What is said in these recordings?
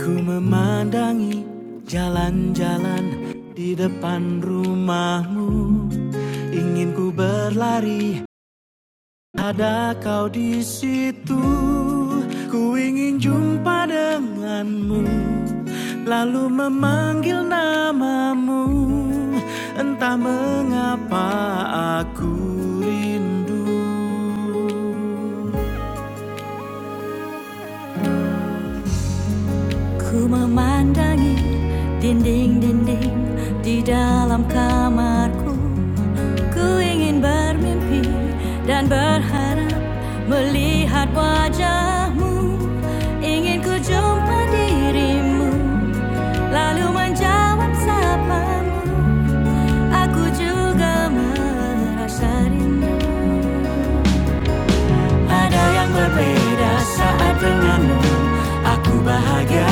Ku memandangi jalan-jalan di depan rumahmu Ingin ku berlari, ada kau di situ Ku ingin jumpa denganmu Lalu memanggil namamu Entah mengapa aku rindu Ku memandangi dinding-dinding di dalam kamarku Ku ingin bermimpi dan berharap melihat wajahmu Ingin ku jumpa dirimu lalu menjawab sapamu Aku juga merasa rindu Ada yang berbeda saat denganmu Aku bahagia,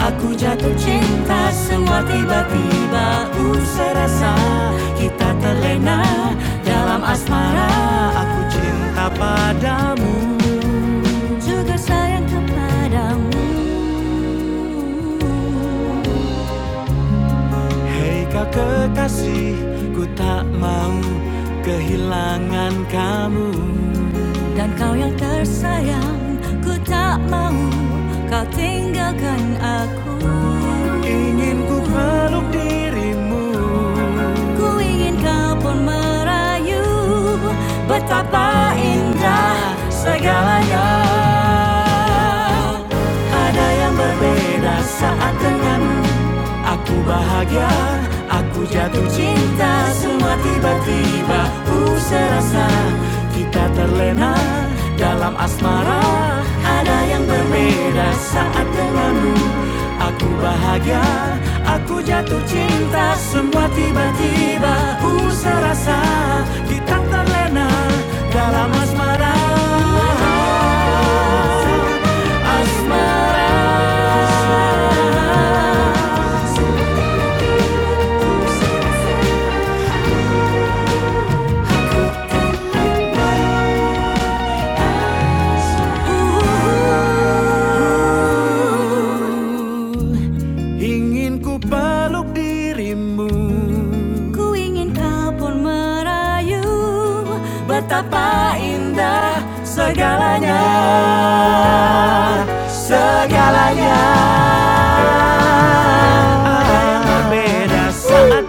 aku jatuh cinta Semua tiba-tiba ku serasa Kita terlena dalam asmara Aku cinta padamu Juga sayang kepadamu Hei kau kekasih Ku tak mau kehilangan kamu dan kau yang tersayang Ku tak mau kau tinggalkan aku Ingin ku peluk dirimu Ku ingin kau pun merayu Betapa indah Segalanya Ada yang berbeda saat denganmu Aku bahagia, aku jatuh cinta Semua tiba-tiba ku serasa Kita terlena dalam asmara Ada yang berbeda saat denganmu Aku bahagia, aku jatuh cinta Semua tiba-tiba ku serasa Kita terlena dalam asmara Asmara Ingin ku peluk dirimu Ku ingin kau pun merayu Betapa indah segalanya Segalanya berbeda saat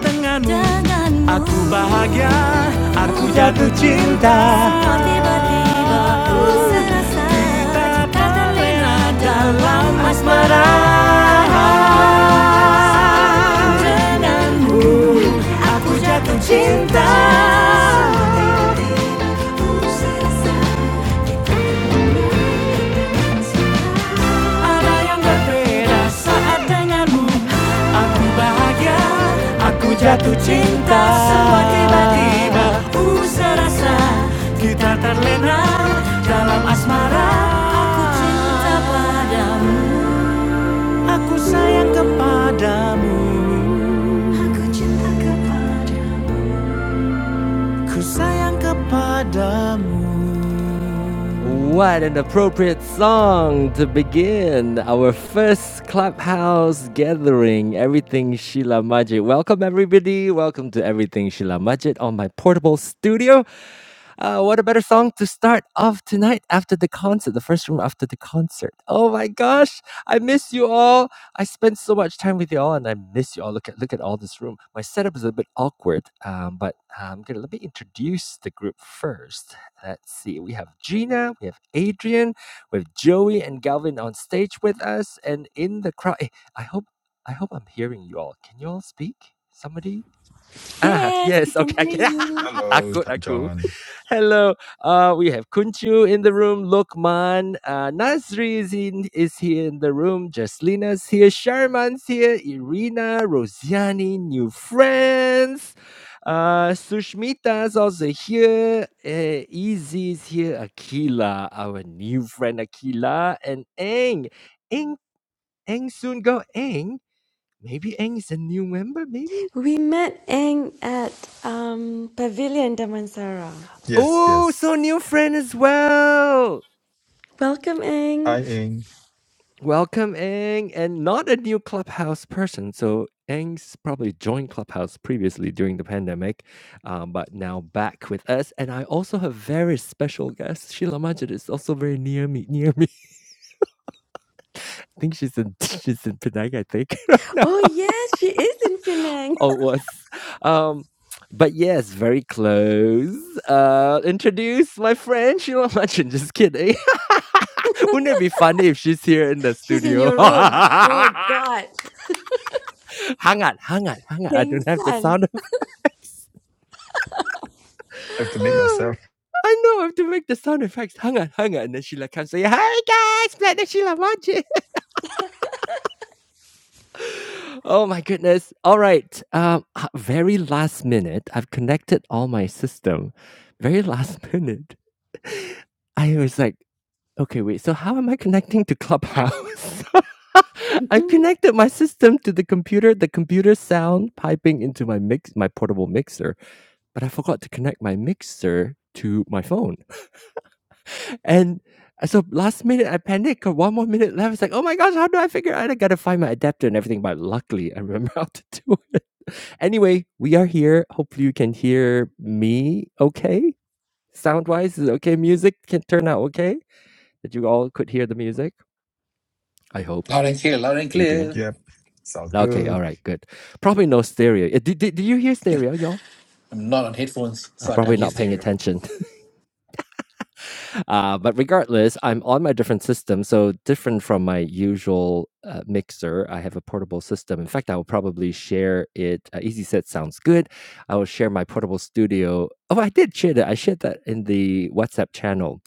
denganmu Aku bahagia aku jatuh cinta Tiba-tiba ku serasa Catalina dalam asmara Denganmu aku jatuh cinta Tiba-tiba ku serasa Ada yang berbeda saat denganmu Aku bahagia, aku jatuh cinta Semua tiba-tiba ku serasa Kita terlena dalam asmara Aku cinta padamu Aku sayang kepadamu Aku cinta kepadamu Ku sayang kepadamu What an appropriate song to begin our first clubhouse gathering, Everything Sheila Majid. Welcome, everybody. Welcome to Everything Sheila Majid on my portable studio. Uh, what a better song to start off tonight after the concert, the first room after the concert. Oh my gosh, I miss you all. I spent so much time with you all, and I miss you all. Look at look at all this room. My setup is a bit awkward, um, but I'm gonna let me introduce the group first. Let's see. We have Gina, we have Adrian, we have Joey and Galvin on stage with us, and in the crowd. eh, I hope I hope I'm hearing you all. Can you all speak? Somebody? Ah, Yes, we yes. can Okay. I hear can. you. Hello, Takut Tai aku. John. Hello. Uh, we have Kunchu in the room, Lokman, uh, Nasri is, in, is here in the room, Jaslina's here, Sharman's here, Irina, Rosiani, new friends. Uh, Sushmita's also here, uh, Easy here, Akila, our new friend Akila, and Eng. Eng, Eng soon go Eng. Maybe Eng is a new member, maybe? We met Eng at um, Pavilion Damansara. Yes, Oh, yes. so new friend as well. Welcome, Eng. Hi, Ing. Welcome, Eng, and not a new Clubhouse person. So Eng's probably joined Clubhouse previously during the pandemic, um, but now back with us. And I also have very special guest. Sheila Majid is also very near me. Near me, I think she's in she's in Penang. I think right now Oh, yes, she is in Penang. or was. Um, but yes, very close. Uh, introduce my friend Sheila Majid. Just kidding. Wouldn't it be funny if she's here in the She's in studio? your room. Oh, God. hang on, hang on, hang on. I Peng don't have the San. sound effects. Have to make Oh, yourself. I know I have to make the sound effects. Hang on, hang on. And then Sheila comes and say, Hi guys, Planet Sheila Magic. Oh my goodness. All right. Um, uh, very last minute. I've connected all my system. Very last minute. I was like, okay, wait, so how am I connecting to Clubhouse? I connected my system to the computer, the computer sound piping into my mix my portable mixer but I forgot to connect my mixer to my phone. And so last minute, I panicked. 'cause One more minute left. It's like, oh my gosh, how do I figure out? I gotta find my adapter and everything. But luckily, I remember how to do it. Anyway, we are here. Hopefully, you can hear me okay. Sound wise, is it okay? Music can turn out okay. That you all could hear the music. I hope, Loud and clear, loud and Adrian. clear. Yep. Sounds Okay, good. all right, good. Probably no stereo. Uh, Did, did, did you hear stereo, y'all? I'm not on headphones, Uh, so I probably can't hear not paying stereo. attention. uh, but regardless, I'm on my different system. So, different from my usual uh, mixer, I have a portable system. In fact, I will probably share it. Uh, Easy Set sounds good. I will share my portable studio. Oh, I did share that. I shared that in the WhatsApp channel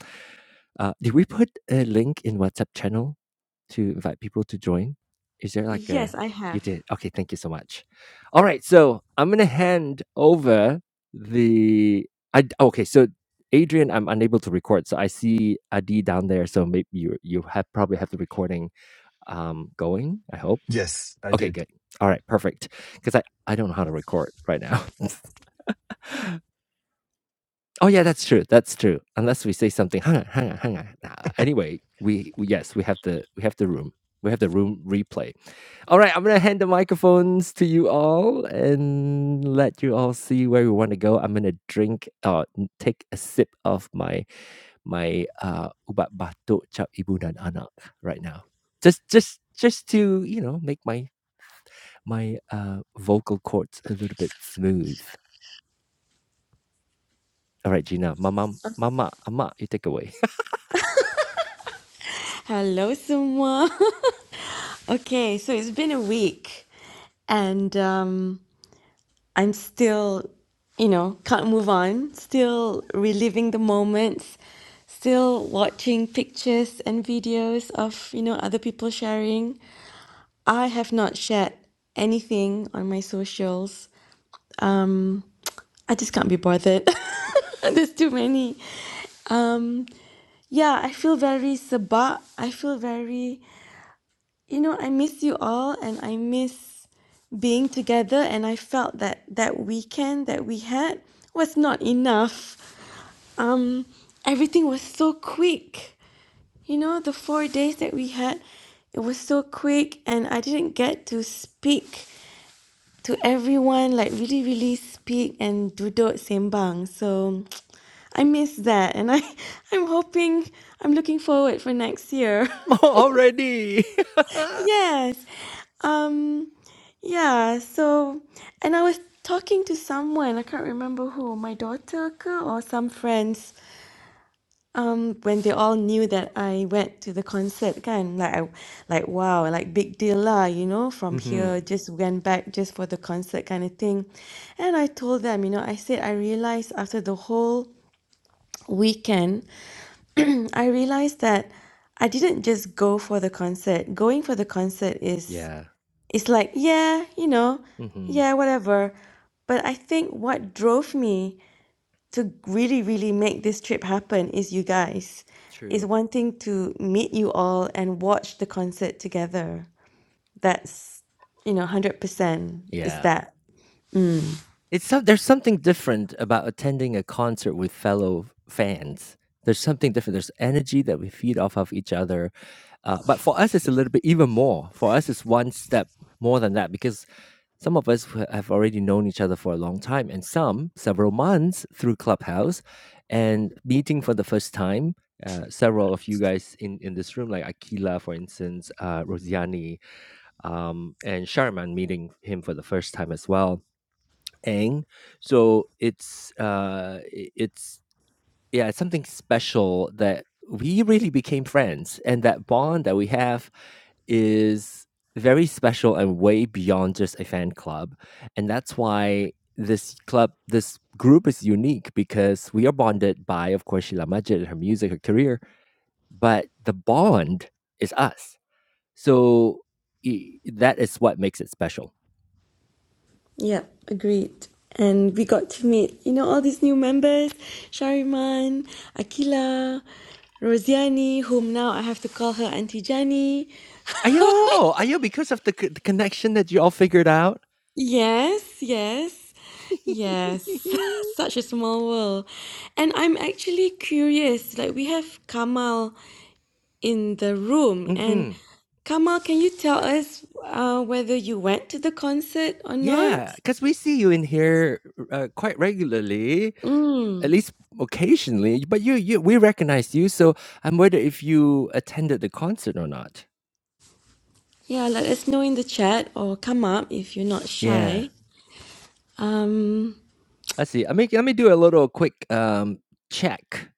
uh, did we put a link in WhatsApp channel to invite people to join? Is there like a yes, I you have. did? Okay, thank you so much. All right, so I'm gonna hand over the I. okay, so Adrian, I'm unable to record, so I see Adi down there, so maybe you you have probably have the recording um going, I hope. Yes, I Okay, did. good. All right, perfect. Because I, I don't know how to record right now. Oh yeah, that's true. That's true. Unless we say something, hang on, hang on, hang on. Nah, anyway, we, we yes, we have the we have the room. We have the room replay. All right, I'm gonna hand the microphones to you all and let you all see where we want to go. I'm gonna drink or n- take a sip of my my uh ubat batuk cap ibu dan anak right now. Just just just to you know make my my uh vocal cords a little bit smooth. All right, Gina, mama, mama, ama, you take away. Hello, semua. okay, so it's been a week. And um, I'm still, you know, can't move on, still reliving the moments, still watching pictures and videos of, you know, other people sharing. I have not shared anything on my socials. Um, I just can't be bothered. There's too many. Um, yeah, I feel very sabak. I feel very, you know, I miss you all and I miss being together. And I felt that that weekend that we had was not enough. um everything was so quick you know the four days that we had it was so quick and i didn't get to speak to everyone like really really speak and duduk sembang so i miss that and i i'm hoping i'm looking forward for next year already. yes um yeah so and i was talking to someone i can't remember who my daughter ke or some friends Um, when they all knew that I went to the concert, kan, like I, like wow, like big deal lah, you know, from hmm here, just went back just for the concert kind of thing. And I told them, you know, I said I realized after the whole weekend, I realized that I didn't just go for the concert. Going for the concert is Yeah. it's like, yeah, you know, hmm yeah, whatever. But I think what drove me to really, really make this trip happen is you guys. Is True. wanting to meet you all and watch the concert together. That's, you know, 100% is Yeah. that. It's some, there's something different about attending a concert with fellow fans. There's something different. There's energy that we feed off of each other. Uh, but for us, it's a little bit even more. For us, it's one step more than that because Some of us who have already known each other for a long time, and some several months through Clubhouse and meeting for the first time. Uh, several of you guys in, in this room, like Akila, for instance, uh, Rosiani, um, and Sharman, meeting him for the first time as well, Ang. So it's uh, i- it's yeah, it's something special that we really became friends, and that bond that we have is very special and way beyond just a fan club. And that's why this club, this group is unique because we are bonded by, of course, Sheila Majid, her music, her career, but the bond is us. So i- that is what makes it special. Yep, agreed. And we got to meet, you know, all these new members Shariman, Akila, Rosiani, whom now I have to call her Auntie Jani. Ayo, ayo, because of the, c- the connection that you all figured out. Yes, yes, yes. Such a small world. And I'm actually curious, like we have Kamal in the room, and hmm Kamal, can you tell us uh, whether you went to the concert or Yeah, not? because we see you in here uh, quite regularly. at Mm. least occasionally. But you, you, we recognize you, so I'm wondering if you attended the concert or not. Yeah, let us know in the chat or come up if you're not Yeah. shy. Um, Let's see. Let me let me do a little quick um, check.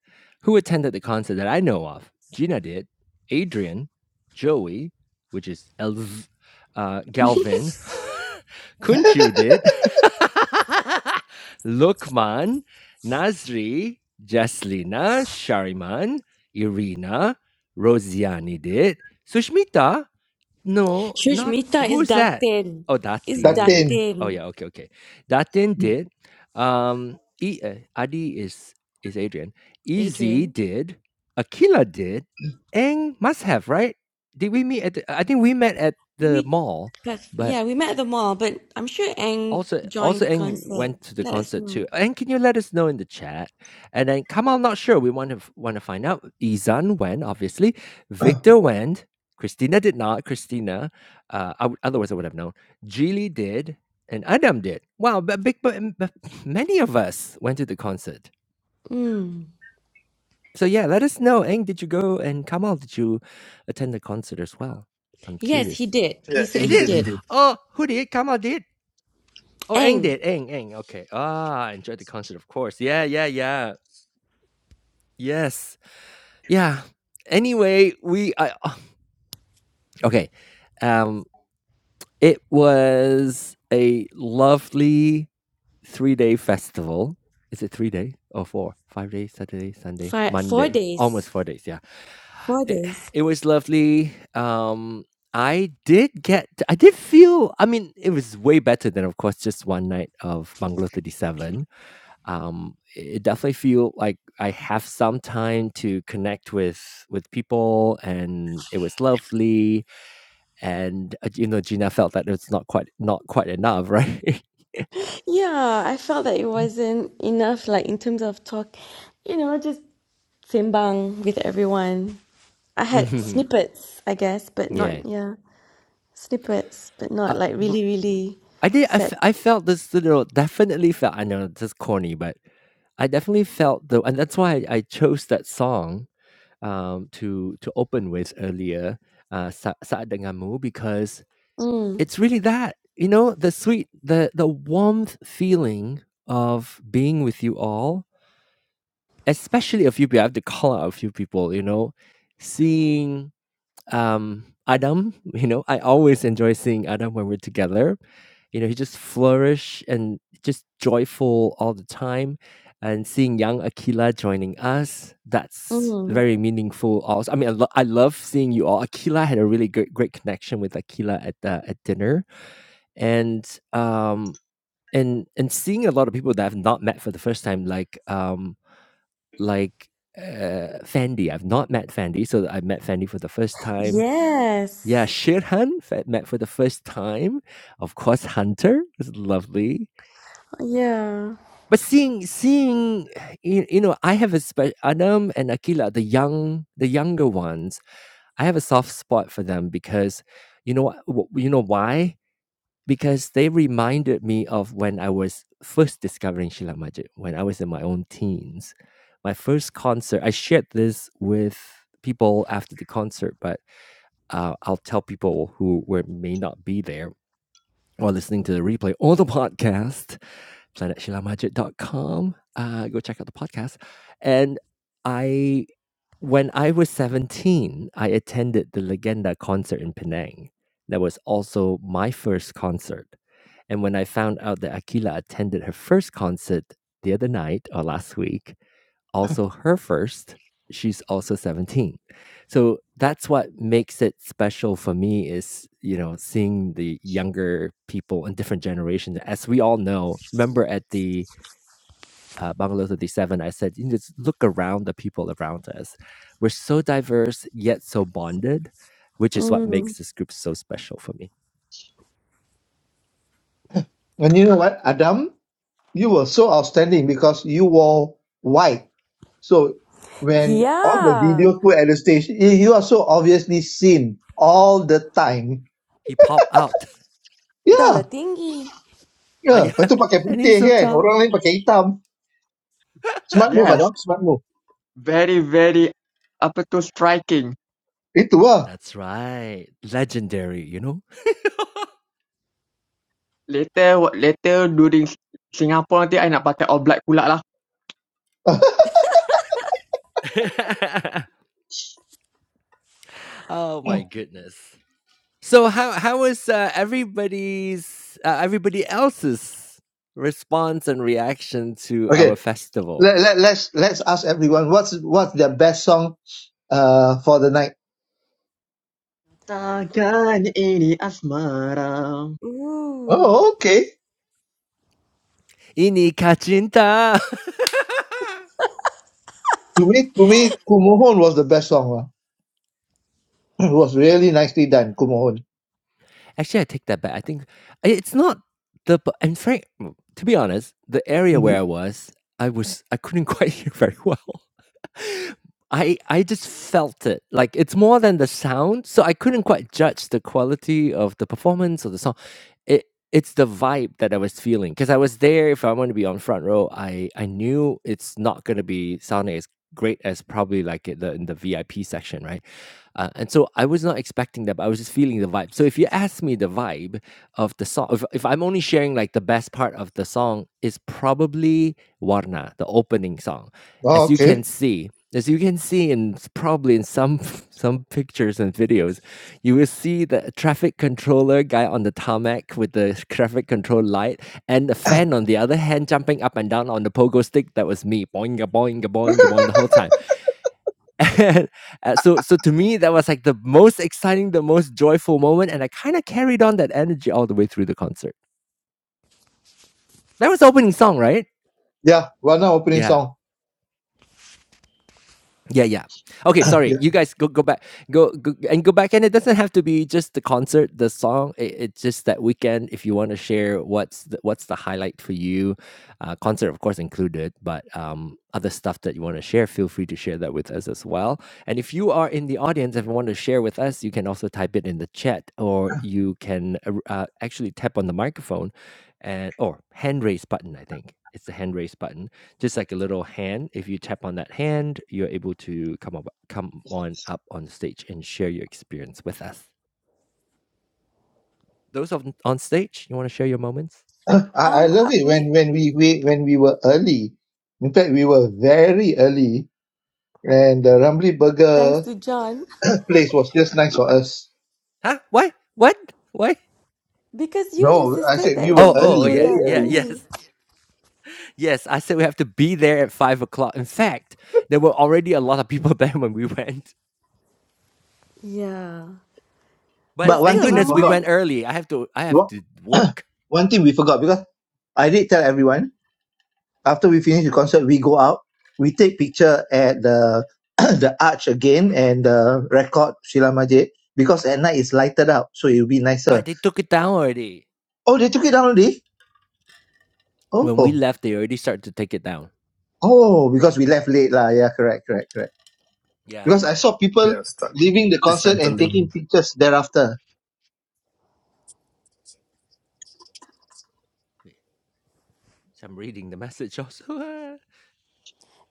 Who attended the concert that I know of? Gina did. Adrian, Joey, which is Elv, uh, Galvin, Kunchu did. Lukman, Nazri, Jaslina, Shariman, Irina, Rosiani did. Sushmita, no, not Shushmita is who's that? Datin. Oh, Is That Datin. pain. Oh Datin, yeah, okay, okay. Datin did. Um, e, uh, Adi is is Adrian. Easy Adrian. did. Akila did. Eng must have right. Did we meet at? The, I think we met at the We, mall, but but yeah, we met at the mall, but I'm sure Ang also joined also the Eng concert. went to the Let us concert know. too. Eng, can you let us know in the chat? And then Kamal, not sure. We want to f- want to find out. Izan went, obviously. Victor went. Christina did not. Christina, uh, I would- otherwise I would have known. Geely did, and Adam did. Wow, but big, but, but many of us went to the concert. Mm. So yeah, let us know. Eng, did you go? And Kamal, did you attend the concert as well? I'm Yes, he curious. did. Yeah, He said You Ing he said did. he did. did. Oh, who did? Kamal did. Oh, Aang Ang, did. Aang, Aang. Okay. Ah, I enjoyed the concert, of course. Yeah, yeah, yeah. Yes. Yeah. Anyway, we I ah, okay. Um, it was a lovely three-day festival. Is it three days or four? Five days, Saturday, Sunday, for four Monday. days. Almost four days, yeah. Four It, days. it was lovely. Um, I did get I did feel I mean, it was way better than of course just one night of Bungalow 37 um it definitely feel like i have some time to connect with with people and it was lovely and uh, you know gina felt that it's not quite not quite enough right Yeah, I felt that it wasn't enough, like in terms of talk, you know, just simbang with everyone. I had hmm snippets, I guess, but not, yeah yeah, snippets, but not uh, like but really, really i did I, f- set. I felt this little definitely felt i know this is corny but i definitely felt the, and that's why i chose that song um to to open with earlier uh sa- saat denganmu because Mm, It's really that, you know, the sweet the the warmth feeling of being with you all, especially a few peo I have to call out a few people, you know, seeing, um, Adam, you know, I always enjoy seeing Adam when we're together. You know, he just flourish and just joyful all the time, and seeing young Akila joining us, that's mm. very meaningful also. I mean, I lo I love seeing you all. Akila had a really good great connection with Akila at, uh, at dinner and um and and seeing a lot of people that I've not met for the first time, like um like uh Fendi. I've not met Fendi, so I met Fendi for the first time. Yeah, Yes. Shirhan fe- met for the first time. Of course, Hunter was lovely. Yeah. But seeing seeing you, you know, I have a special Adam and Akila, the young the younger ones. I have a soft spot for them because you know wh- wh- you know why? because they reminded me of when I was first discovering Sheila Majid, when I was in my own teens. My first concert, I shared this with people after the concert, but uh, I'll tell people who were, may not be there or listening to the replay or the podcast planetshilamajit.com. Uh, go check out the podcast. And I, when I was 17, I attended the Legenda concert in Penang. That was also my first concert. And when I found out that Akila attended her first concert the other night or last week, also her first. She's also 17. So that's what makes it special for me is, you know, seeing the younger people and different generations. As we all know, remember at the uh, Bungalow 37, I said, you just look around the people around us. We're so diverse, yet so bonded, which is what Mm. makes this group so special for me. And you know what, Adam? You were so outstanding because you wore white. So when all the Yeah, videos were at the stage, you you are so obviously seen all the time. He popped out. Yeah, Galatingi. Ah, yeah, yeah. Lepas tu pakai and he's putih so kan, tall. orang lain pakai hitam. Smart move Yes, Adam, smart move. very, very apa tu striking. Itu lah. That's right. Legendary, you know? Later wa- later during S- Singapore nanti I nak pakai all black pula lah. oh my goodness. So how how was uh, everybody's uh, everybody else's response and reaction to our okay, festival? let, let, let's let's ask everyone what's what's their best song uh for the night. Takkan ini asmara. Ooh. Oh, okay. Ini kacinta. To me, to me, Kumohon was the best song lah. It was really nicely done, Kumohon. Actually, I take that back. I think it's not the bu- in fact, to be honest, the area where hmm I was, I was I couldn't quite hear very well. I I just felt it. Like it's more than the sound, so I couldn't quite judge the quality of the performance or the song. It it's the vibe that I was feeling because I was there. If I want to be on front row, I I knew it's not going to be sounding as great as probably like it, the in the VIP section, right? Uh, and so I was not expecting that, but I was just feeling the vibe. So if you ask me the vibe, of the song if, if i'm only sharing like the best part of the song is probably warna the opening song Oh, as you okay. can see as you can see in probably in some some pictures and videos you will see the traffic controller guy on the tarmac with the traffic control light and the fan on the other hand jumping up and down on the pogo stick that was me boing boing boing boing the whole time and uh, so so to me that was like the most exciting the most joyful moment and i kind of carried on that energy all the way through the concert that was the opening song right Yeah, one opening yeah song. Yeah, yeah. Okay, sorry. Yeah. You guys go go back go, go and go back and it doesn't have to be just the concert, the song. It, it's just that weekend if you want to share what's the, what's the highlight for you. Uh, concert of course included, but um other stuff that you want to share, feel free to share that with us as well. And if you are in the audience and want to share with us, you can also type it in the chat or you can uh, uh, actually tap on the microphone and or hand raise button, I think. It's the hand raise button just like a little hand. If you tap on that hand, you're able to come up, come on up on stage and share your experience with us. Those on on stage, you want to share your moments? I, I Um, love uh, it when, me, when we, we when we were early. In fact, we were very early, and the Rumbly thanks Burger to John, place was just nice for us. Huh? What? What? What? because you No, I insisted said we that were Oh, we would oh, oh, early, go yeah, very there yeah, early. early. yes, yes. I said we have to be there at five o'clock. In fact, there were already a lot of people there when we went, Yeah, but but But one thank still, thing we goodness we forgot. went Ramai, early. I have to, I have What? to work, one thing we forgot because I did tell everyone after we finish the concert, we go out, we take picture at the the arch again and uh, record Sheila Majid because at night it's lighted up, so it will be nicer. but they took it down already. Oh, they took it down already? Oh, When we oh, left, they already started to take it down. oh, because we left late lah. Yeah, correct, correct, correct. Yeah, Because yeah, I yeah. saw people Yeah, start leaving the concert and dismantling. taking pictures thereafter. Wait, so I'm reading the message also.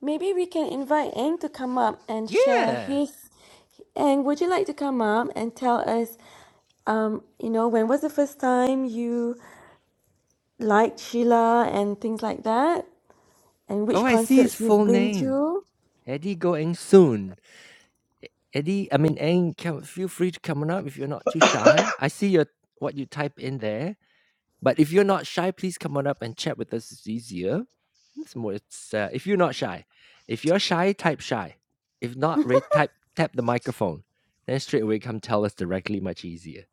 maybe we can invite Ang to come up and share Yeah. his. And would you like to come up and tell us, um, you know, when was the first time you liked Sheila and things like that, and which Oh, I see his concerts you've full been name. to? Eddie Goeng Soon. Eddie, I mean, Eng, come, feel free to come on up if you're not too shy. I see your what you type in there. But if you're not shy, please come on up and chat with us. It's easier. It's more, it's, uh, if you're not shy. If you're shy, type shy. If not, ra- type tap the microphone. Then straight away come tell us directly, much easier.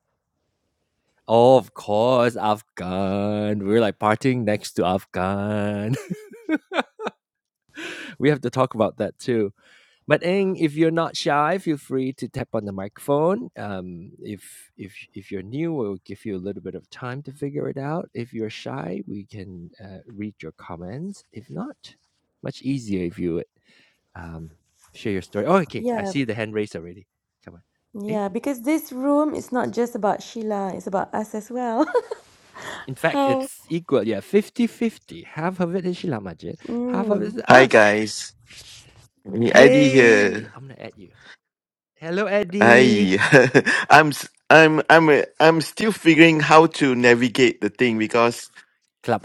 Oh, of course, Afghan. We're like partying next to Afghan. we have to talk about that too. But Eng, if you're not shy, feel free to tap on the microphone. Um, if if if you're new, we'll give you a little bit of time to figure it out. If you're shy, we can uh, read your comments. If not, much easier if you would um, share your story. Oh, okay, I Yeah, see the hand raised already. Come on. Eh? Yeah, because this room is not just about Sheila, it's about us as well. In fact, How it's equal. Yeah, fifty-fifty. Half of it is Sheila Majid. half of it is Mm. Hi us. guys, Eddie Hey, here. I'm gonna add you. Hello, Eddie. Hi, I'm s- I'm I'm uh, I'm still figuring how to navigate the thing because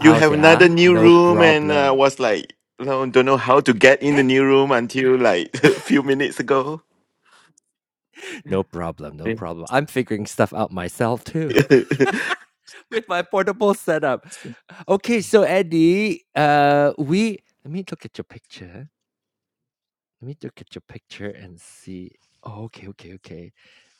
you have yeah, another new no room and uh, problem. was like no, don't know how to get in Hey. the new room until like a few minutes ago. No problem, no Eh, problem. I'm figuring stuff out myself too with my portable setup. Okay, so Eddie, uh, we let me look at your picture. Let me look at your picture and see. Oh, okay, okay, okay.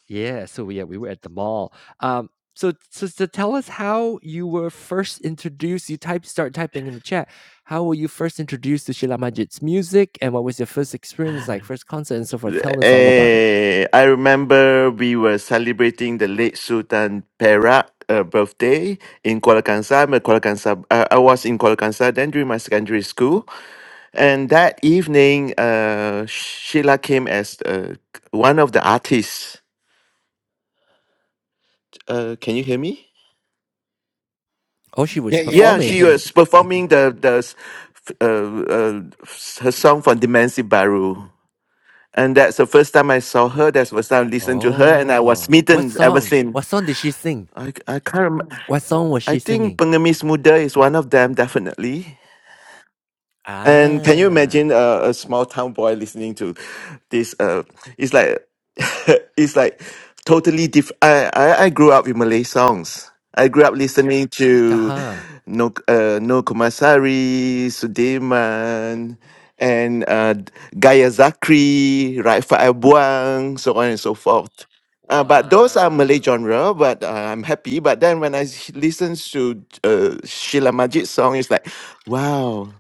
Yeah, so yeah, we were at the mall. Um, so so so tell us how you were first introduced. You type start typing in the chat. How were you first introduced to Sheila Majid's music, and what was your first experience, like first concert and so forth? Tell us all about it. Eh, I remember we were celebrating the late Sultan Perak uh, birthday in Kuala Kangsar. I'm a Kuala Kangsar. Uh, I was in Kuala Kangsar then during my secondary school. And that evening, uh, Sheila came as uh, one of the artists. Uh, can you hear me? Oh, she was Yeah, yeah, yeah, Yeah, we can she hear performing. you. was performing the the s- f- uh, uh, s- her song from Dimensi Baru, and that's the first time I saw her. That's the first time I listened to her, and I was Oh, what smitten ever song? since. What song did she sing? I I can't. Remember. What song was I she think singing? Pengemis Muda is one of them, definitely. And can you Ah. imagine uh, a small town boy listening to this? Uh, it's like it's like totally different. I, I I grew up with Malay songs. I grew up listening to Uh-huh. No uh, No Kumasari, Sudirman, and uh, Gaya Zakri, Raifah Abuang, so on and so forth. Uh, but those are Malay Wow. genre, but uh, I'm happy. But then when I listen to uh, Sheila Majid's song, it's like, wow,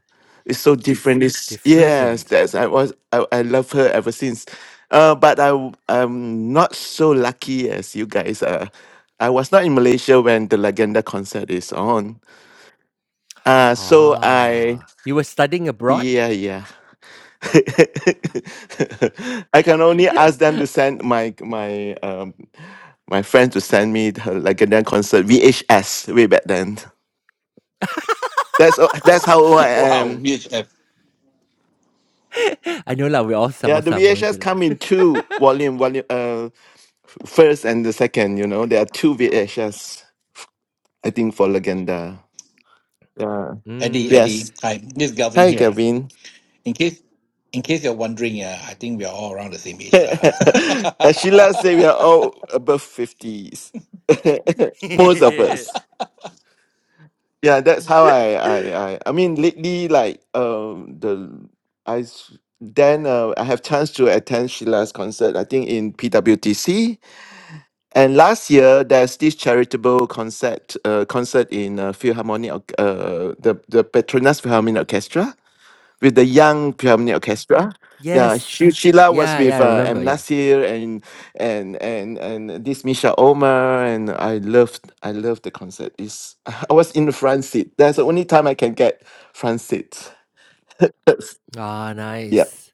it's so different. It's yes, Different. that's I was I, I love her ever since. Uh, but I w- I'm not so lucky as you guys Uh, I was not in Malaysia when the Legenda concert is on. Uh so I Ah, you were studying abroad? yeah yeah. I can only ask them to send my my um my friend to send me her Legenda concert VHS way back then. That's o- that's how old I Wow, am. VHF. I know lah, we're all Yeah, the sama-sama je VHS lah. come in two volume volume. uh, First and the second, you know, there are two VHS, I think, for Legenda. Yeah. Eddie, Mm. Yes. Eddie. Hi, this is Galvin Hi, here. Gavin. In case in case you're wondering, uh, I think we are all around the same age. As Sheila lah. said, we are all above 50s. Most of us. Yeah, that's how I, I, I, I mean, lately, like, um, the, I, s- then uh, I have chance to attend Sheila's concert, I think in PWTC. And last year, there's this charitable concert uh, concert in uh, Philharmonic, Orc- uh, the the Petronas Philharmonic Orchestra with the young Philharmonic Orchestra. Yes. Yeah, she, Sheila was Yeah, yeah, with I uh, remember, M yeah. Nasir and and and and this Misha Omar, and I loved I loved the concert. It's, I was in the front seat. That's the only time I can get front seat. That's- Ah, Yeah. nice.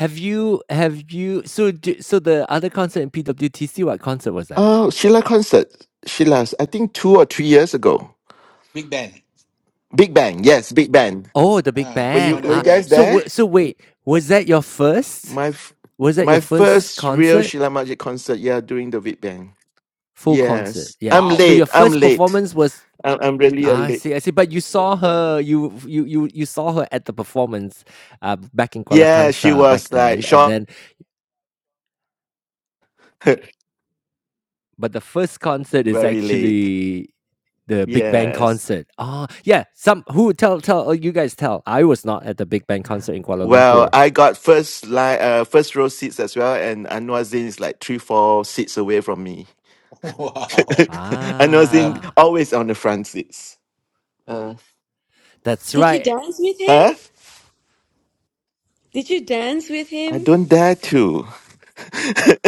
Have you have you so d so the other concert in PWTC, what concert was that? Oh, Sheila concert. Sheila's. I think two or three years ago. Big Ben. Big Bang. Yes, Big Bang. Oh, the big Ah, Were the you one band. that were we you Ah, went. guys so there? wa- so wait, was that your first? My f- Was that my your first first real concert? Sheila Magic concert, yeah, during the Big Bang. Full concert, Yes. yeah. I'm So Wow. your late. I'm first late. performance was I'm, I'm really a ah, I late. see, I see. But you saw her, you you you you saw her at the performance, uh, back in Kuala Yeah, she Kangsar back was like then, and short, then. But the first concert is very late. actually the Big Bang Yes. concert. Ah, yeah. Some who tell tell oh, you guys tell. I was not at the Big Bang concert in Kuala Well, Lumpur. I got first line, uh, first row seats as well, and Anwar Zain is like three, four seats away from me. wow. Anwar Zain Um, Ah, always on the front seats. Uh, that's did you right. dance with him? huh? Did you dance with I him? don't dare to.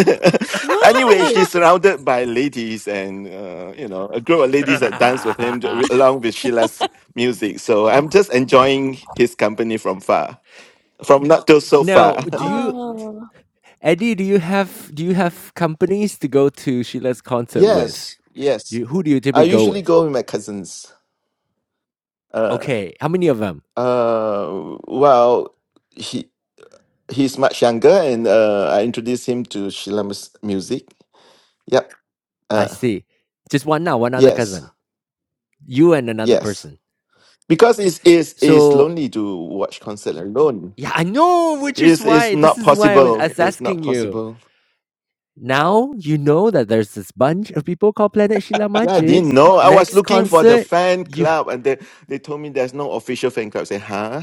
anyway, Why? she's surrounded by ladies and, uh, you know, a group of ladies that dance with him j- along with Sheila's music. So I'm just enjoying his company from far, from not till so Now, far. do you, Oh, Eddie? Do you have do you have companies to go to Sheila's concert with? yes, Do yes. You, who do you I typically go usually with? go with my cousins. Uh, Okay, how many of them? uh, well, he he's much younger, and uh, I introduced him to Sheila's music. Yep. I Uh, see. Just one now, one other yes, cousin. You and another yes. person. because it's it's it's So lonely to watch concert alone. yeah, I know, which is It's it's why this not is why I was, possible. I was It's not asking you. possible. Now you know that there's this bunch of people called Planet Sheila Yeah, I Majid. didn't know. I was Next looking for the concert, fan you club, and they they told me there's no official fan club. I said, huh?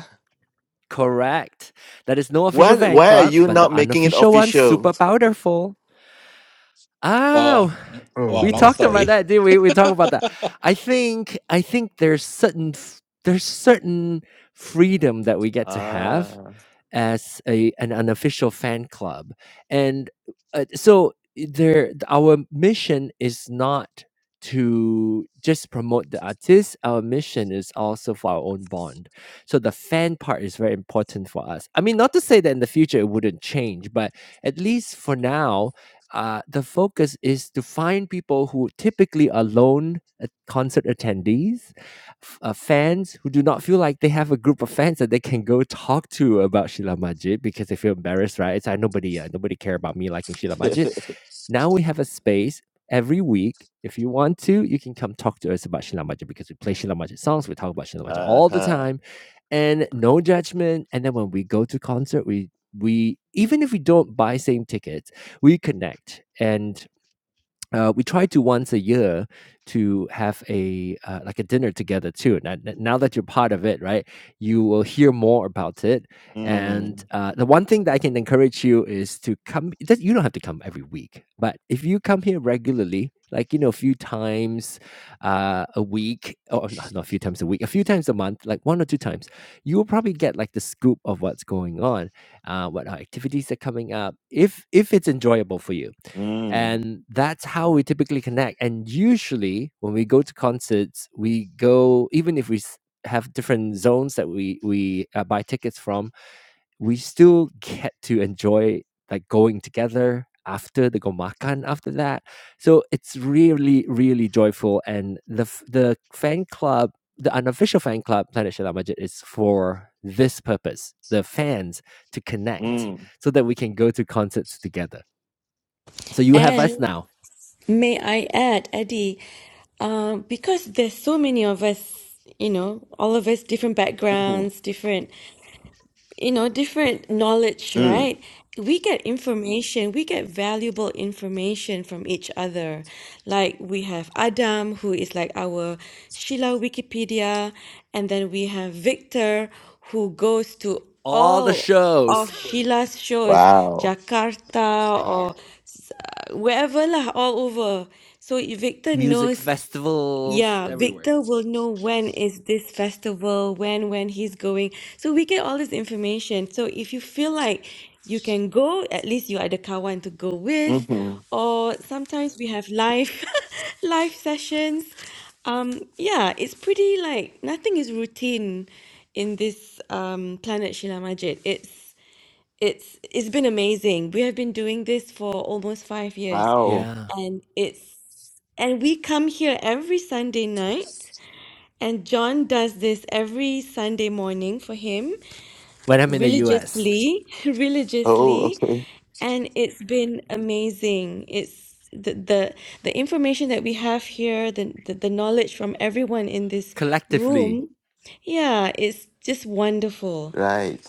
correct. That is no official What? fan Why are club, you but not the making it unofficial one's official? super powerful. oh, Oh, Oh, wow, we long long talked story. about story. that, did we? We talked about that. I think I think there's certain f- there's certain freedom that we get to have Ah, as a an unofficial fan club, and uh, so there our mission is not to just promote the artist our mission is also for our own bond so the fan part is very important for us i mean not to say that in the future it wouldn't change but at least for now uh, the focus is to find people who typically are lone uh, concert attendees f- uh, fans who do not feel like they have a group of fans that they can go talk to about Sheila Majid because they feel embarrassed, right? It's like nobody, uh, nobody care about me liking Sheila Majid. Now we have a space every week. If you want to, you can come talk to us about Sheila Majid because we play Sheila Majid songs. We talk about Sheila Majid uh all the huh. time, and no judgment. And then when we go to concert, we we even if we don't buy same tickets, we connect. And uh, we try to once a year to have a uh, like a dinner together too. Now, n- now that you're part of it, right? You will hear more about it. And Mm, uh, the one thing that I can encourage you is to come. That you don't have to come every week, but if you come here regularly, like you know, a few times uh, a week, or not, not a few times a week, a few times a month, like one or two times, you will probably get like the scoop of what's going on, uh, what our activities are coming up. If if it's enjoyable for you mm, and that's how we typically connect and usually when we go to concerts we go even if we s- have different zones that we we uh, buy tickets from we still get to enjoy like going together after the gomakan after that so it's really really joyful and the f- the fan club the unofficial fan club planet Shila Majid is for this purpose the fans to connect mm, so that we can go to concerts together so you have us and now may I add, Eddie, um, because there's so many of us, you know, all of us different mm, backgrounds, different. you know, different knowledge, mm. right? We get information, we get valuable information from each other. Like we have Adam, who is like our Sheila Wikipedia, and then we have Victor, who goes to all the all of shows, Sheila's shows, Wow. Jakarta or uh, wherever lah, all over. So Victor music knows festivals yeah, everywhere. Victor will know when is this festival, when when he's going. So we get all this information. So if you feel like you can go, at least you are the kawan to go with, Mm-hmm. or sometimes we have live live sessions. Um, yeah, it's pretty like nothing is routine in this um Planet Shila Majid. It's. It's it's been amazing. We have been doing this for almost five years, Wow. Yeah. and it's and we come here every Sunday night, and John does this every Sunday morning for him When I'm in the US, religiously, Oh, religiously, okay. and it's been amazing. It's the the the information that we have here, the the, the knowledge from everyone in this collectively. room, yeah, it's just wonderful. Right.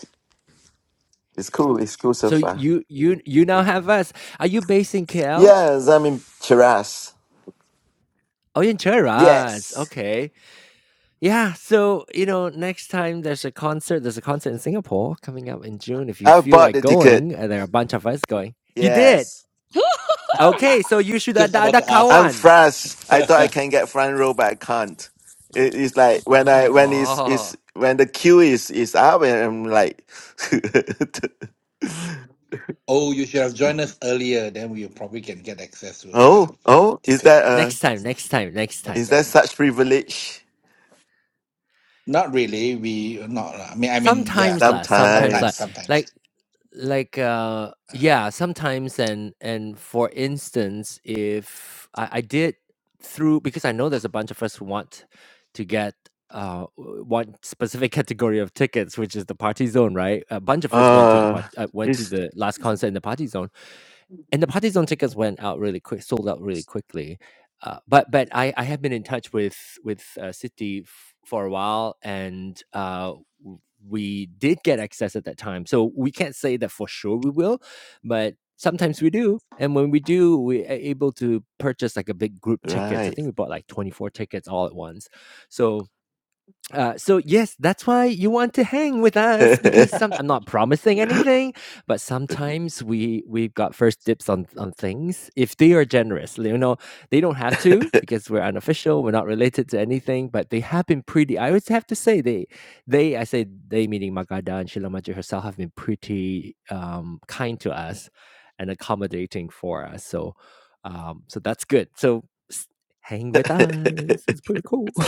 It's cool. It's cool so So far. you you you now have us. Are you based in KL? Yes, I'm in Chiras. Oh, you're in Cheras. Yes. Okay. Yeah. So, you know, next time there's a concert, there's a concert in Singapore coming up in June. If you I feel bought like the ticket. going, and there are a bunch of us going. You did. Yes. Okay. So you should Just ada about ada to ask. I'm kawan. France. I thought I can get front row, but I can't. It, it's like when I when it's, Oh. it's when the queue is is up, and I'm like, oh, you should have joined us earlier, then we probably can get access to the oh oh, is ticket. that uh Next time, next time, next time. That's is that them. such privilege? Not really. We not. I mean, I mean, yeah. Sometimes lah, sometimes lah. Sometimes, Sometimes. Like sometimes. like uh Uh, yeah sometimes and and for instance if i, I did through because i know there's a bunch of us who want to get uh w- one specific category of tickets which is the party zone right a bunch of us went to the Uh party uh, went to it's the last concert in the party zone and the party zone tickets went out really quick sold out really quickly uh, but but I, I have been in touch with with uh, city f- for a while and uh we did get access at that time. So we can't say that for sure we will, but sometimes we do. And when we do, we are able to purchase like a big group tickets. I right. think we bought like 24 tickets all at once. So uh, so yes, that's why you want to hang with us because some I'm not promising anything, but sometimes we we've got first dips on on things if they are generous. You know, they don't have to because we're unofficial, we're not related to anything, but they have been pretty. I always have to say they they I say they meaning Magada and Shilamaji herself have been pretty um, kind to us and accommodating for us. So um, so that's good. So s- hang with us. It's pretty cool.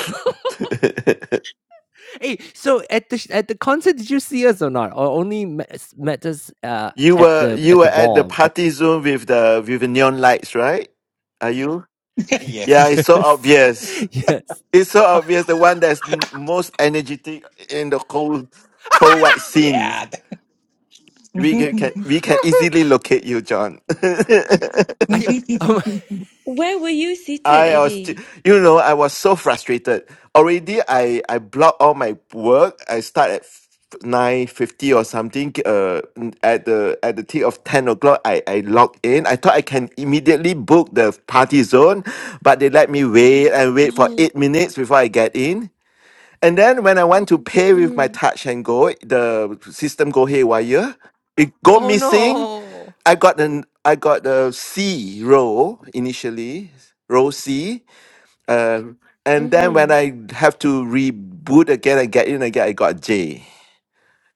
Hey, so at the sh- at the concert, did you see us or not? Or only met, us- met us uh, you at were the you at were the at the mall? At- party zone with the with the neon lights, right? Are you? Yeah, yes. it's so yes, obvious. yes. It's so obvious. The one that's n- most energetic in the whole whole white scene. Yeah. We ca- can we can easily locate you, John. I, um, Where were you seated, I was, t- Eddie? you know, I was so frustrated. Already, I I block all my work. I start at nine fifty or something. Uh, n- at the at the tick of ten o'clock, I I log in. I thought I can immediately book the party zone, but they let me wait and wait for Uh-huh. eight minutes before I get in. And then when I want to pay with my Mm, touch and go, the system go haywire. It go missing. I got an I got the C row initially, row C. Uh, and then when mm-hmm. I have to reboot again and get in again, I got J.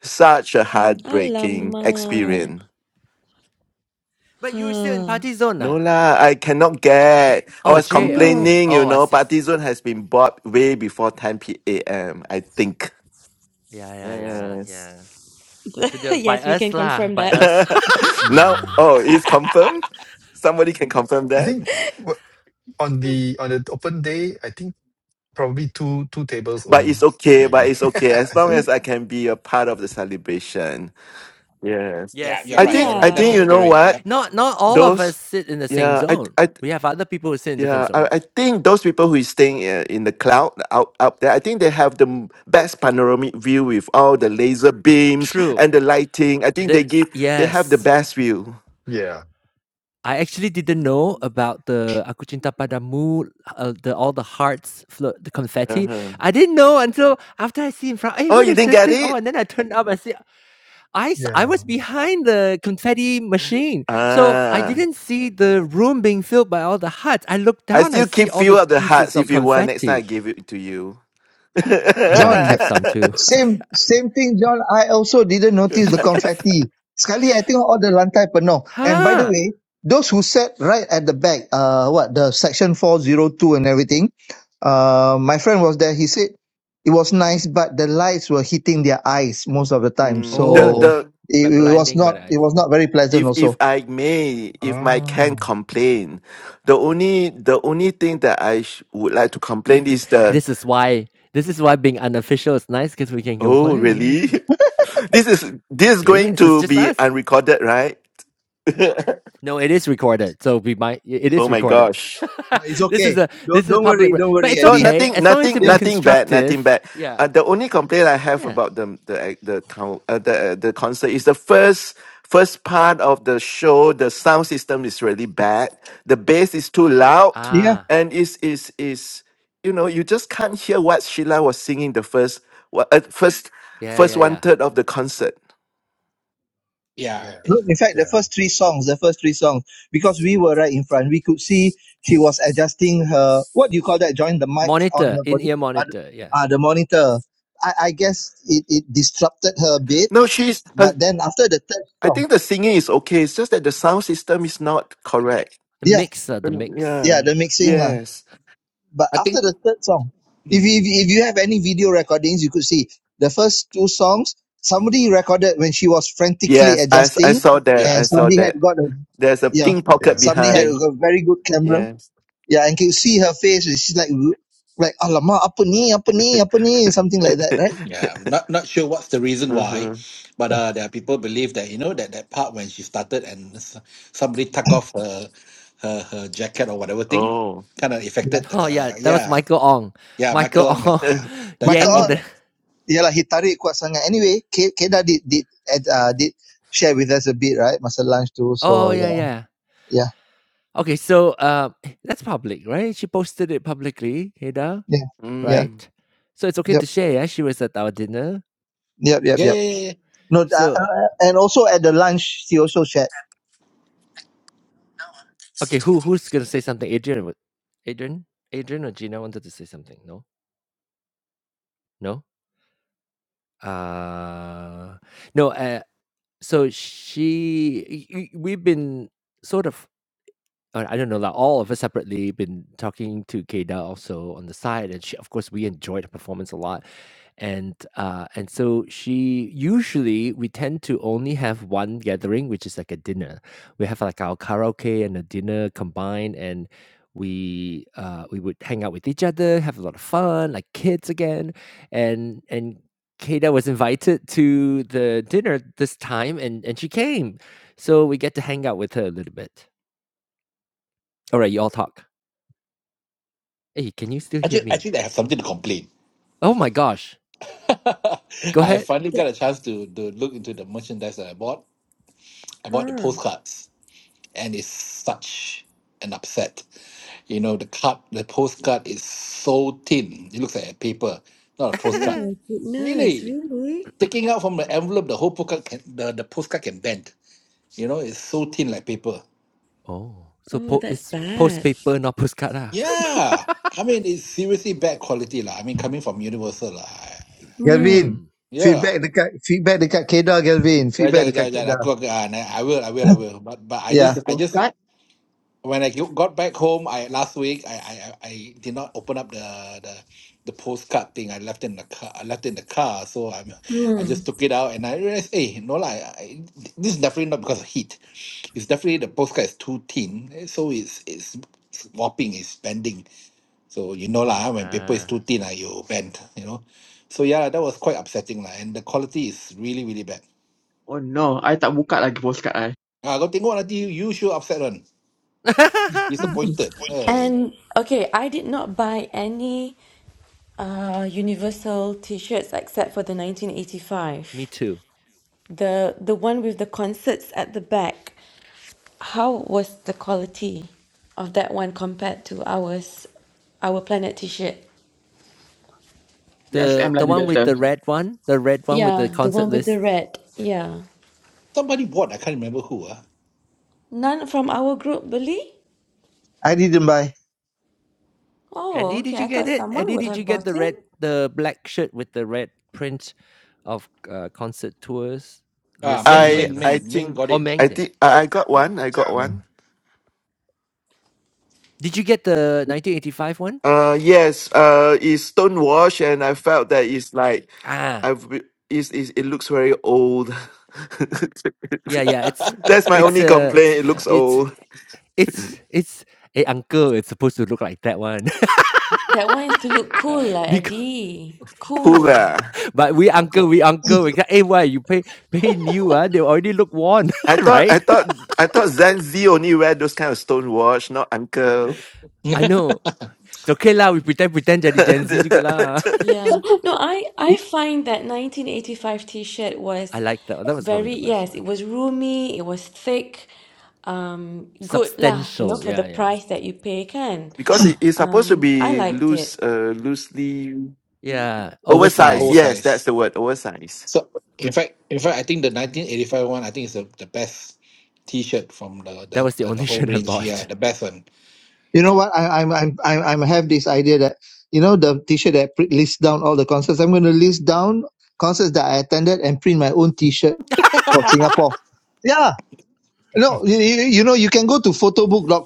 Such a heartbreaking Alamak. experience. but you were still in Huh. party zone, No ah? lah, I cannot get. I Oh, was Jay. ah, No. Okay. complaining, you Oh, I know, see. I see. Partizon has been bought way before 10 p.m. I think. Yeah, yeah, yeah, Yes. yeah. To the by Yes, we us can lah, confirm by that. us. now, Yeah. oh, it's confirmed. Somebody can confirm I that. think wha- on the on the open day, I think probably two two tables But only, it's okay. But maybe. it's okay I as don't long know. Mm, as I can be a part of the celebration. Yes. yeah. yes, You're I right. yes. You're think. I right. That's think the Yeah. you know spirit. what Yep. Not not all of those. us sit in the same Yeah. I. zone. I. We have other people who sit in different Yeah. I. I zones. think those people who is staying uh, in the cloud out up there. I think they have the m- best panoramic view with all the laser beams True. and the lighting. I think they The give. They have the yes. best view. Yeah. I actually didn't know about the Aku Cinta Padamu, uh, the all the hearts, flo the confetti. Uh-huh. I didn't know until after I see in front, "Hey, Oh, what you is didn't this get thing?" Oh, it. and then I turned up and see I s I Yeah. was behind the confetti machine, so I Ah. didn't see the room being filled by all the hearts. I looked I down, I still see keep all few these of the pieces hearts of if you want. Next time I confetti. give it to you. Oh, no, I John. kept some too. Same same thing, John. I also didn't notice the confetti. Sekali, I think all the lantai penuh. And by the Huh. way, those who sat right at the back, uh, what the section four zero two and everything, uh, my friend was there. He said it was nice, but the lights were hitting their eyes most of the time, Mm, the Oh, so the it, like it was blinding by the not it eyes. was not very pleasant if if also. I may, if I can Oh. complain, the only the only thing that I sh- would like to complain is the This is why this is why being unofficial is nice, because we can oh really complain. this is this is going Yes, It's to just be us. unrecorded, right? No, it is recorded. So we might. It is oh my recorded. gosh. But it's this is okay. a Don't this is a don't public, worry, re- don't but worry, it's No, Eddie. okay nothing, as long as you've nothing, been Yeah, nothing bad, nothing constructive. bad. Yeah. Uh, the only complaint I have Yeah. about the the the town, uh, the uh, the concert is the first first part of the show. The sound system is really bad. The bass is too loud, yeah. Ah. and is is is you know you just can't hear what Sheila was singing the first wa- uh, first Yeah. first Yeah. one Yeah. third of the concert. Yeah. Yeah. No, in fact, the Yeah. first three songs, the first three songs, because we were right in front, we could see she was adjusting her, what do you call that? Join the mic on Monitor her in body, ear uh, the- monitor. Yeah. uh, the monitor. I, I guess it, it disrupted her a bit, No, she's. Her, but then after the third I song, think the singing is okay. It's just that the sound system is not correct. The yeah, mixer. The Um, mix. yeah, yeah. the mixing. lah. Yes. But I after think. the third song, if, mm, you- if, you- if you have any video recordings, you could see the first two songs, somebody recorded when she was frantically Yes. I s- I adjusting, saw that. yeah. and I saw somebody had that. got a, There's a yeah, pink pocket Yeah. somebody had That. behind. a very good camera Yes. Yeah, and can you see her face? She's like, "Ugh," like, alamak, apa ni, apa ni, apa ni, something like that, right? Yeah. I'm not not sure what's the reason why, uh-huh. but Yeah. uh, there are people believe that you know that that part when she started and s- somebody took off her her her jacket or whatever thing, Oh. kind of yeah. affected. Oh Uh, yeah, that was yeah. Michael Ong. Yeah. Michael Michael on that Ong uh, that Maka, tug Yang off the. that. yalah, he tarik kuat sangat. Anyway, Ke- Kedah did, did, uh, did share with us a bit, right? Masa lunch too. Oh So, yeah yeah, yeah. yeah, Okay, so uh, that's public, right? She posted it publicly, Heda, yeah, yeah, mm. right? So it's okay yep, to share. Yeah? She was at our dinner. yep, yep, Yeah. yep. yeah, yeah. yeah. No, uh, So uh, and also at the lunch, she also shared. Okay, who who's gonna say something? Adrian, wa- Adrian, Adrian or Gina wanted to say something. No, no, uh, no. Uh, so she, y- y- we've been sort of Uh, I don't know, like all of us separately been talking to Keida also on the side, and she, of course, we enjoyed her performance a lot, and uh, and so she usually we tend to only have one gathering, which is like a dinner. We have like our karaoke and a dinner combined, and we uh, we would hang out with each other, have a lot of fun, like kids again, and and. Keita was invited to the dinner this time and, and she came. So we get to hang out with her a little bit. All right, you all talk. Hey, can you still hear Actually, me? actually, they have something to complain. Oh my gosh. Go I ahead. finally got a That, chance to, to look into the merchandise that I bought. I bought the huh. postcards, and it's such an upset. You know, the card, the postcard is so thin. It looks like a paper, not a Oh postcard. my goodness, Really, really? taking out from the envelope, the whole postcard can, the, the postcard can bend. You know, it's so thin like paper. oh, so Oh, po- that's it's post bad. paper, not postcard. Ah. Yeah, I mean, it's seriously bad quality lah. I mean, coming from Universal lah. I- Hmm. Galvin, Hmm. Yeah. feedback dekat feedback dekat Kedah Galvin, Kejap, feedback dekat kejap, kejap. Aku, Kedah. aku- ah, nah, I will, I will, I will. But, but I Uh, Yeah, the just, I just postcard? when I go- got back home, I last week I I, I I did not open up the the the postcard thing. I left it in the car. I left it in the car, so I'm I Hmm. just took it out and I realized, hey, no lah, I, I- this is definitely not because of heat. It's definitely the postcard is too thin, eh, so it's it's, it's warping, it's bending. So you know lah, when paper is Ah. too thin, ah, you bend, you know. So yeah, that was quite upsetting lah, and the quality is really really bad. Oh no, I tak buka lagi postcard I. Ah, kau tengok nanti you you sure upset one, disappointed. Hey. And okay, I did not buy any uh Universal t-shirts except for the me 1985. too. The the one with the concerts at the back. How was the quality of that one compared to ours, our planet T-shirt? The USM the lagi one with later. the red one, the red one with the Yeah, the concert one with the list. red. Yeah. Somebody bought, I can't remember who ah. None from our group, Billy? I didn't buy. Oh, Eddie, did okay. you I thought get it? someone Eddie, would did you have get bought the it. red, the black shirt with the red print of uh, concert tours Ah, listing Ming, on I the Ming, back? I Ming, Ming think got Oh, it. Meng, I did. think I I got one. I got Yeah, Ming. one. did you get the Dia 1985 one? Uh yes. Uh, it's stonewashed, and I felt that it's like Ah, I've re- it's, it's, it looks very old. Yeah, yeah, it's That's my it's only a complaint. It looks Yeah, it's old. it's it's, a uncle," it's supposed to look like that one. That one is to look cool, uh, lah, because Eddie. Cool. Hula. but we uncle we uncle, we got. "Hey, why you pay pay new ah, they already look worn," I thought right? I thought I thought Gen Z only wear those kind of stonewash, not uncle. I yeah, know. It's okay lah, we pretend pretend jadi Gen Z juga lah. Yeah. No, I I find that 1985 T-shirt I was like that that was probably very, the best yes, one. it was roomy, it was thick, um, good lah, you know, Substantial, for the yeah, yeah. price that you pay, can. because it, it's supposed to Um, I be liked loose, it. uh, loosely Yeah, oversized. oversized. Yes, that's oversized. the word. Oversized. So in fact, in fact, I think the 1985 one, I think is the, the best T-shirt from the That the, was the the, the only whole shirt I range. Yeah, bought. the best one. You know Yeah. what? I, I'm I'm I'm I'm have this idea that you know the T-shirt that I print lists down all the concerts. I'm going to list down concerts that I attended and print my own T-shirt for Singapore. Yeah. No, you, you you know you can go to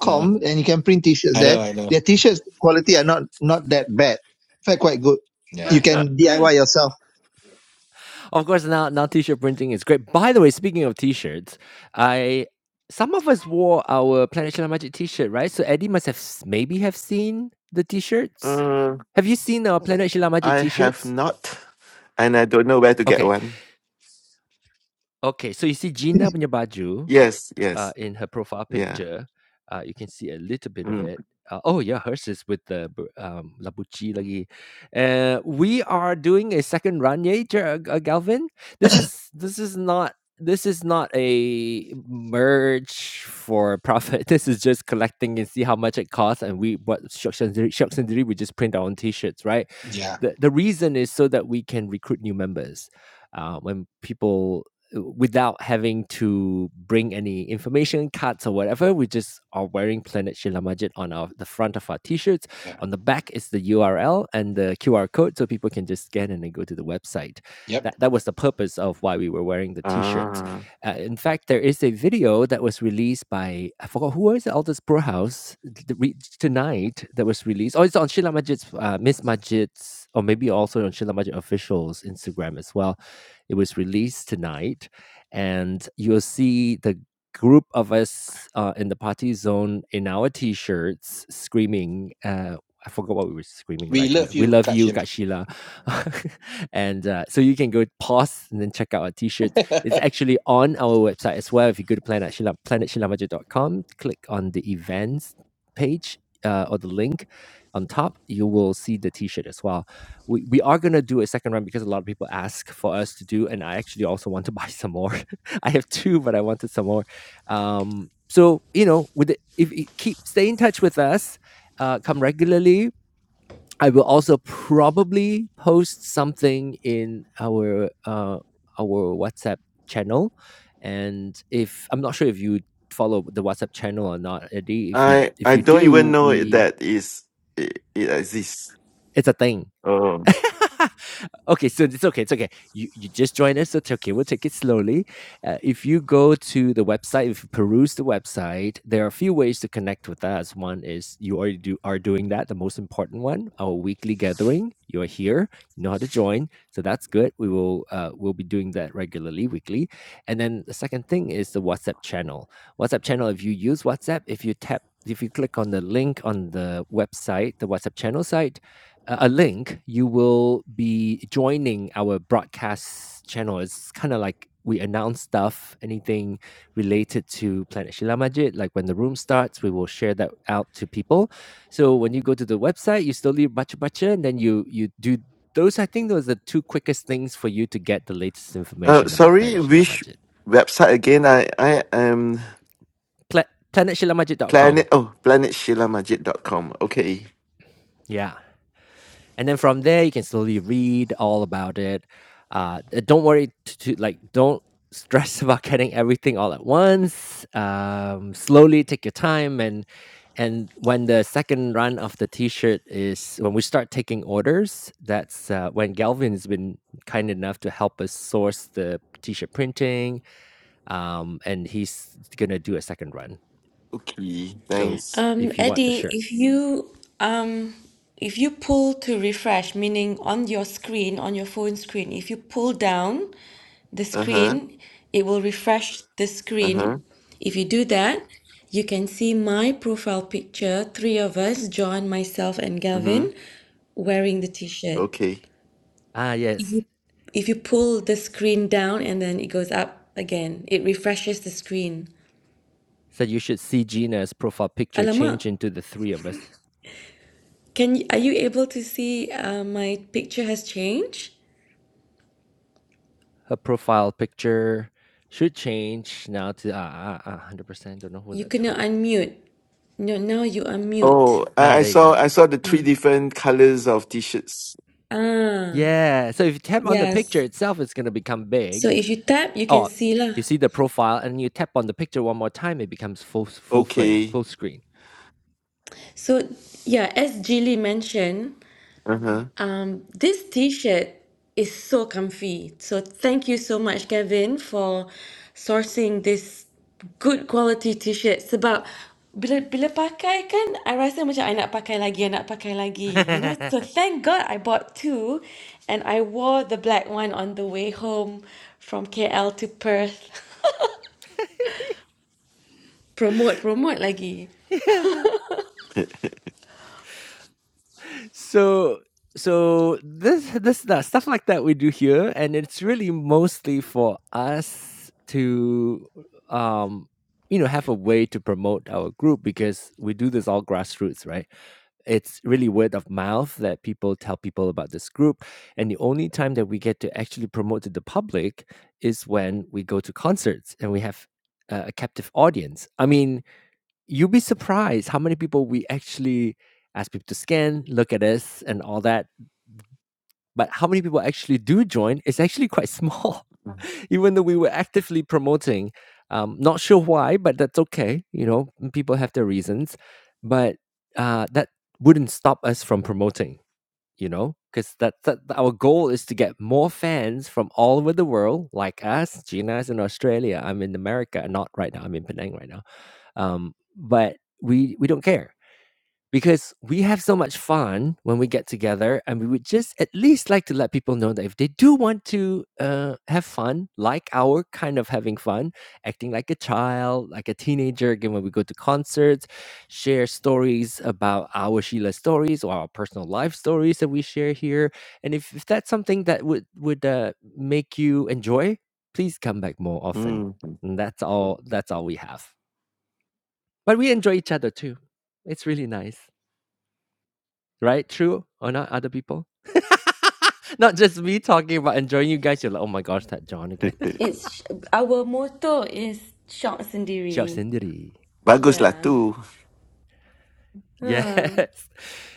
yeah, and you can print T-shirts I know, there. I know. Their T-shirts quality are not not that bad. In fact, quite good. You Yeah, can DIY yourself. Of course, now now t-shirt printing is great. By the way, speaking of t-shirts, I some of us wore our Planet Shella Magic t-shirt, right? So Eddie must have s- maybe have seen the t-shirts. Uh, Have you seen our Planet Shella Magic I have t-shirts? not, and I don't know where to get Okay, one. okay. So you see Gina punya baju, Yes, uh, yes, in her profile yeah. picture. Uh, you can see a little bit of Mm. it. Uh, oh yeah, hers is with the bu- um, Labucci lagi. Uh, we are doing a second run, yeah, Ger- uh, Galvin. This is this is not this is not a merge for profit. This is just collecting and see how much it costs, and we what shucks and dri- shucks and dri- we just print our own T-shirts, right? yeah, The the reason is so that we can recruit new members. Uh, when people without having to bring any information cards or whatever we just are wearing planet shila majid on our the front of our t-shirts yeah. on the back is the url and the qr code so people can just scan and then go to the website Yep. that that was the purpose of why we were wearing the t-shirts Ah, uh, in fact there is a video that was released by i forgot who was it aldous Brohouse tonight that was released oh it's on shila majid's uh, miss majid's or maybe also on shila majid official's instagram as well it was released tonight, and you'll see the group of us uh, in the party zone in our t-shirts screaming. Uh, I forgot what we were screaming We like. Uh, love we you, love you, Godzilla. Gashila, and uh, so you can go pause and then check out our t-shirts. It's actually on our website as well. If you go to planet Shila, planetshilamaja.com, click on the events page uh, or the link on top, you will see the t-shirt as well we we are gonna do a second run because a lot of people ask for us to do, and I actually also want to buy some more. I have two, but I wanted some more. Um, so you know, with the, if you keep stay in touch with us, uh, come regularly. I will also probably post something in our uh, our WhatsApp channel, and if I'm not sure if you follow the WhatsApp channel or not, Eddie, if you I if I you don't even do, know it- we that is it, it exists. it's a thing Oh, okay, so it's okay. It's okay. You you just joined us. So it's okay. We'll take it slowly. Uh, if you go to the website, if you peruse the website, there are a few ways to connect with us. One is you already do, are doing that. The most important one, our weekly gathering. You are here. You know how to join, so that's good. We will uh, we'll be doing that regularly, weekly. And then the second thing is the WhatsApp channel. WhatsApp channel. If you use WhatsApp, if you tap. If you click on the link on the website, the WhatsApp channel site, a a link, you will be joining our broadcast channel. It's kind of like we announce stuff, anything related to Planet Shila Majid. Like when the room starts, we will share that out to people. So when you go to the website, you still leave bacha bacha, and then you you do those. I think those are the two quickest things for you to get the latest uh, information about sorry. Planet Shila Which Majid. website again? I I am Pla- planet shila majid dot planet. com. Oh, dot com. Okay, Yeah. and then from there you can slowly read all about it uh uh, don't worry to, to like don't stress about getting everything all at once um slowly take your time and and when the second run of the t-shirt is when we start taking orders that's uh, when galvin has been kind enough to help us source the t-shirt printing um, and he's gonna do a second run okay. so Thanks. Um, if you want the Eddie, shirt. if you um, if you pull to refresh, meaning on your screen, on your phone screen, if you pull down the Uh huh. screen, it will refresh the Uh screen. huh. If you do that, you can see my profile picture, three of us, John, myself, and Mm-hmm. Gavin, wearing the t-shirt. Okay. Ah, If yes. you if you pull the screen down and then it goes up again, it refreshes the screen. So you should see Gina's profile picture Alamak. change into the three of us. Can you, are you able to see uh, my picture has changed? Her profile picture should change now to ah, ah, ah 100%. Don't know who You that's cannot from. unmute. No, now you unmute. Oh, Ah, I, I there you go. saw I saw the three different colors of t-shirts. Ah, Yeah. So if you tap on the picture yes. itself, it's going to become So big. if you tap, you can Oh, see you lah. see the profile and you tap on the picture one more time, it becomes full full frame, Okay. full screen. So yeah, as Jilly mentioned, Uh huh. Um, this t-shirt is so comfy. So thank you so much, Kevin, for sourcing this good quality t-shirt. Sebab bila bila pakai kan, I rasa macam I nak pakai lagi, I nak pakai lagi. You know, so thank God I bought two, and I wore the black one on the way home from KL to Perth. Promote, promote lagi. so so this this the stuff like that we do here, and it's really mostly for us to um you know have a way to promote our group because we do this all grassroots, right? it's really word of mouth that people tell people about this group. And the only time that we get to actually promote to the public is when we go to concerts and we have uh, a captive audience. I mean, you would be surprised how many people we actually ask people to scan, look at us, and all that but how many people actually do join is actually quite small even though we were actively promoting um, not sure why but that's okay you know people have their reasons but uh, that wouldn't stop us from promoting you know because that, that our goal is to get more fans from all over the world like us gina's in australia i'm in america not right now i'm in penang right now um, but we we don't care because we have so much fun when we get together and we would just at least like to let people know that if they do want to uh, have fun like our kind of having fun acting like a child like a teenager again when we go to concerts share stories about our sheila stories or our personal life stories that we share here and if, if that's something that would would uh, make you enjoy please come back more often Mm. and that's all that's all we have but we enjoy each other too it's really nice Right? True or not, other people? not just me talking about enjoying you guys. You're like, oh my gosh, that John again. It's our motto is shop Shout sendiri. Cindy. Bagus lah Yeah. too. Yes. Ah,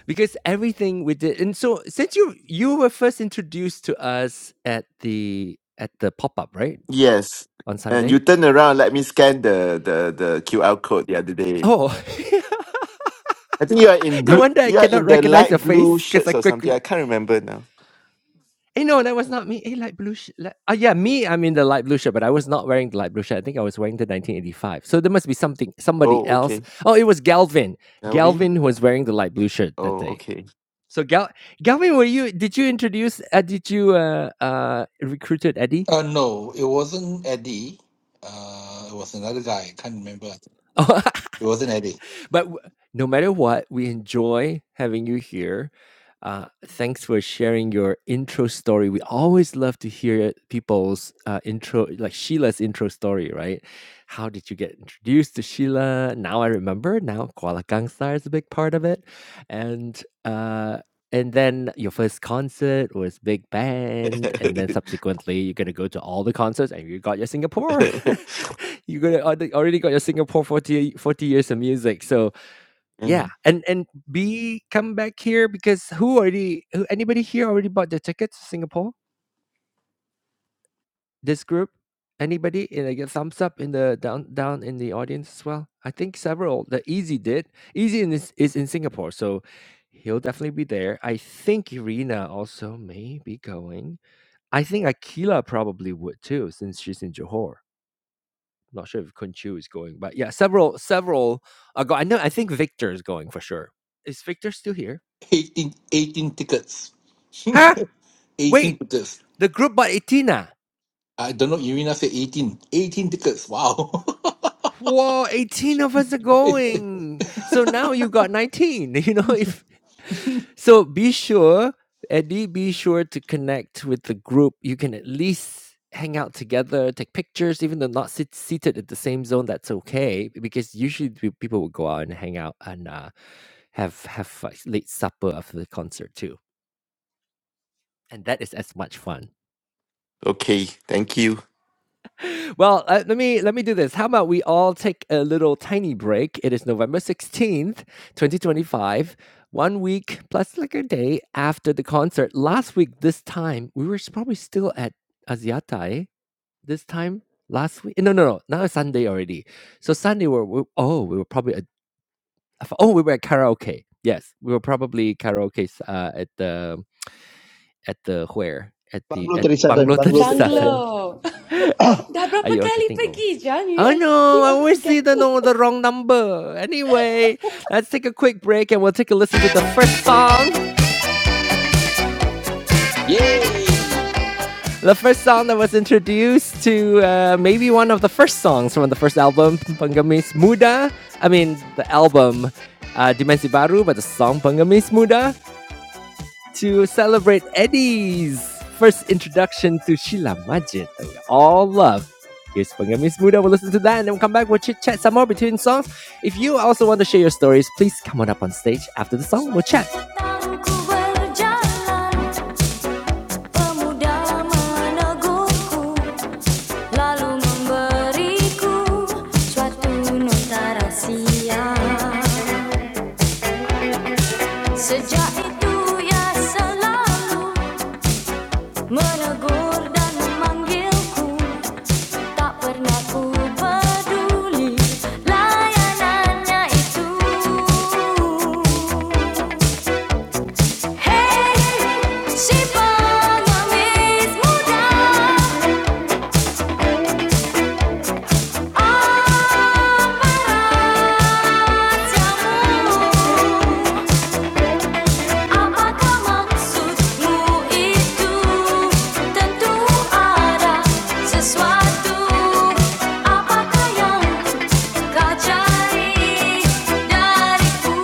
Because everything we did and so since you you were first introduced to us at the at the pop-up, right? Yes. On And Sunday? you turn around, let me scan the, the, the QR code the other day. Oh I think you are in no blue wonder I you are cannot in the recognize light your blue face because shirts I or something. quickly I can't remember now. Hey no, that was not me. Hey, light blue. Sh- li- ah, yeah, me. I'm in the light blue shirt, but I was not wearing the light blue shirt. I think I was wearing the 1985. So there must be something, somebody Oh, else. okay. Oh, it was Galvin. Are Galvin was wearing the light blue shirt that Oh, day. okay. So Gal, Galvin, were you? Did you introduce? Uh, did you uh, uh, recruited Eddie? Uh, no, it wasn't Eddie. Uh, it was another guy. I can't remember. Oh, It wasn't Eddie. but w- no matter what, we enjoy having you here. Uh, thanks for sharing your intro story. We always love to hear people's uh, intro, like Sheila's intro story, right? How did you get introduced to Sheila? Now I remember. Now Kuala Kangsar is a big part of it, and uh, and then your first concert was big band, and then subsequently you're gonna go to all the concerts, and you got your Singapore. you gonna already already got your Singapore 40 40 years of music. So yeah, Mm. and and B come back here because who already who anybody here already bought their tickets to Singapore? This group? Anybody? And I get thumbs up in the down down in the audience as well. I think several. The Easy did. Easy in is, is in Singapore, so he'll definitely be there. I think Irina also may be going. I think Akila probably would too, since she's in Johor. Not sure if Kunchu is going, but yeah, several several are going. I know. I think Victor is going for sure. Is Victor still here? 18, 18 tickets. Huh? 18 Wait, tickets. the group by Itina. I don't know. Irina said 18. 18 tickets. Wow. Whoa, 18 of us are going. So now you got 19. You know, if so be sure, Eddie, be sure to connect with the group. You can at least hang out together, take pictures, even though not sit- seated at the same zone, that's okay. Because usually pe- people will go out and hang out and uh, have have uh, late supper after the concert too. And that is as much fun. okay, thank you. Well, uh, let me let me do this. How about we all take a little tiny break? It is November 16th, 2025, one week plus like a day after the concert. Last week this time, we were s- probably still at Asiatai. This time last week. No, no, no. Now it's Sunday already. So Sunday we we oh, we were probably at oh, we were at karaoke. Yes, we were probably karaoke uh, at the at the where? At the Bungalow at thirty seven. Bungalow Bungalow thirty 37. seven. Bungalow. Are Dabra you all Pakali getting old? pergi, John. You Oh uh, no, keep I on always see the forgetting. no the wrong number. Anyway, let's take a quick break and we'll take a listen to the first song. Yay. The first song that was introduced to uh, maybe one of the first songs from the first album, Pengemis Muda. I mean, the album uh, Dimensi Baru, but the song Pengemis Muda. to celebrate Eddie's first introduction to Sheila Majid that we all love. Here's Pengemis Muda. We'll listen to that and then we'll come back. We'll chit chat some more between songs. If you also want to share your stories, please come on up on stage after the song. We'll chat. Sejak itu ia selalu Menegur dan memanggilku Tak pernah ku peduli Layanannya itu Hey, si pengemis muda Apa rahasiamu? Apakah maksudmu itu? Tentu ada sesuatu. Apakah yang kau dariku?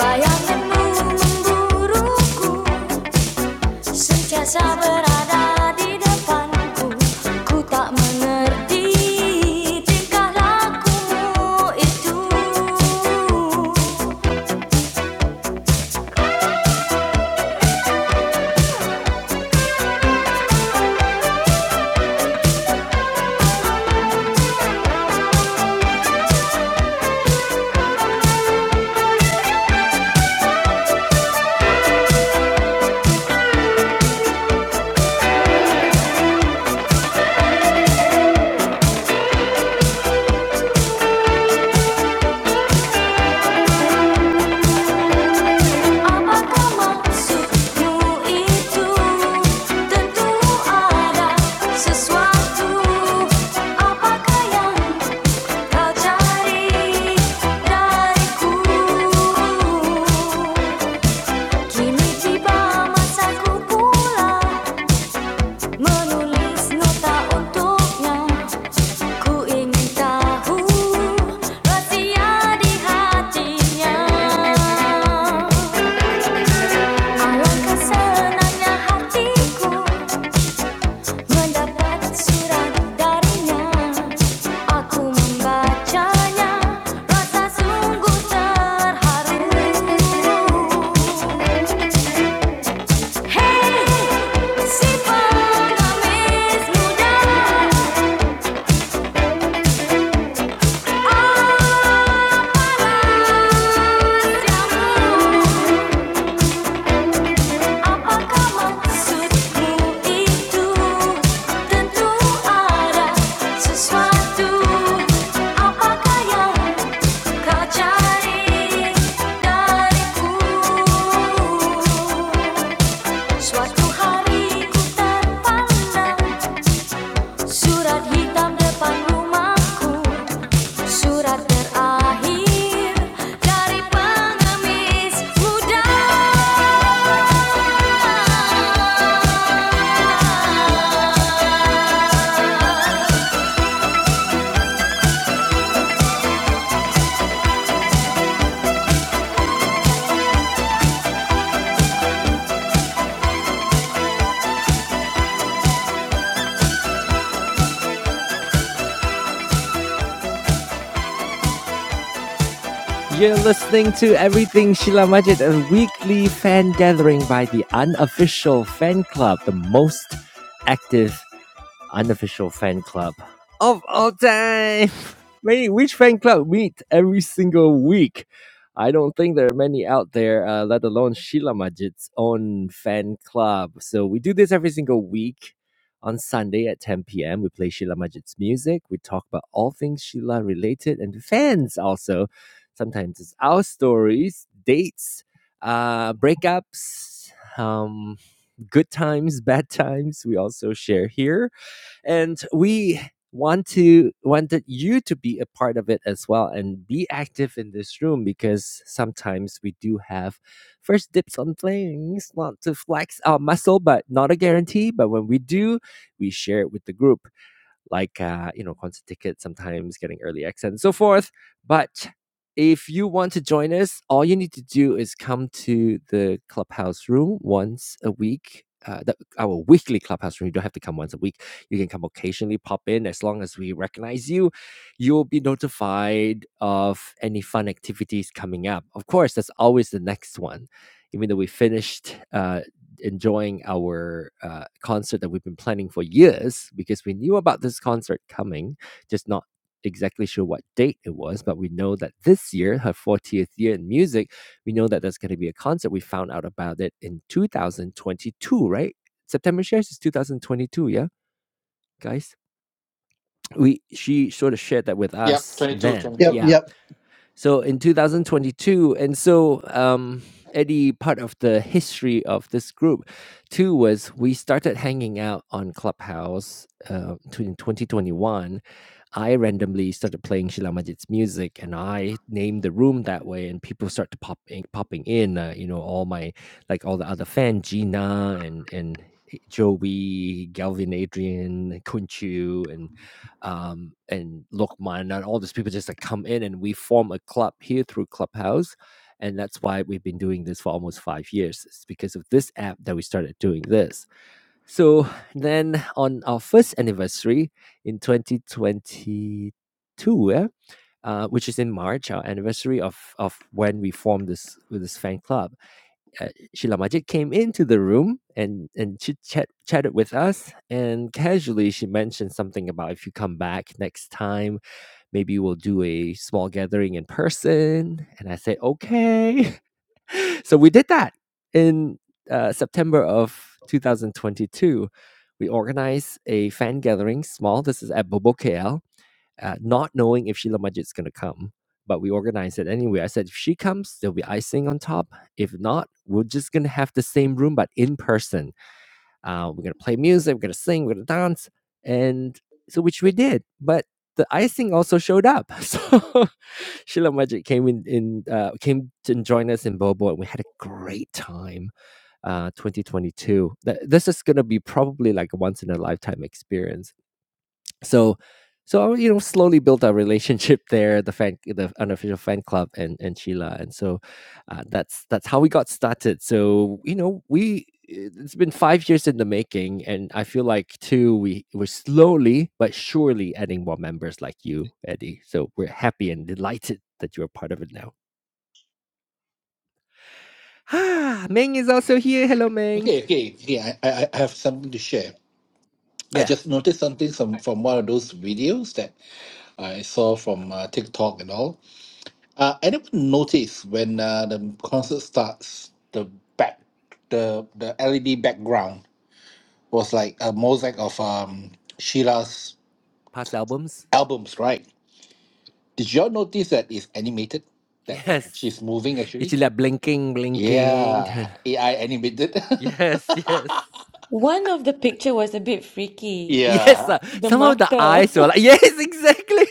Bayangan memburuku, sentiasa berada di depanku. Ku tak mengerti tingkah lakumu itu. Apa maksudmu itu? Tentu ada sesuatu. Apakah yang kau cari dariku? Kini tiba masaku pula menulis nota untuknya. Ku ingin tahu rahasia di hatinya. Alangkah senangnya hatiku mendapat surat darinya. Aku membacanya, rasa sungguh terharu. Hey, si pengemis muda, apalah rahasiamu? Apakah maksudmu itu? Tentu ada sesuatu. Apakah yang kau cari dariku? Suatu hari ku surat hitam depan rumahku, surat terakhir dari pengemis muda. You're listening to Everything Sheila Majid, a weekly fan gathering by the unofficial fan club, the most active unofficial fan club of all time. Many which fan club meet every single week. I don't think there are many out there, uh, let alone Sheila Majid's own fan club. So we do this every single week on Sunday at 10 p.m. We play Sheila Majid's music. We talk about all things Sheila related and fans also. Sometimes it's our stories, dates, uh, breakups, um, good times, bad times. We also share here and we want to wanted you to be a part of it as well and be active in this room because sometimes we do have first dips on things not to flex our muscle but not a guarantee but when we do we share it with the group like uh, you know concert tickets sometimes getting early access and so forth but if you want to join us all you need to do is come to the clubhouse room once a week uh, the, our weekly clubhouse room you don't have to come once a week you can come occasionally pop in as long as we recognize you you'll be notified of any fun activities coming up of course that's always the next one even though we finished uh, enjoying our uh, concert that we've been planning for years because we knew about this concert coming, just not exactly sure what date it was, but we know that this year, her 40th year in music, we know that there's going to be a concert. We found out about it in 2022, right? September shares is 2022, yeah, guys. We she sort of shared that with Yeah, us twenty-two, then, Yep. twenty-two. yeah Yep. so in 2022 and so um eddie part of the history of this group too was we started hanging out on clubhouse uh, to- in 2021 i randomly started playing shila majid's music and i named the room that way and people start to pop in, popping in uh, you know all my like all the other fan gina and and joey galvin adrian kunchu and um, and Lokman and all these people just like come in and we form a club here through Clubhouse. And that's why we've been doing this for almost five years. It's because of this app that we started doing this. So then on our first anniversary in 2022, yeah, uh, which is in March, our anniversary of, of when we formed this this fan club, uh, Sheila Majid came into the room and and she chat chatted with us. And casually, she mentioned something about if you come back next time, maybe we'll do a small gathering in person. And I said okay. so we did that in uh, September of 2022. We organized a fan gathering, small. This is at Bobo KL uh, not knowing if Sheila Majid's going to come. But we organized it anyway. I said, if she comes, there'll be icing on top. If not, we're just going to have the same room, but in person. Uh, we're going to play music, we're going to sing, we're going to dance. And so, which we did. But the icing also showed up. So Sheila Majid came in, in uh, came to join us in Bobo, and we had a great time. Uh, 2022. Th- This is going to be probably like a once in a lifetime experience so so you know slowly built our relationship there the fan the unofficial fan club and and sheila and so uh, that's that's how we got started so you know we it's been five years in the making and i feel like too we we're slowly but surely adding more members like you eddie so we're happy and delighted that you're part of it now ah meng is also here hello meng Okay. Okay. Okay. I, I, I have something to share. I yeah just noticed something from, from one of those videos that I saw from uh, TikTok and all. Uh, I never noticed when uh, the concert starts, the back, the, the LED background was like a mosaic of um, Sheila's past albums albums, right? Did y'all notice that it's animated? That yes she's moving it's actually? like blinking blinking Yeah, AI animated. yes yes One of the picture was a bit freaky. Yes, Yeah, uh, The some of the mata. eyes were like, yes, exactly.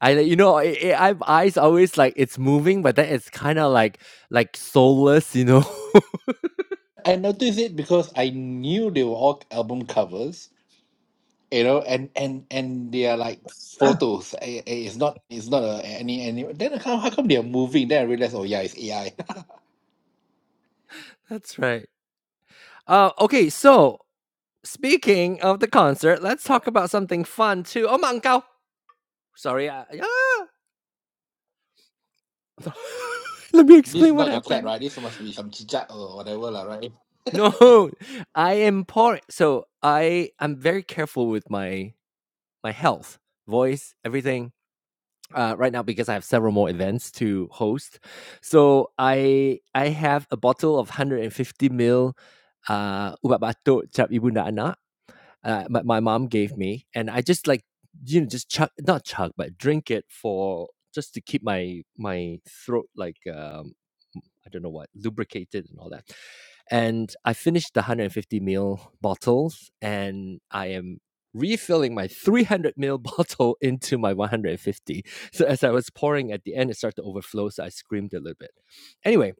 I like, you know A- AI eyes always like it's moving, but then it's kind of like like soulless, you know. I noticed it because I knew they were all album covers, you know, and and and they are like photos. I- I- It's not it's not a, any any. Then how how come they are moving? Then I realized, oh yeah, it's AI. That's right. Uh, okay, so speaking of the concert, let's talk about something fun too. Oh, Mangkao. Sorry. Uh, yeah. Let me this is explain what not your cat, happened. right? This must be some chichat or whatever, lah, right? No, I am poor. So I I'm very careful with my my health, voice, everything. uh, right now because I have several more events to host. So I I have a bottle of 150 mil, uh, ubat batuk cap ibunda anak. Uh, my, my mom gave me, and I just like you know just chug not chug but drink it for just to keep my my throat like um I don't know what, lubricated and all that. And I finished the 150 ml bottles and I am refilling my 300 ml bottle into my 150. So as I was pouring at the end, it started to overflow. So I screamed a little bit. Anyway,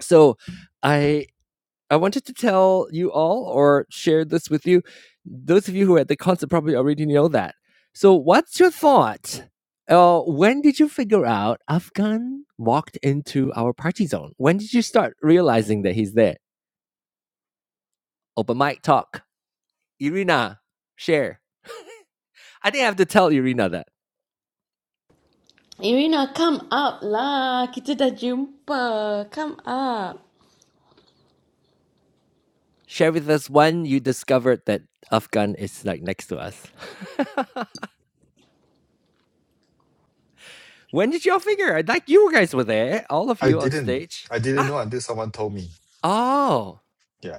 so I I wanted to tell you all or share this with you. Those of you who are at the concert probably already know that. So, what's your thought? Uh, when did you figure out Afghan walked into our party zone? When did you start realizing that he's there? Open mic talk. Irina, share. I think I have to tell Irina that. Irina, come up lah. Kita dah jumpa. Come up. Share with us when you discovered that Afghan is like next to us. when did y'all figure? Like you guys were there, all of I you on didn't. stage. I didn't Ah, know until someone told me. oh. Yeah.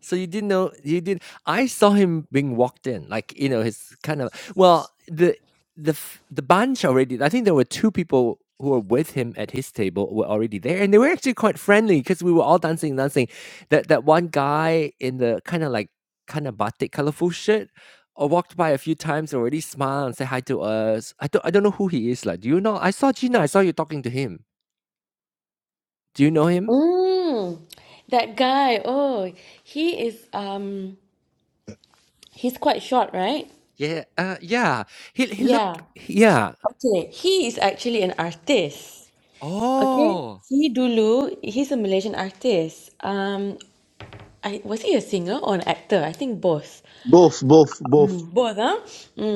So you didn't know you did I saw him being walked in, like, you know, his kind of well, the the f the bunch already I think there were 2 people who were with him at his table were already there, and they were actually quite friendly because we were all dancing, dancing. That that one guy in the kinda like kinda batik colorful shirt, uh, walked by a few times already, smiled and said hi to us. I don't I don't know who he is, like, do you know? I saw Gina, I saw you talking to him. Do you know him? Mm, that guy. Oh, he is um he's quite short, right? Yeah, uh, yeah. He he looked Yeah. yeah. Okay. He is actually an artist. Okay. Oh. He dulu, he's a Malaysian artist. Um, I was he a singer or an actor? I think both. Both. Both. Both. Both ah.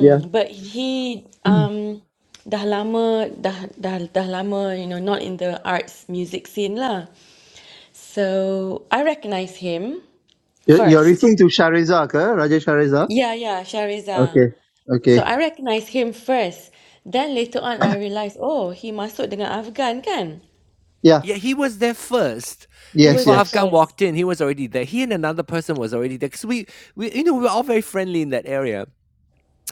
Yeah. but he um dah lama dah dah dah lama you know not in the arts music scene lah. So I recognize him You're, you're first. referring to Shariza, ke? Raja Shariza. Yeah, yeah, Shahriza. Okay. So Okay. I recognize him first. Then later on I realised, oh, he masuk dengan Afghan kan? Yeah. Yeah, he was there first. He Yes, was Before there yes. Afghan first. walked in, he was already there. He and another person was already there because we, we, you know, we were all very friendly in that area.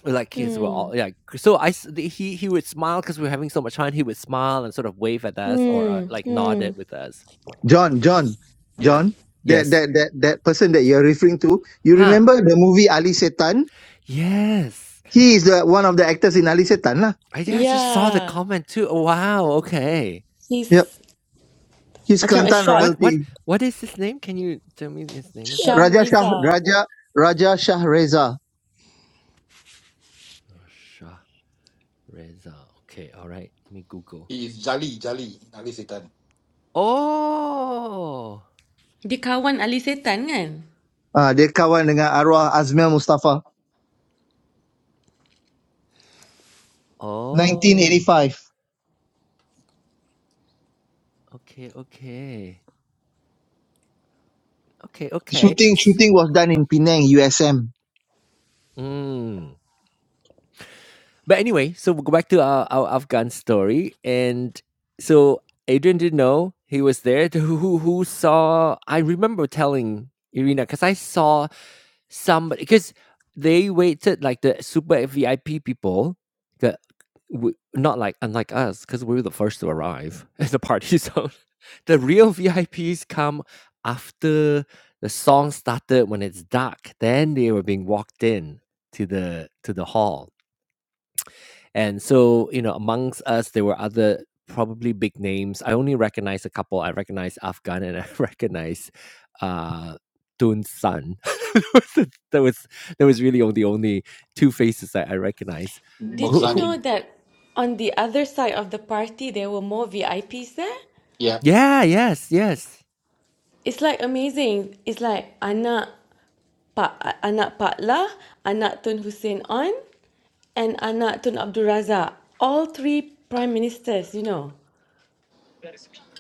We're like kids, we're Hmm. all yeah. So I, s- the- he, he would smile because we were having so much fun. He would smile and sort of wave at us or uh, Hmm. like nod Hmm. it with us. John, John, Yeah. John. That Yes. that that that person that you're referring to. You Huh. remember the movie Ali Setan? Yes. He is the, one of the actors in Ali Setan, lah. I yeah, I just saw the Yeah. comment too. Oh, wow. Okay. Yep. He's He's macam a Kelantan short What what royalty. what is his name? Can you tell me his name again? Raja Shah Shahriza. Raja Raja Shah Reza. Oh, Shah Reza. Okay. All right. Let me Google. It's Jali Jali Jali Satan Oh! Dia kawan Ali Setan kan? Ah, dia kawan dengan arwah Azmil Mustafa. Oh, 1985. okay, okay. Okay, okay. Shooting S shooting was done in Penang, USM. mm. But anyway, so we'll go back to our, our Afghan story. And so Adrian didn't know he was there. Who, who, who saw, I remember telling Irina, because I saw somebody, because they waited like the super VIP people, the, w- not like, unlike us, because we were the first to arrive at the party zone. The real VIPs come after the song started when it's dark. Then they were being walked in to the to the hall and so, you know, amongst us, there were other probably big names. I only recognize a couple. I recognize Afghan and I recognize uh, Tun's son. that was that was really only only two faces that I recognize. Did Who, you who? know Moghzani. that on the other side of the party there were more VIPs there? Yeah. Yeah. Yes. Yes. It's like amazing. It's like anak Pak anak Pak Lah, anak Tun Hussein On, and anak Tun Abdul Razak. All three prime ministers, you know.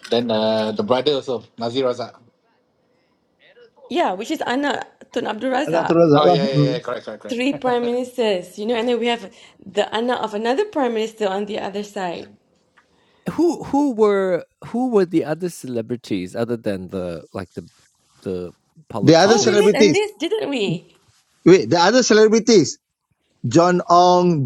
Then uh, the brother also Nazir Razak. Yeah, which is anak Tun Abdul Agak Razak. terus Oh lah. yeah yeah yeah Mm. correct correct correct. Three prime ministers, you know, yeah, and then we have the anak of another prime minister on the other yeah. side. Who who were who were the other celebrities other than the like the the The other Oh, we politicians? made a celebrities. list, didn't we? Wait, the other celebrities. John Ong,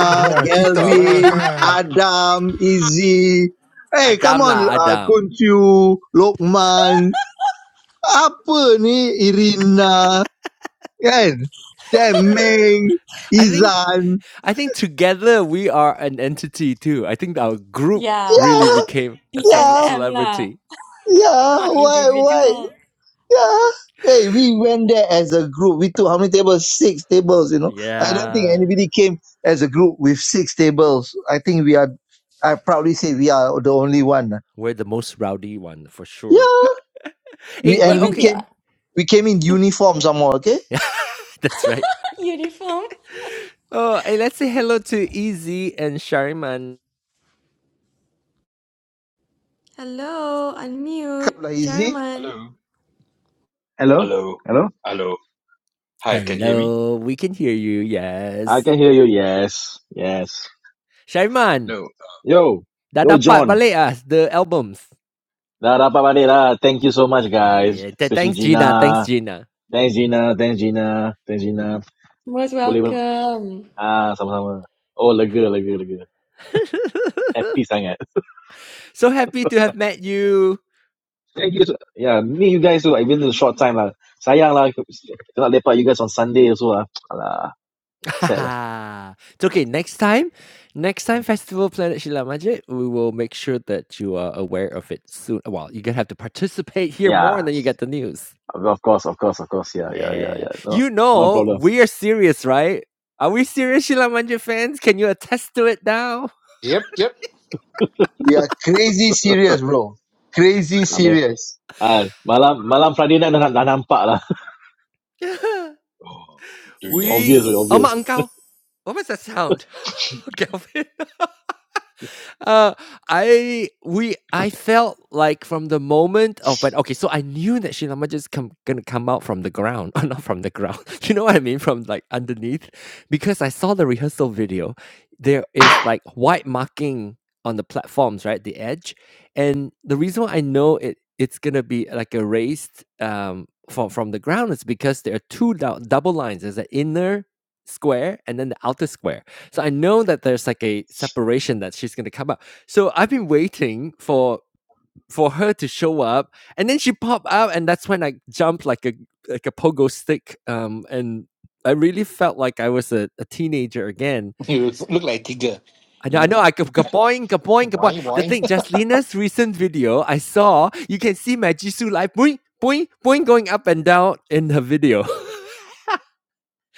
And, uh, kita lah Gelvin, kan. Adam, Izzy. Hey, come Adam on lah, lah. Adam. Kuncu, Lokman. Apa ni Irina? Kan? Temeng, I think Izan. I think together we are an entity too. I think our group Yeah, really Yeah, became a ce- yeah, PSM lah. celebrity. yeah. An Why, why? individual. Yeah. Hey, we went there as a group. We took how many tables? Six tables, you know. I don't think Yeah, anybody came as a group with six tables. I think we are, I proudly say we are the only one. we're the most rowdy one for sure. Yeah. Hey, We and but we Even okay, the came we came in uniform somewhere, okay? yeah, that's right. uniform. Oh, hey, let's say hello to Easy and Shariman. Hello, unmute, Kabla easy. Jerryman. Hello, Hello? hello, Hello? hello. Hi, can you hear me? Hello, we can hear you. I Yes, can hear you. Yeah. Yes. Yes. Shariman, No, Yo. dah Yo, dapat John. balik ah the albums. La rapa pa, Thank you so much, guys. Yeah, th- Especially thanks Gina. Thanks Gina. Gina. Thanks, Gina. Thanks, Gina. Thanks, Gina. Most Boleh, boleh. welcome. Ah, sama-sama. Oh, lega, lega, lega. Happy sangat. so happy to have met you. Thank you. So, yeah, me, you guys, too. I've been in a short time lah. Sayang lah. Cannot lepak you guys on Sunday also lah. Alah, sad lah. it's okay. Next time, next time Festival Planet Shila Majid, we will make sure that you are aware of it soon. Well, you're gonna have to participate here more, and Yeah, then you get the news. of course, of course, of course. Yeah, yeah, yeah, Yeah, yeah. No, you no know problem. we are serious, right? Are we serious, Shila Majid fans? Can you attest to it now? Yep yep We are crazy serious, bro. Crazy Amin. crazy, serious. Ah, really malam malam crazy. Friday night dah, dah nampak lah. Oh, during the we, Obvious, dinner, way, oh obvious. my uncle, what was that sound, Kelvin? uh, I we I felt like from the moment of when okay, so I knew that Shinama just come gonna come out from the ground, or not from the ground. You know what I mean? From like underneath, because I saw the rehearsal video. There is like white marking on the platforms, right? The edge, and the reason why I know it it's gonna be like erased um from from the ground is because there are two dou double lines. There's an inner square and then the outer square so I know that there's like a separation that she's gonna come up. So I've been waiting for for her to show up, and then she popped out, and that's when I jumped like a like a pogo stick. Um, and I really felt like I was a, a teenager again. You look like tiger, I know, you I know. know, I could kaboing, kaboing, kaboing. Wine, The wine, thing, Jaslina's recent video I saw, you can see my Jisoo like boing, boing, boing going up and down in her video.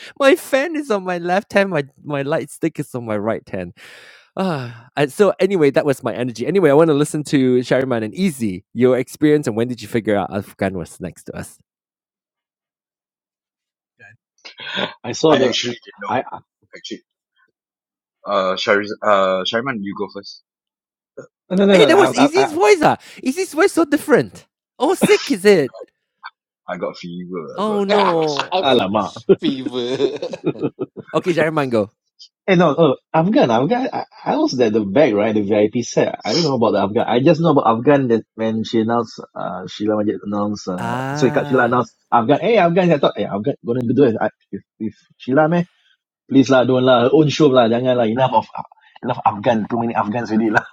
my fan is on my left hand, my my light stick is on my right hand. Ah, and so anyway, that was my energy. Anyway, I want to listen to Shariman and Easy, your experience and when did you figure out Afghan was next to us? I saw I the actually didn't know. I I- Actually, uh, Shariz, uh, Shariman, you go first. no no Hey, no no. that I, was I, Easy's I, voice. Ah. Easy's voice so different. Oh, sick is it? I got fever. I Oh got, I got sore. no. Fe- alamak. Fever. Okay, Shariman, go. eh no, no, Afghan, Afghan. I, I was at the back, right? The VIP set. I don't know about the Afghan. I just know about Afghan that when she announced, uh, Sheila Majid announced, uh, sorry, Kak Sheila Ah. announced Afghan. Hey, Afghan. I thought, hey, Afghan gonna do it. I, if, if Sheila meh, please lah, don't lah, her own show lah, jangan lah. Enough of enough Afghan. Too many Afghans already lah.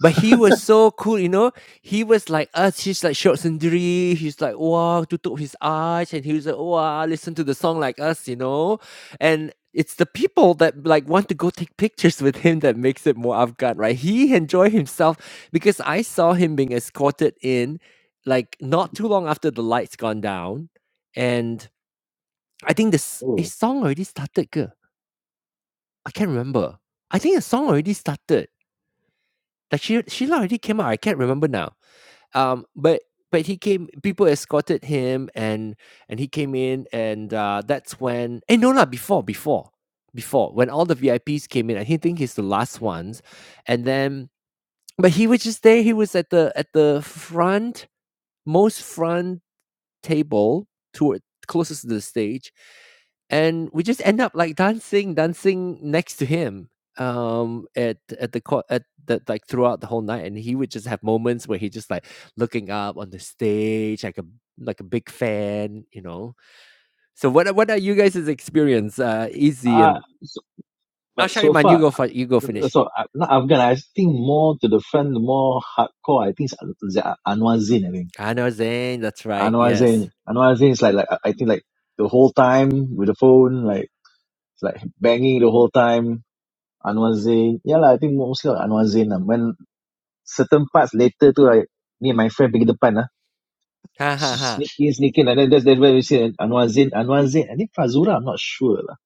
But he was so cool, you know. He was like us. He's like short sendiri. He's like wow, tutup his eyes, and he was like wow, listen to the song like us, you know. And it's the people that like want to go take pictures with him that makes it more Afghan, right? He enjoy himself because I saw him being escorted in, like not too long after the lights gone down, and I think this a Oh, song already started. Ke? I can't remember. I think a song already started. Like she, Sheila already came out. I can't remember now um but but he came people escorted him and and he came in and uh that's when eh no lah before before before when all the VIPs came in I he think he's the last ones and then but he was just there he was at the at the front most front table toward closest to the stage, and we just end up like dancing, dancing next to him um at at the co- at the like throughout the whole night and he would just have moments where he just like looking up on the stage like a like a big fan you know so what are- what are you guys' experience uh easy ah and so, oh but so Shariman far you go for you go finish So uh, not Afghan. I think more to the front, more hardcore. I think it's An- Anwar Zain. I think I know Zane that's right Anwar Zain. yes Anwar Zain is like like I I think like the whole time with the phone, like it's like banging the whole time. Anwar Zain. Yeah lah. I think mostly like Anwar Zain. Lah. When certain parts later tu, like me and my friend pergi depan lah. ha ha ha Sneak in, sneak in, and then that's, that's where we see Anwar Zain. Anwar Zain. I think Fazura. I'm not sure lah.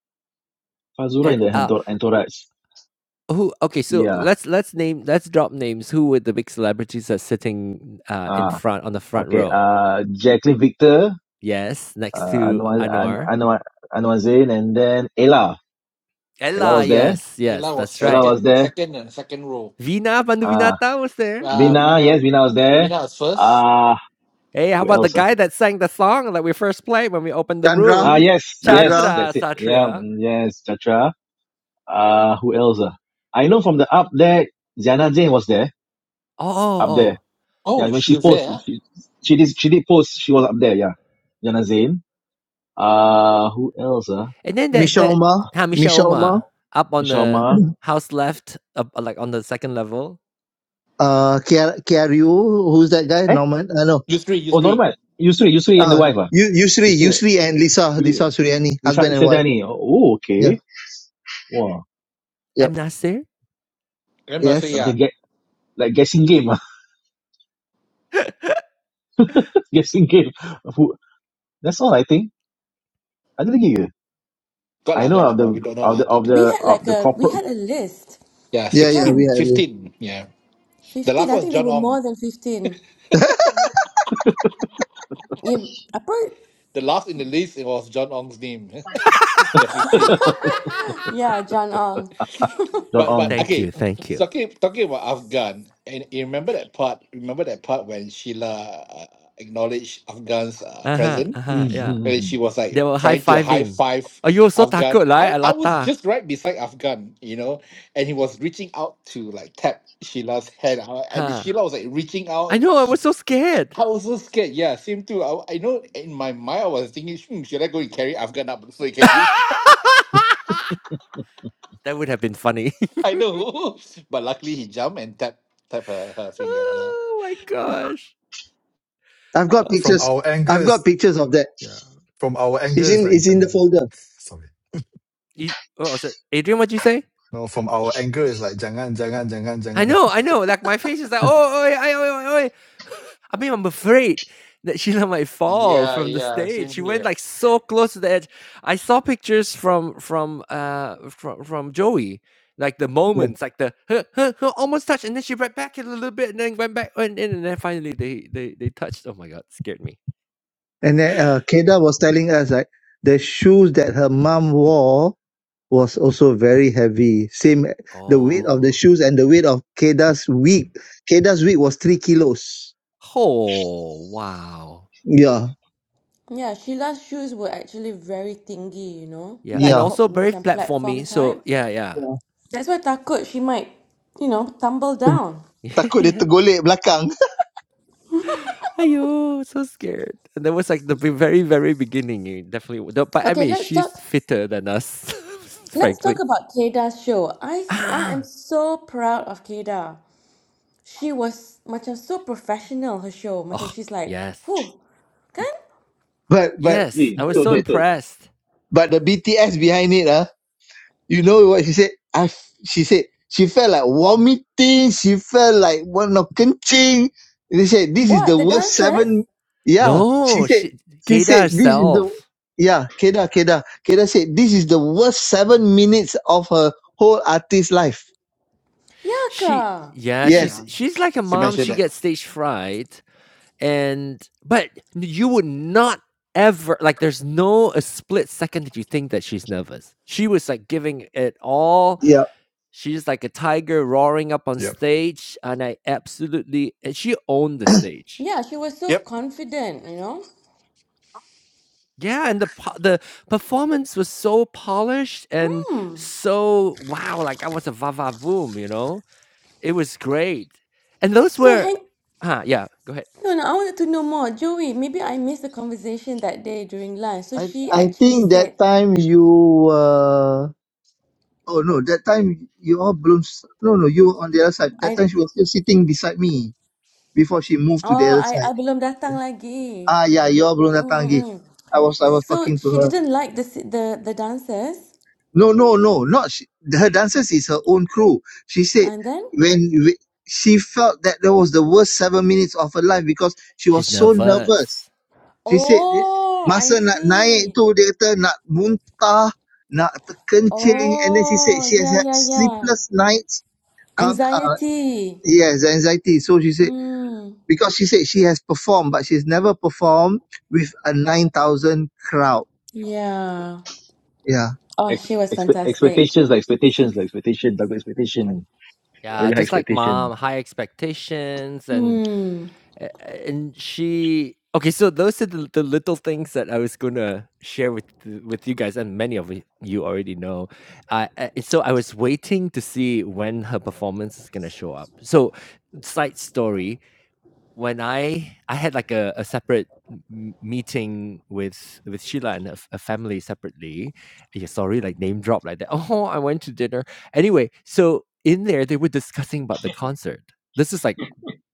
Fazura and in the uh entour- entourage. Who okay, so Yeah. let's let's name let's drop names. Who were the big celebrities that's sitting uh in Ah. front on the front Okay. row? Uh, Jacqueline Victor. Yes, next uh, to Anwar, An, Anwar. Anwar, Anwar Zain, and then Ella. Ella Ella, was there. yes, yes, Ella was that's Ella right. was second, there. second and second row. Vina Uh, Panduvinata was there. Uh, Vina, Vina, yes, Vina was there. Vina was first. Uh, Hey, how who about the else? guy that sang the song that we first played when we opened the Ah, uh, Chandra, room? yes, yes, Chandra, Chandra that's it. Yeah, Satria. mm, yes, Chatra. Uh, who else? ah? I know from the up there, Ziana Zain was there, Oh, oh, up there. oh. Yeah, Oh, when she she was there. posted, ah. she, she did, she did post, she was up there, yeah. Ziana Zain. Uh, who else? Uh, And then that that Mishauma, Hamisha Mishauma, Oma up on Michelle the Ma. house left, up, like on the second level. uh Kiar- Kiaryu, who's that guy? Eh? Norman. I uh, know. You three, you Oh, three. Norman. Yusri, Yusri and the Uh wife. ah. Yu- Yusri, Yusri. Yusri and Lisa, Lisa Suryani, Bisa husband and wife. Isedan ni. Oh, oh, Yeah. okay. Wah, Yep. M Nasir. I'm not sure, dah macam yeah. Yes. get, like guessing game ah. guessing game. That's all I think. Ada lagi ke? Got I lah, know got of lah, but the we don't know of lah. the of good thing. the We had of like the a we corporate had a list. Yeah, Yeah, yeah, we Kan? sixteen, are. really. 15. yeah. The Fifteen. last I one was think there John were Ong. more than fifteen. Yeah, Apart, The last in the list, it was John Ong's name. the 15. Yeah, John Ong. John But on. but Thank okay, you, thank you. so talking talking about Afghan, and you remember that part? Remember that part when Sheila uh, acknowledged Afghan's uh, Uh huh. presence, Uh huh. Hmm, Yeah. hmm, hmm. and hmm. she was They like were high trying to high fiving. five Oh, you were so Afghan. takut, right, I I was Alata? just right beside Afghan, you know, and he was reaching out to like tap Sheila's hand, uh, and Huh. Sheila was like reaching I out. know, I was so scared. I was so scared. Yeah, same too. I, I know in my mind I was thinking, hmm, should I go and carry Afghan up so he can that reach? would have been funny. I know, but luckily he jumped and tapped tap her, her finger. Yeah. oh my gosh. I've got Oh, From pictures. our I've anger got is, pictures of that. yeah. From our It's anger is in like it's in the jangan. folder. Sorry. you- what was it? Adrian, what'd you say? No, from our anger is like jangan, jangan, jangan, I jangan. know, I know. Like my face is like, oh, oi, oi, oi, oi, oi. I mean, I'm afraid that Sheila might fall Yeah, from the yeah, stage. same She went here. like so close to the edge. I saw pictures from from uh from from Joey, like the moments, like the huh, huh, huh, almost touched, and then she went back in a little bit, and then went back, went in, and then finally they they they touched. Oh my god, scared me. And then uh, Keda was telling us like the shoes that her mom wore was also very heavy. Same the weight of the Oh, shoes and the weight of Keda's wig. Keda's wig was three kilos. oh wow, Yeah, Yeah, Sheila's shoes were actually very thingy. you know, yeah, and yeah. also platform very macam platform platformy. type. So yeah, yeah, yeah. That's why takut she might, you know, tumble down. Takut dia yeah. tergolek belakang. Ayo, so scared. And that was like the be- very, very beginning. It definitely, w- the- but I Okay, mean, let's she's talk. fitter than us, Let's talk frankly. about Keda's show. I I am Ah, so proud of Keda. She was macam so professional her show. Macam oh she's like, yes, who, kan? But but yes. Agree. I was Betul, so betul, betul. impressed. but the BTS behind it ah. You know what she said? I, f- she said she felt like vomiting. She felt like one of kenching. They said this is What the the worst dancers? seven. Yeah, she No, said. she She Keida said this is the herself. yeah. Keda Keda Keda said this is the worst seven minutes of her whole artist life. Ya She, ke? yeah, Yeah. she's Yes. she's like a you mom. mentioned She that. gets stage fright, and but you would not ever like. There's no a split second that you think that she's nervous. She was like giving it all Yeah. She's like a tiger roaring up on Yep. stage, and I absolutely and she owned the stage. Yeah, she was so Yep. confident. You know. Yeah, and the po- the performance was so polished and Hmm. so wow, like I was a va va voom, you know. It was great, and those So were, hang huh? Yeah, go ahead. on, I wanted to know more, Joey. Maybe I missed the conversation that day during lunch. So I she I actually think that said, time you. Uh, oh no, that time you all blown. s- No no, you were on the other side. That I time she was still sitting beside me before she moved to the oh other I I side. belum yeah. datang lagi. Ah, yeah, your Bruna Tangi. Mm-mm. I was I was So talking to she her. didn't like the si- the the dancers, No, no, no, not she, her dancers is her own crew. She said and then. when we, she felt that that was the worst seven minutes of her life because she was She's so nervous. nervous. She said Oh, I masa nak naik see. tu dia kata nak muntah, nak terkencing and then she said Oh, she has yeah, had yeah, yeah. sleepless nights. Can't, uh, Anxiety. yes, anxiety. So she said Hmm. because she said she has performed but she's never performed with a nine thousand crowd. Yeah. Yeah. Oh, Ex, she was expect, fantastic. expectations like expectations like expectation double expectation Ya. Yeah, very high just like expectation. mom, high expectations, and Hmm. A a- and she okay, so those are the the little things that I was gonna share with the with you guys, and many of y you already know. I I so I was waiting to see when her performance is gonna show up. So, side story, when I I had, like, a a separate m m meeting with with Sheila and her f her family separately. Yeah, sorry, like, name drop like that. "Oh, I went to dinner." Anyway, so in there, they were discussing about the concert. This is, like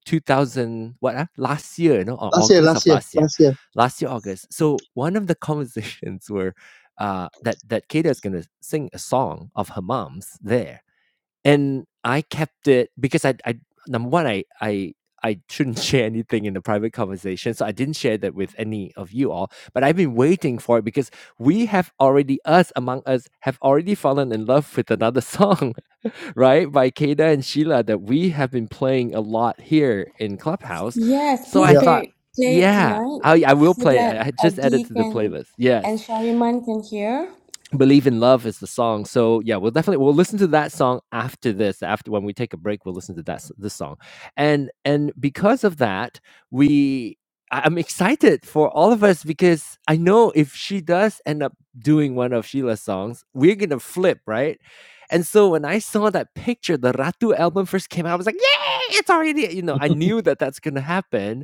2000 what ah, last year you know or Last year, august last of year, last year last year. last year august so one of the conversations were uh that that Kata is going to sing a song of her mom's there and i kept it because i i number one i i I shouldn't share anything in the private conversation, so I didn't share that with any of you all. But I've been waiting for it because we have already, us among us, have already fallen in love with another song right? By Kada and Sheila that we have been playing a lot here in Clubhouse. Yes, So please I Ya. thought, play, play it yeah, tonight I, I will so play. it. that I, I just added Adi to the can playlist. Yes. and Shariman can hear. Believe in Love is the song. So yeah, we'll definitely we'll listen to that song after this. After when we take a break, we'll listen to that this song, and and because of that, we I'm excited for all of us because I know if she does end up doing one of Sheila's songs, we're gonna flip right. And so when I saw that picture, the Ratu album first came out, I was like, "Yay! It's already you know." I knew that that's gonna happen,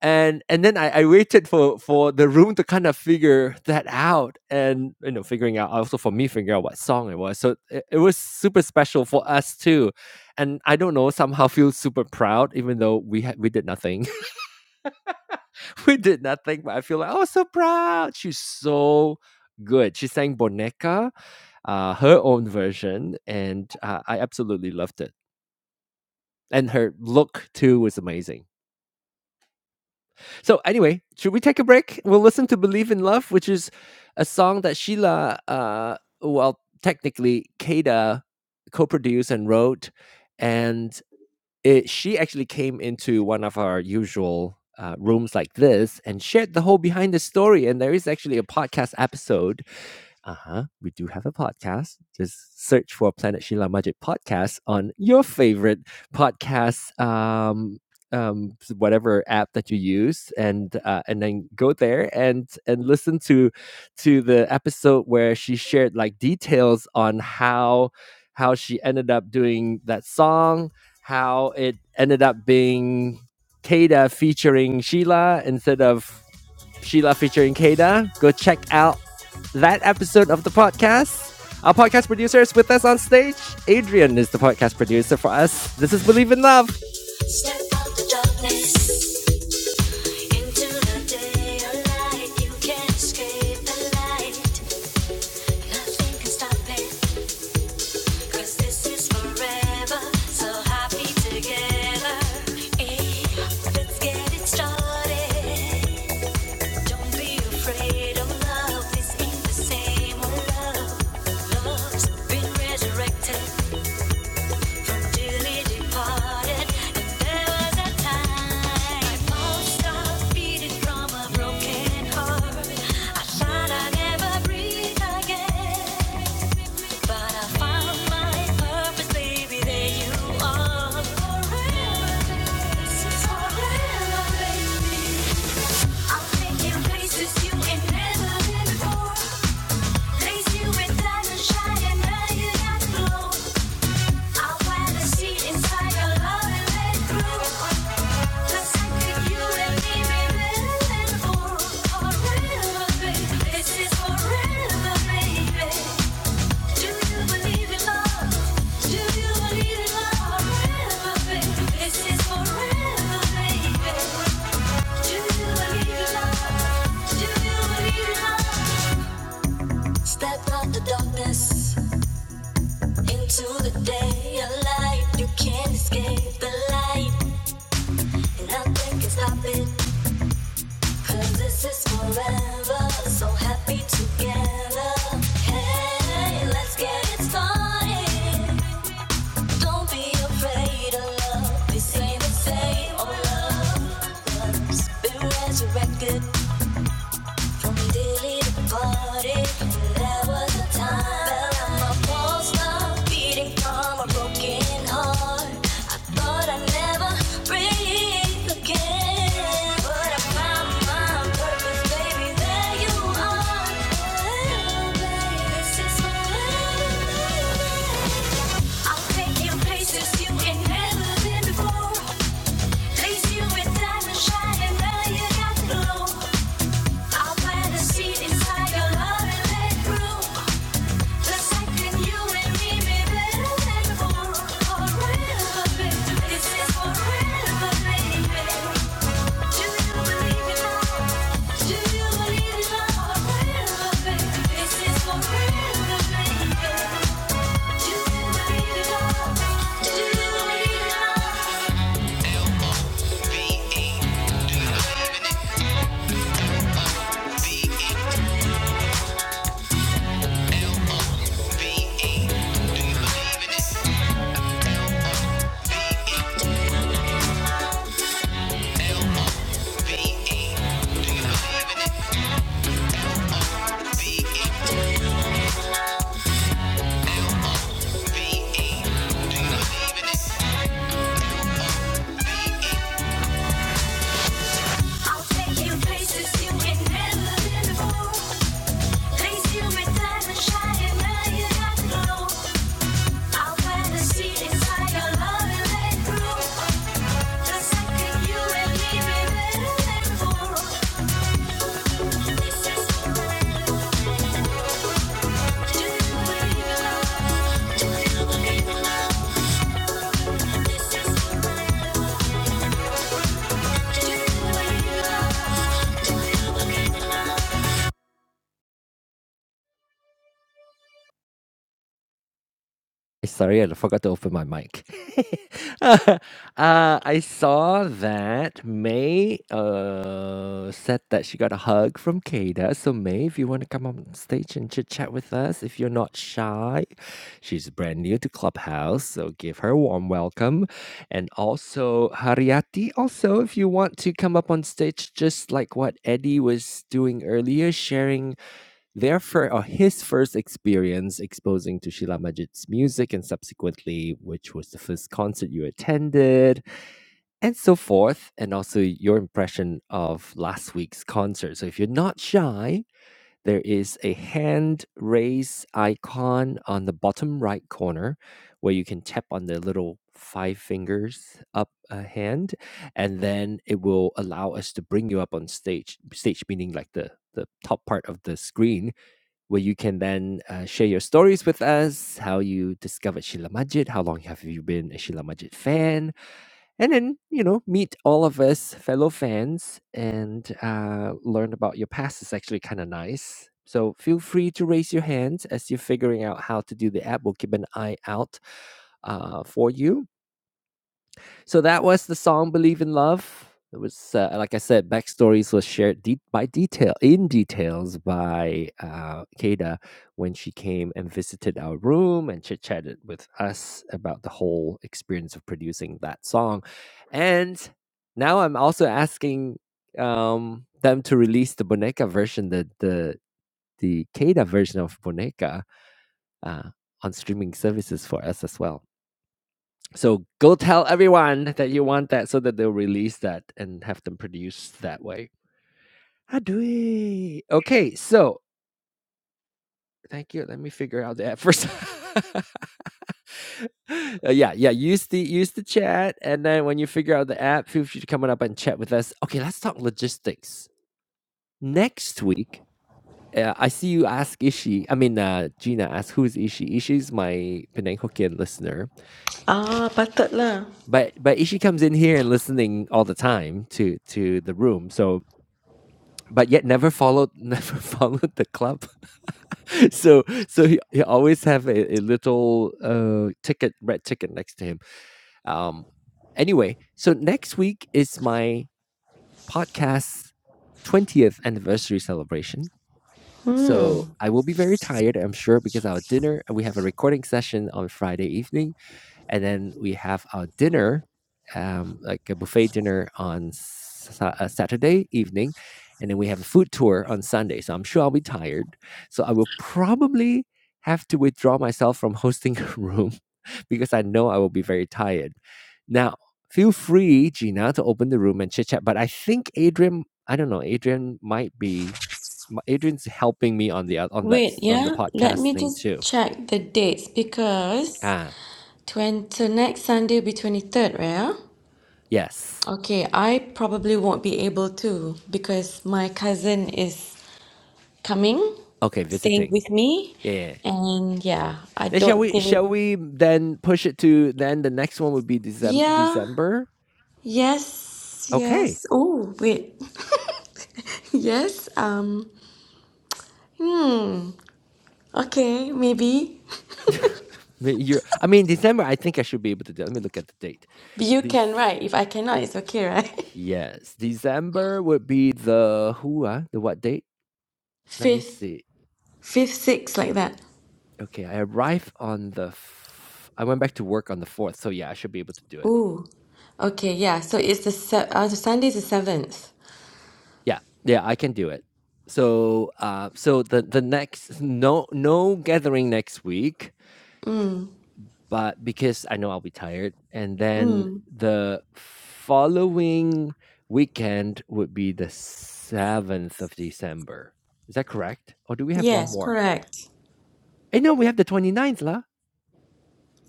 and and then I, I waited for for the room to kind of figure that out and you know figuring out also for me figuring out what song it was so it, it was super special for us too and i don't know somehow feel super proud even though we had we did nothing we did nothing but i feel like oh so proud she's so good she sang boneca uh, her own version and uh, i absolutely loved it and her look too was amazing So anyway, should we take a break? We'll listen to "Believe in Love," which is a song that Sheila, uh, well, technically Kada co-produced and wrote, and it, she actually came into one of our usual uh, rooms like this and shared the whole behind the story. And there is actually a podcast episode uh huh. We do have a podcast. Just search for Planet Sheila Majid podcast on your favorite podcast um, um, whatever app that you use, and uh, and then go there and and listen to to the episode where she shared like details on how how she ended up doing that song, how it ended up being Kada featuring Sheila instead of Sheila featuring Kada. Go check out that episode of the podcast. Our podcast producer is with us on stage. Adrian is the podcast producer for us. This is Believe in Love. Step out the darkness into the daylight. You can't escape the light. Nothing can stop it, 'cause this is forever. So happy together. Hey, let's get it started. Don't be afraid of love. It's in the same old love. Love's been resurrected from dearly departed. And there was a time my pulse stopped beating from a broken heart. I thought I'd never breathe again. But I found my purpose, baby. There you are. Forever, forever, baby. I'll take places you ain't never been before. Place you with diamond shine and now you got glow. I wanna see inside your love and let it grow. you and me, baby, and for forever, baby. This is forever, baby. Do you believe in love? Do you believe in love? Forever, baby. This is forever, baby. Step out the darkness into the day of light. You can't escape the light, and nothing can stop it. this is forever, so happy together. Hey, let's get it started. Don't be afraid of love. This ain't the same old love. love resurrected. Place you in diamond shining, now you got the glow. I plant a seed inside your love and let grow. The second you and me made better than before. Forever, baby. This is forever, baby. Do you believe in love? Do you believe in love? Forever, baby. This is forever, baby. Do you believe in love? Do you believe in love? I'll take you places you ain't never been before. This is Sorry, I forgot to open my mic. uh, I saw that May uh, said that she got a hug from Kada. So, May, if you want to come on stage and chit chat with us, if you're not shy, she's brand new to Clubhouse. So, give her a warm welcome. And also, Hariati, also, if you want to come up on stage, just like what Eddie was doing earlier, sharing their fir- or his first experience exposing to Sheila Majid's music and subsequently which was the first concert you attended and so forth and also your impression of last week's concert. So if you're not shy, there is a hand raise icon on the bottom right corner where you can tap on the little five fingers up a hand and then it will allow us to bring you up on stage stage meaning like the the top part of the screen where you can then uh, share your stories with us, how you discovered Sheila Majid, how long have you been a Sheila Majid fan, and then, you know, meet all of us fellow fans and uh, learn about your past. It's actually kind of nice. So feel free to raise your hands as you're figuring out how to do the app. We'll keep an eye out uh, for you. So that was the song "Believe in Love." It was, uh, like I said, backstories was shared de- by detail in details by uh, Kada when she came and visited our room and chit chatted with us about the whole experience of producing that song. And now I'm also asking um, them to release the Boneka version, the the the Keda version of Boneka uh, on streaming services for us as well. So go tell everyone that you want that so that they'll release that and have them produced that way. How do we? Okay, so thank you. Let me figure out the app first. Uh, yeah, yeah. Use the use the chat, and then when you figure out the app, feel free to come on up and chat with us. Okay, let's talk logistics next week. Uh, I see you ask Ishi. I mean, uh, Gina asked, "Who's Ishi?" Ishi's my Penang Hokkien listener, Ah, patutlah. but but Ishi comes in here and listening all the time to to the room. So but yet never followed never followed the club. So so he, he always have a, a little uh ticket red ticket next to him. Um anyway, so next week is my podcast 20th anniversary celebration. Hmm. So I will be very tired, I'm sure, because our dinner we have a recording session on Friday evening and then we have our dinner um, like a buffet dinner on sa- uh, saturday evening and then we have a food tour on sunday so i'm sure i'll be tired so i will probably have to withdraw myself from hosting a room because i know i will be very tired now feel free gina to open the room and chit chat but i think adrian i don't know adrian might be m- adrian's helping me on the oth- on that Wait, s- on the yeah. Let podcast me thing just too check the dates because ah twenty so next Sunday will be 23rd, right? yes Okay, I probably won't be able to because my cousin is coming, okay staying visiting with me, Yeah. and yeah, I Then shall don't we think. shall we then push it to then the next one would be December Yeah, December? yes, Okay. yes. Oh, wait. Yes, um, okay, maybe. you I mean December I think I should be able to do. Let me look at the date. But you This can, right? If I cannot, it's okay, right? yes, December would be the who uh, the what date? Let me Fifth, see. fifth, sixth, like that. Okay, I arrived on the f- I went back to work on the 4th. So yeah, I should be able to do it. Ooh, okay, yeah. So it's the se- uh, the Sunday's the seventh. Yeah. Yeah, I can do it. So uh so the the next no no gathering next week but because I know I'll be tired. And then Mm, the following weekend would be the 7th of December. Is that correct? Or do we have one yes, more? correct. Eh, no, we have the 29th, lah.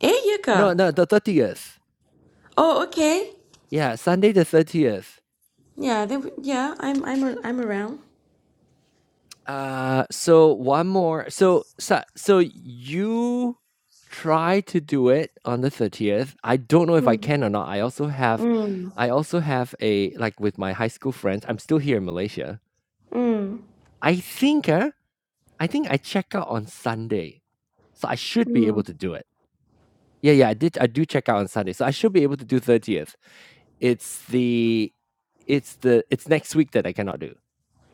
Eh, No, Yuka. no, the 30th. Oh, okay. Yeah, Sunday the 30th. Yeah, they, w- yeah, I'm I'm a- I'm around. Uh, so one more. So, so, so you try to do it on the 30th. I don't know if I Mm, can or not. I also have, mm, I also have a, like with my high school friends, I'm still here in Malaysia mm, I think, uh, I think I check out on Sunday, so I should be able mm. to do it. Yeah, yeah, I did. I do check out on Sunday, so I should be able to do 30th. It's the, it's the, it's next week that I cannot do,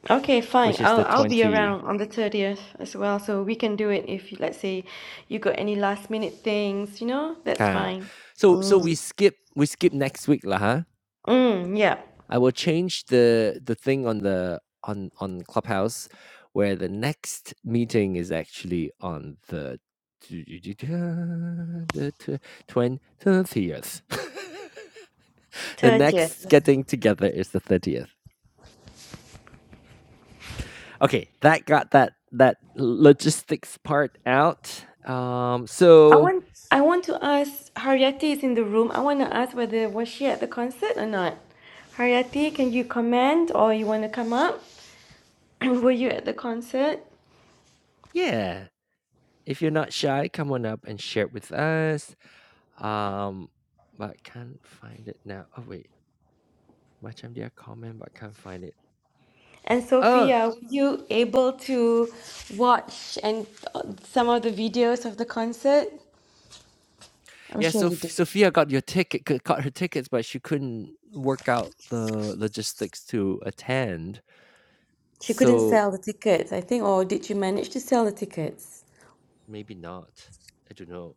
Okay, fine. which is I'll the I'll be around 20. on the 30th as well, so we can do it if let's say you got any last minute things, you know? That's Ah, fine. so so Mm, we skip we skip next week lah, huh? mm, yeah. I will change the the thing on the on on Clubhouse where the next meeting is actually on the the twentieth. the 30th. next getting together is the thirtieth. Okay, that got that that logistics part out. Um, I so want I want to ask Haryati is in the room. I want to ask whether was she at the concert or not. Haryati, can you comment or you want to come up? Were you at the concert? yeah, if you're not shy, come on up and share it with us. Um, but can't find it now. Oh wait. Macam their comment, but can't find it. And Oh, Sophia, were you able to watch and uh, some of the videos of the concert? I'm yeah. sure So you did. Sophia got your ticket, c- got her tickets, but she couldn't work out the logistics to attend. She couldn't So sell the tickets, I think, or did she manage to sell the tickets? maybe not. I don't know.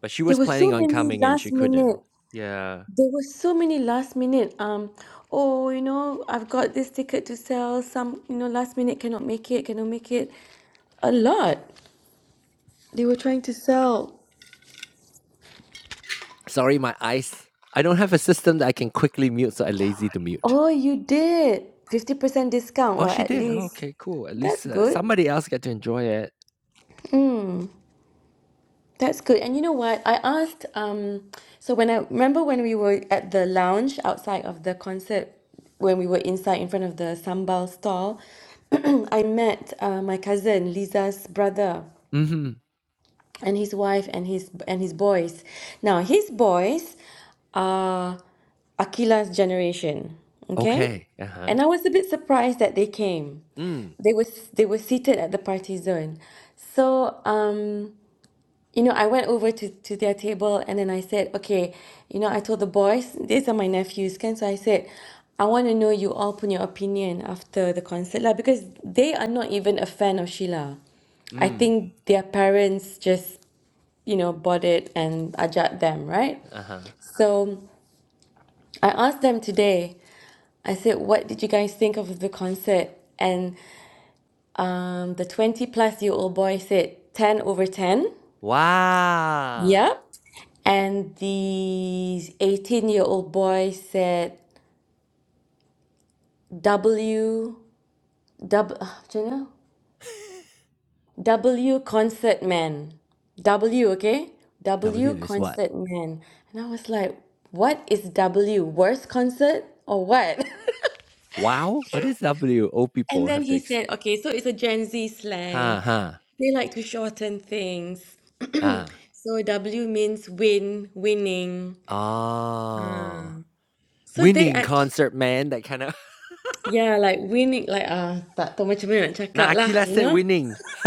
But she There was were planning so on many coming and last she minute. couldn't. Yeah. There were so many last minute. Um, oh, you know, I've got this ticket to sell. Some, you know, last minute cannot make it. Cannot make it. A lot. They were trying to sell. Sorry, my eyes. I don't have a system that I can quickly mute, so I lazy to mute. Oh, you did. 50% discount. Oh, Well, she at did. Oh, least okay, cool. At that's least uh, good. somebody else got to enjoy it. That's good. And you know what? I asked, um, so when I remember when we were at the lounge outside of the concert, when we were inside in front of the sambal stall, I met uh, my cousin Liza's brother Mm-hmm. and his wife and his and his boys. Now his boys are Akila's generation, okay? Okay. Uh huh. And I was a bit surprised that they came. Mm. They were they were seated at the party zone. So um you know, I went over to, to their table and then I said, okay, you know, I told the boys, these are my nephews, can so I said, I want to know you all put your opinion after the concert lah because they are not even a fan of Sheila. I Mm. think their parents just, you know, bought it and ajak them, right? Uh huh. So I asked them today, I said, what did you guys think of the concert? And um, the 20 plus year old boy said 10 over 10. Wow. Yep. And the 18 year old boy said, W, W, do you know? W concert man. W, okay? W W is what? concert man. And I was like, what is W? Worst concert or what? Wow? What is W? Old and people then have to he explain. said, okay, so it's a Gen Z Huh, slang. huh. They like to shorten things. Ah. so W means win, winning. Oh. So they Winning actually. concert, man. That kind of. Yeah, like we need like ah tak tahu macam mana nak cakap Nah, lah, Akila you said know. winning.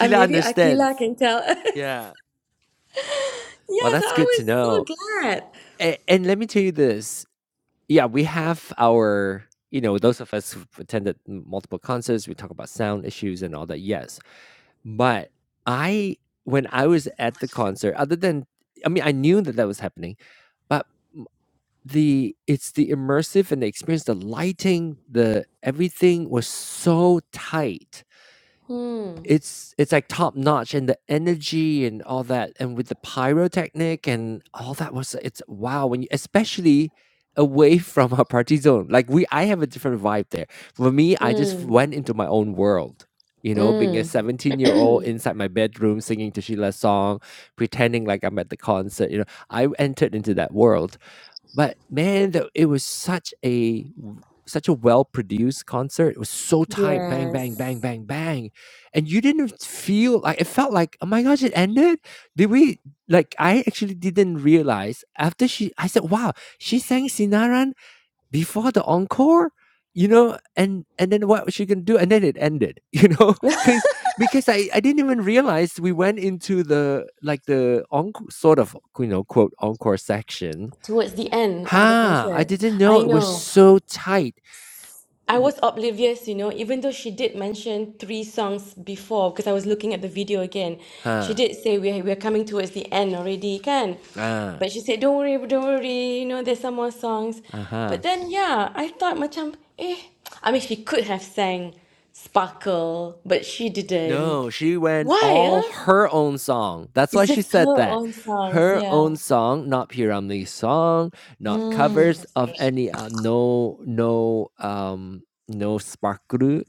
And maybe understands. Akila can tell us. Yeah. Well, Yes, that's I good was to so know. glad. And, and let me tell you this. Yeah, we have our, you know, those of us who've attended m- multiple concerts, we talk about sound issues and all that. Yes. But I when I was at the concert, other than I mean, I knew that that was happening, but m- the it's the immersive and the experience, the lighting, the everything was so tight Hmm. it's it's like top notch and the energy and all that, and with the pyrotechnic and all that was it's wow, when you especially away from our party zone. Like we I have a different vibe there. For me, I just Mm. went into my own world. You know, being a Mm. 17 year old inside my bedroom singing to Sheila's song, pretending like I'm at the concert, you know, I entered into that world but man, the it was such a w such a well-produced concert. It was so tight, bang, Yes. bang, bang, bang, bang, and you didn't feel like it felt like, "Oh my gosh, it ended?" Did we like, I actually didn't realize after she I said, "Wow, she sang Sinaran before the encore?" You know? And and then what was she gonna do? And then it ended, you know, because because I I didn't even realize we went into the like, the encore sort of, you know, quote, "encore section." Towards the end of the Huh, I concert. didn't know I it was know. so tight. I Th was oblivious, you know, even though she did mention three songs before, because I was looking at the video again. She Huh, did say we're, we're coming towards the end already, can. uh, But she said, don't worry, don't worry, you know, there's some more songs. But uh-huh. then, yeah, I thought macam, eh. I mean, she could have sang Sparkle, but she didn't. No, she went Why, all huh? her own song. That's why It's she just said her that. own songs, Her yeah. own song, not P. Ramlee's song, not Mm. covers of any uh, no no um no sparkle,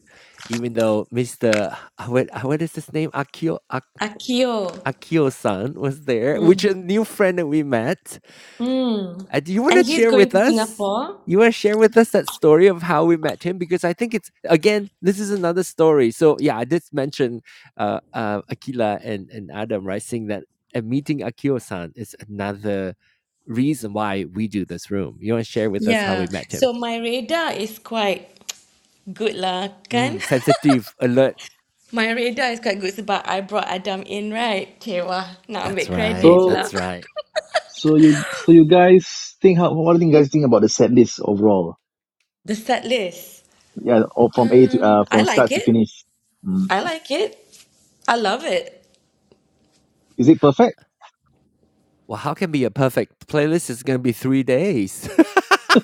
even though Mr. uh, what uh, what is his name? Akio Ak Akio. Akio-san was there, which Mm. a new friend that we met. Mm. Uh, do you want to And he's share going with to us? Singapore. You want to share with us that story of how we met him? Because I think it's, again, this is another story. So, yeah, I did mention uh, uh, Akila and, and Adam, right? Saying that uh, meeting Akio san is another reason why we do this room. You want to share with us how Yeah, we met him? so my radar is quite good lah kan. Mm, sensitive, alert. My radar is quite good sebab I brought Adam in right. Okay, wah, nak ambil That's right. credits So lah. That's right. so you so you guys think how what do you guys think about the set list overall? The set list. Yeah, or from A to Um, uh I from like start to it. finish. Hmm. I like it. I love it. Is it perfect? Well, how can be a perfect playlist is going to be three days?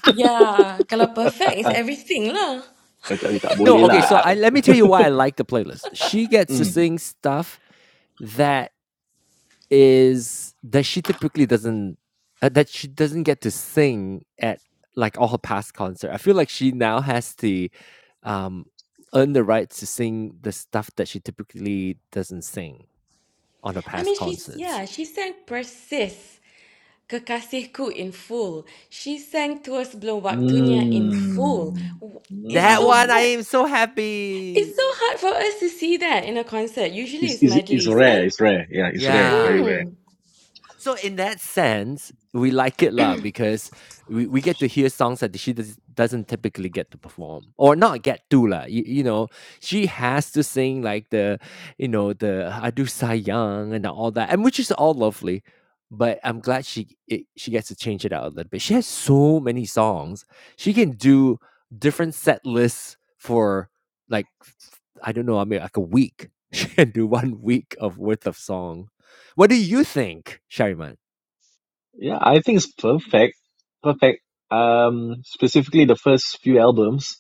Yeah, kalau perfect is everything lah. Eh, tak, eh, tak no, boleh okay. So lah. I let me tell you why I like the playlist. She gets to Mm. sing stuff that Is that she typically doesn't uh, that she doesn't get to sing at, like, all her past concert. I feel like she now has to, um, earn the rights to sing the stuff that she typically doesn't sing on her I past mean, she's, concerts. yeah, she sang Persis, Kekasihku in full. She sang Tua Sebelum Waktunya in full. Mm. W- It's That so one, Mm. I hard. am so It's happy! so hard for us to see that in a concert. Usually It's, it's it's, it's medleys, kan? rare. It's rare. Yeah, it's rare. Very Yeah. rare. Hmm. So in that sense, we like it lah because we, we get to hear songs that she does, doesn't typically get to perform or not get to lah. You, you know, she has to sing like the, you know, the I do sayang and all that, and which is all lovely. But I'm glad she it, she gets to change it out a little bit. She has so many songs. She can do different set lists for like I don't know. I mean, like a week. She can do one week of worth of song what do you think, Sherryman? Yeah, I think it's perfect. Perfect. Um, specifically the first few albums.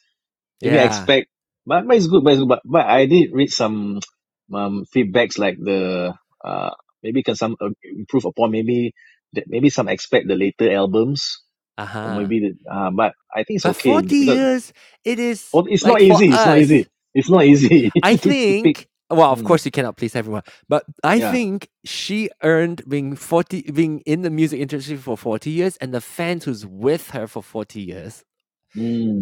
Maybe I Yeah. expect, but, but it's good. But, it's good, but but I did read some um feedbacks like the uh maybe can some uh, improve upon maybe that maybe some expect the later albums or Uh-huh. maybe the uh but I think it's But okay 40 because years, it is oh, it's not like for easy. It's not us, easy. It's not easy I to to pick. think well, of Mm. course you cannot please everyone, but I Yeah. think she earned being 40 being in the music industry for 40 years and the fans who's with her for 40 years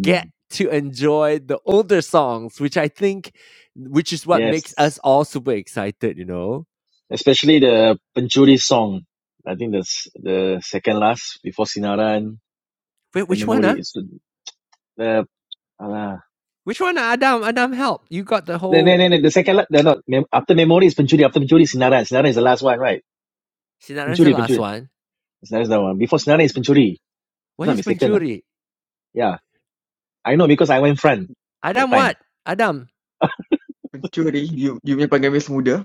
get to enjoy the older songs, which I think which is what makes us yes. all super excited, you know. Especially the Pencuri song. I think that's the second last before Sinaran. Wait, The which one, huh? memory is the uh, the, Which one, ah? Adam? Adam, help. You got the the, whole the, the second last. No, not mem- after memory is Pencuri. After Pencuri Sinaran. Sinaran is the last one, right? Sinaran's the Pencuri, last Pencuri. one. Sinaran is the one. Before Sinaran is Pencuri. If What not is mistaken, lah. pencuri? Yeah, I know because I went front that Adam time. what? Adam Pencuri, you, you punya pengemis muda.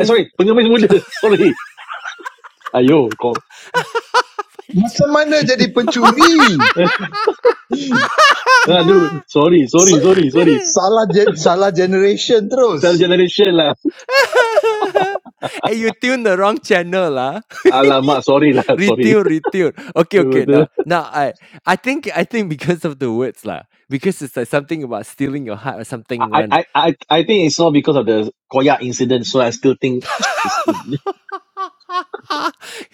Eh, sorry, pengemis muda. Sorry. Ayo, kau. Macam mana jadi pencuri? Aduh, sorry, sorry, Sa- sorry, sorry. Salah gen- salah generation Third terus. generation lah. hey, you tuned the wrong channel lah. Alamak, sorry lah, sorry. retune, retune. Okay, okay. Now, I, now I, I think, I think because of the words lah, because it's like something about stealing your heart or something. I, One. I, I think it's all because of the Koyak incident. So I still think it's, it's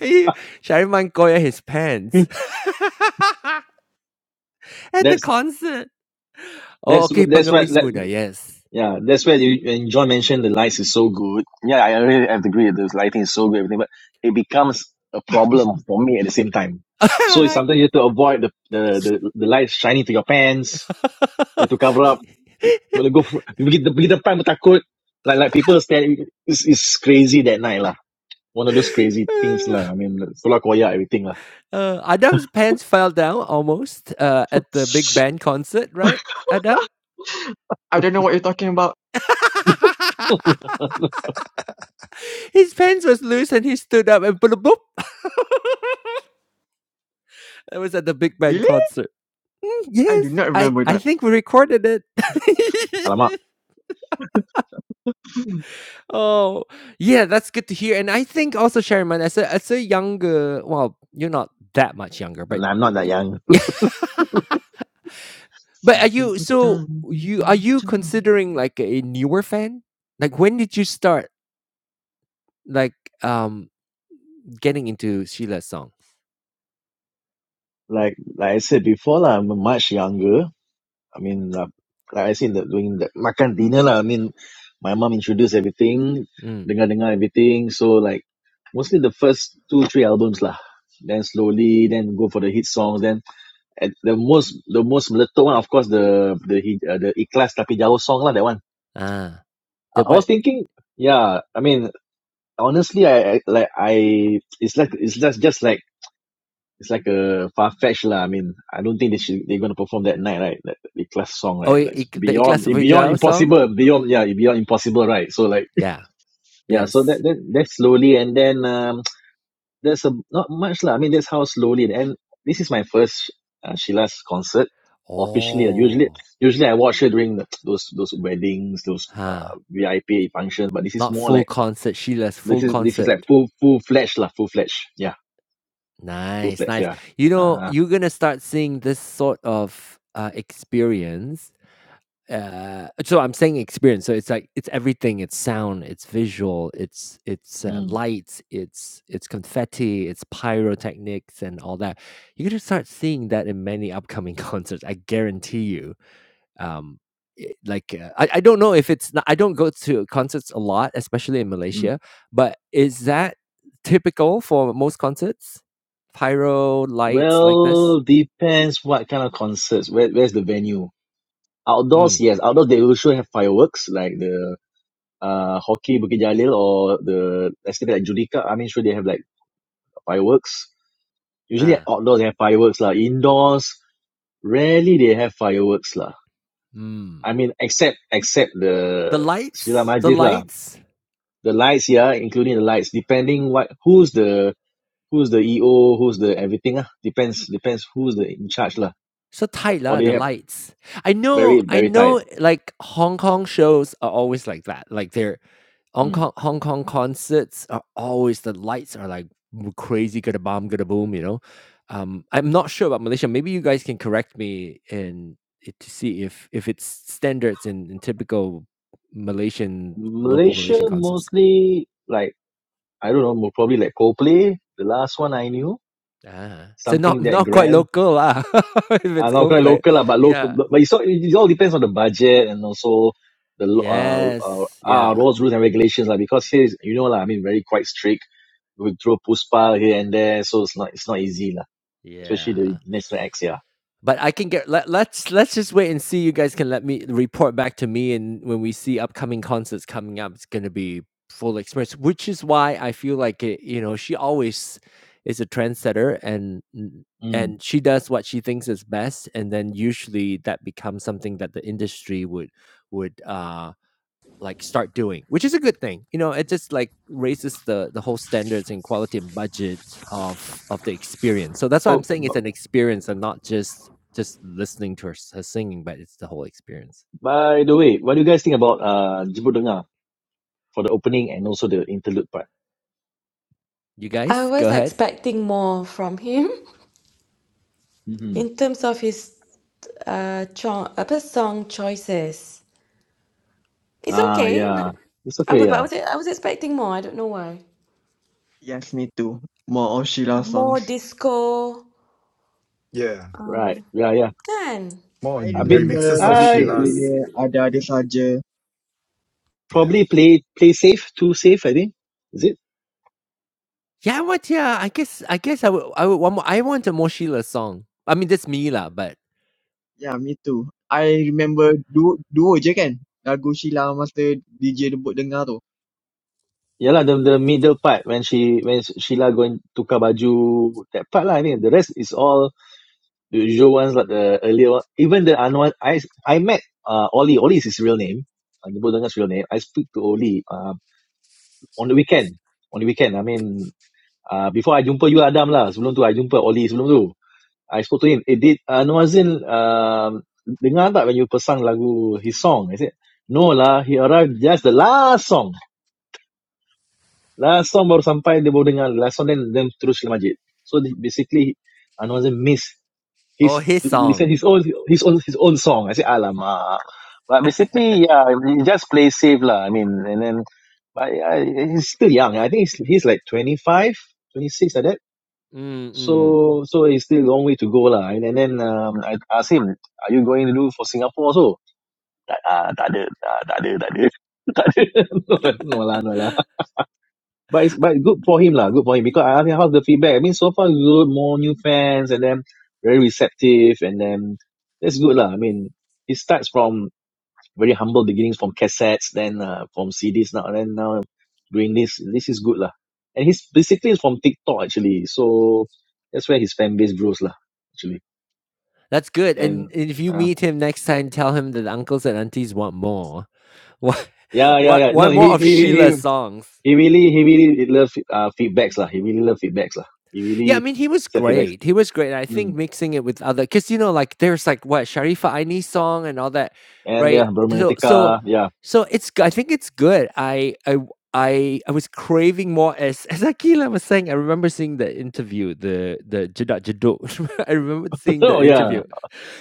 hey, Shariman Koya his pants at the that's concert. Oh, that's okay, that's what pengemis that, muda. Yes. yeah that's where you, when John mentioned the lights is so good. Yeah, I really have to agree. The lighting is so good, everything, but it becomes a problem for me at the same time. So it's something you have to avoid the the the, the lights shining to your pants. You have to cover up. You want to go for, pergi pergi depan pun takut. Like like people stand. It's, it's crazy that night lah. one of those crazy things lah. I mean, solar koya everything lah. uh, Adam's pants fell down almost uh, at the big band concert, right, Adam? I don't know what you're talking about. his pants was loose and he stood up and boop boop. That was at the big band Really? concert. Mm, I yes, do not I remember I that. think we recorded it. Alamak, oh, yeah, that's good to hear. And I think also Sherman, as a as a younger, well, you're not that much younger, but I'm not that y- young. yeah, But are Satu you so petang. you are you considering like a newer fan? Like when did you start like um getting into Sheila's song? Like like I said before lah, I'm much younger. I mean, uh, like I said, that doing the makan dinner lah. I mean, my mom introduced everything, Mm. dengar-dengar everything. So like mostly the first two three albums lah. Then slowly, then go for the hit songs. Then at the most, the most meletup one, of course, the the uh, the ikhlas tapi jauh song lah. That one. Ah, the I, I what? was thinking, yeah. I mean, honestly I, I like I it's like it's just just like it's like a far fetch lah. I mean, I don't think they should they're gonna perform that night, right? That the class song, Oh, right? i- That's ik- the beyond Iklas eh, beyond Fijau song. impossible, beyond yeah, beyond impossible, right? So like Yeah. yeah, so that Yes. that that's slowly and then um there's a not much lah. I mean that's how slowly and this is my first uh, Sheila's concert officially. uh, Usually Oh. usually I watch her during the, those those weddings, those Huh. uh, VIP functions, but this is Not more full like concert. Sheila's this full is this is like concert. full full fledged lah, full fledged. Yeah Full Nice, fledged, nice. yeah. You know, Uh, you're gonna start seeing this sort of uh, experience Uh, so I'm saying experience. So it's like it's everything. It's sound. It's visual. It's it's uh, mm, lights. It's it's confetti. It's pyrotechnics and all that. You're gonna start seeing that in many upcoming concerts. I guarantee you. Um, i- like uh, I, I don't know if it's not, I don't go to concerts a lot, especially in mm. Malaysia. But is that typical for most concerts? Pyro lights like this. Well, depends what kind of concerts. Where, where's the venue? Outdoors, Mm. yes. Outdoors, they will sure have fireworks like the uh hockey Bukit Jalil or the estate at Judica. I mean, sure they have like fireworks. Usually at Ah. outdoors they have fireworks lah. Indoors, rarely they have fireworks lah. Mm. I mean, except except The the Srila lights. The Majlis lah. lights. The lights, yeah, including the lights, depending what who's the who's the EO, who's the everything. Ah, depends depends who's the in charge lah. so tight Or lah the they have lights. I very know, I very tight. know. Like Hong Kong shows are always like that. Like their Hong Mm. Kong Hong Kong concerts are always the lights are like crazy, gonna bomb, gonna boom. You know. Um, I'm not sure about Malaysia. Maybe you guys can correct me and to see if if it's standards in, in typical Malaysian local Malaysia Malaysian concerts. mostly like I don't know, mo- probably like Coldplay. The last one I knew Ah, so not something that not quite grand. local lah. if Ah, Uh, it's not quite Coldplay, local lah, but local. yeah. But it's all, it all depends on the budget and also the lo- uh, uh, Yes. ah, Yeah. laws, rules and regulations lah. Because here, is- you know lah, I mean, very quite strict. We throw puspa here and there, so it's not it's not easy lah. Especially the Yeah. national acts, yeah. But I can get let, let's let's just wait and see. You guys can let me report back to me, and when we see upcoming concerts coming up, it's gonna be full experience. Which is why I feel like it, you know she always is a trendsetter, and n- Mm. and she does what she thinks is best, and then usually that becomes something that the industry would would uh like start doing, which is a good thing. You know, it just like raises the the whole standards and quality and budget of of the experience. So that's why I'm saying Oh, it's an experience and not just just listening to her, s- her singing, but it's the whole experience. By the way, what do you guys think about uh Jibut Dengar for the opening and also the interlude part? You I guys, go was ahead. expecting more from him hmm in terms of his uh, cho- apa, song choices. It's Ah, okay. No- yeah, it's I okay. would, but I Yeah, was I was expecting more. I don't know why. Yes, me too. More of Sheila songs. More disco. Yeah. right. Yeah, yeah. Kan? More I A on bit. remember remixes of I Maluki Sheila's. Junior, Ada-Ada Saja. Yeah. probably play play safe, too safe. I think is it. Yeah, what? Yeah, I guess I guess I would I would one more. I want a more Sheila song. I mean, that's me lah, but Yeah, me too. I remember dua, dua je kan lagu Sheila masa DJ Debut dengar tu. Yeah lah, the, the middle part when she when Sheila going tukar baju that part lah. I think the rest is all the usual ones like the earlier one. Even the Anwar, I I met uh, Oli. Oli is his real name. Uh, Jemput Dengar's real name. I speak to Oli uh, on the weekend. On the weekend, I mean, uh, before I jumpa you Adam lah. Sebelum tu I jumpa Oli sebelum tu. I spoke to him. Eh, did Anwar Zain uh, Noazin um, dengar tak when you pasang lagu his song? I said, no lah. He arrived just the last song. Last song baru sampai dia baru dengar last song then then terus ke masjid. So basically Anwazin miss oh, He's his he said song. his own his own his own song. I said Alama. But basically, yeah, he just plays safe lah. I mean, and then but uh, he's still young. I think he's he's like twenty five, twenty six 26 like that. Mm-mm. So so it's still a long way to go lah. And, and then um, I asked him, are you going to do for Singapore also? ah, tak ada, ah, tak ada, tak ada. no, no lah, no lah. but it's but good for him lah. Good for him because I asked him how's the feedback. I mean, so far good, more new fans, and then very receptive, and then that's good lah. I mean, it starts from very humble beginnings, from cassettes, then uh, from CDs now, and then now doing this. This is good lah. And he's basically is from TikTok actually, so that's where his fan base grows lah. Actually, That's good. and And if you uh, meet him next time, tell him that uncles and aunties want more. What yeah, yeah, what yeah. No, one more he of he he he Sheila's songs. he really he really love uh, feedbacks lah. He really love feedbacks lah. He Yeah, I really mean he was accept feedbacks. great. He was great. I Hmm. think mixing it with other cuz you know like there's like what Sharifah Aini's song and all that, and yeah, right? So so Brominetica, yeah. so it's g- I think it's good. I, I, I, I was craving more as as Akila was saying. I remember seeing the interview, the the Jeduk Jeduk. I remember seeing that oh interview. yeah.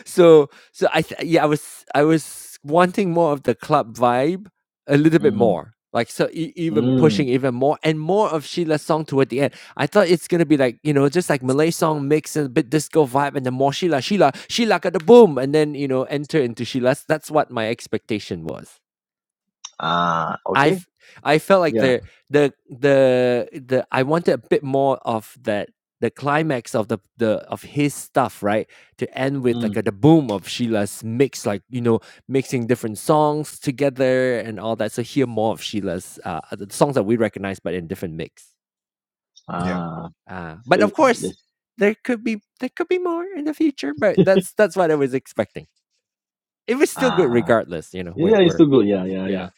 So so I th- yeah, I was I was wanting more of the club vibe a little bit Mm, more. Like so e- even mm, pushing even more and more of Sheila's song toward the end. I thought it's gonna be like, you know, just like Malay song mix and a bit disco vibe and then more Sheila, Sheila, Sheila got the boom and then, you know, enter into Sheila's. That's what my expectation was. ah, okay, I've I felt like yeah. the the the the I wanted a bit more of that the climax of the the of his stuff, right? To end with like Mm, a, the boom of Sheila's mix, like you know, mixing different songs together and all that. So hear more of Sheila's uh the songs that we recognize, but in different mix. Yep. ah, Uh, but of good, course, yes, there could be there could be more in the future. But that's that's what I was expecting. It was still good ah, regardless. You know, where yeah, it's too where good. Yeah, yeah, yeah. yeah.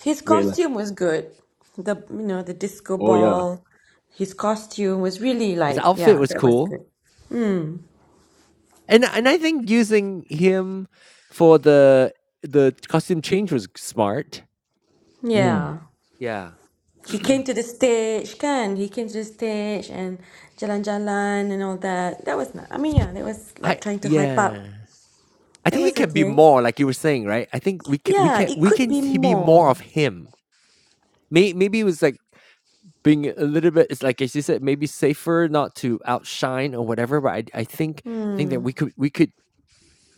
His Great lah. costume was good. The you know the disco Oh yeah. ball. His costume was really His like outfit yeah, was that was cool. good. And and I think using him for the the costume change was smart. Mm, Yeah. Yeah. he came to the stage, can he came to the stage and Jalan Jalan and all that. That was not, I mean, yeah, that was I like trying to hype yeah. up. I That think he was can be okay. more like you were saying, right? I think we can we Yeah, can it we could can be he be more more. of him. May, maybe it was like being a little bit it's like as you said maybe safer not to outshine or whatever but I, I think I think that Hmm. we could we could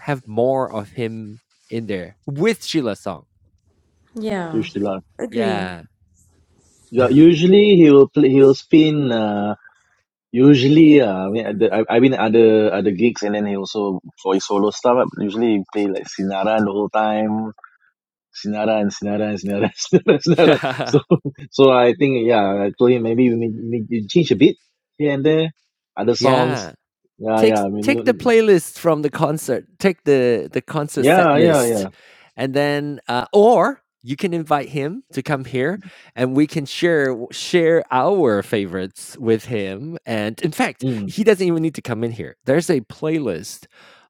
have more of him in there with Sheila Song. Yeah, fish lah. agree. Yeah. Yeah, Yeah. usually he will play. He will spin. Uh, usually, uh, I mean, at the, I, I mean, other other gigs, and then he also for his solo stuff. Usually, he play like Sinara the whole time. Sinara Sinaran, sinaran, sinaran, Sinara, Sinara. Sinara. Yeah. So, so I think, yeah, I told him maybe we may, may you change a bit here and there, other Yeah. songs. Yeah, take yeah, I mean, take the no- playlist from the concert, take the the concert set yeah, yeah, list, yeah. and then uh, or you can invite him to come here, and we can share share our favorites with him. And in fact, Mm, he doesn't even need to come in here. There's a playlist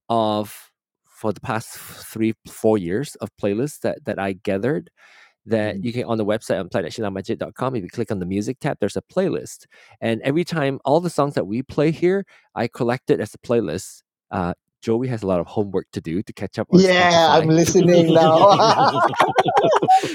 of for the past three four years of playlists that that I gathered that mm. you can on the website on play.shilamajet.com. If you click on the music tab, there's a playlist, and every time all the songs that we play here, I collect it as a playlist. Uh, Joey has a lot of homework to do to catch up on Yeah, I'm Spotify. listening now.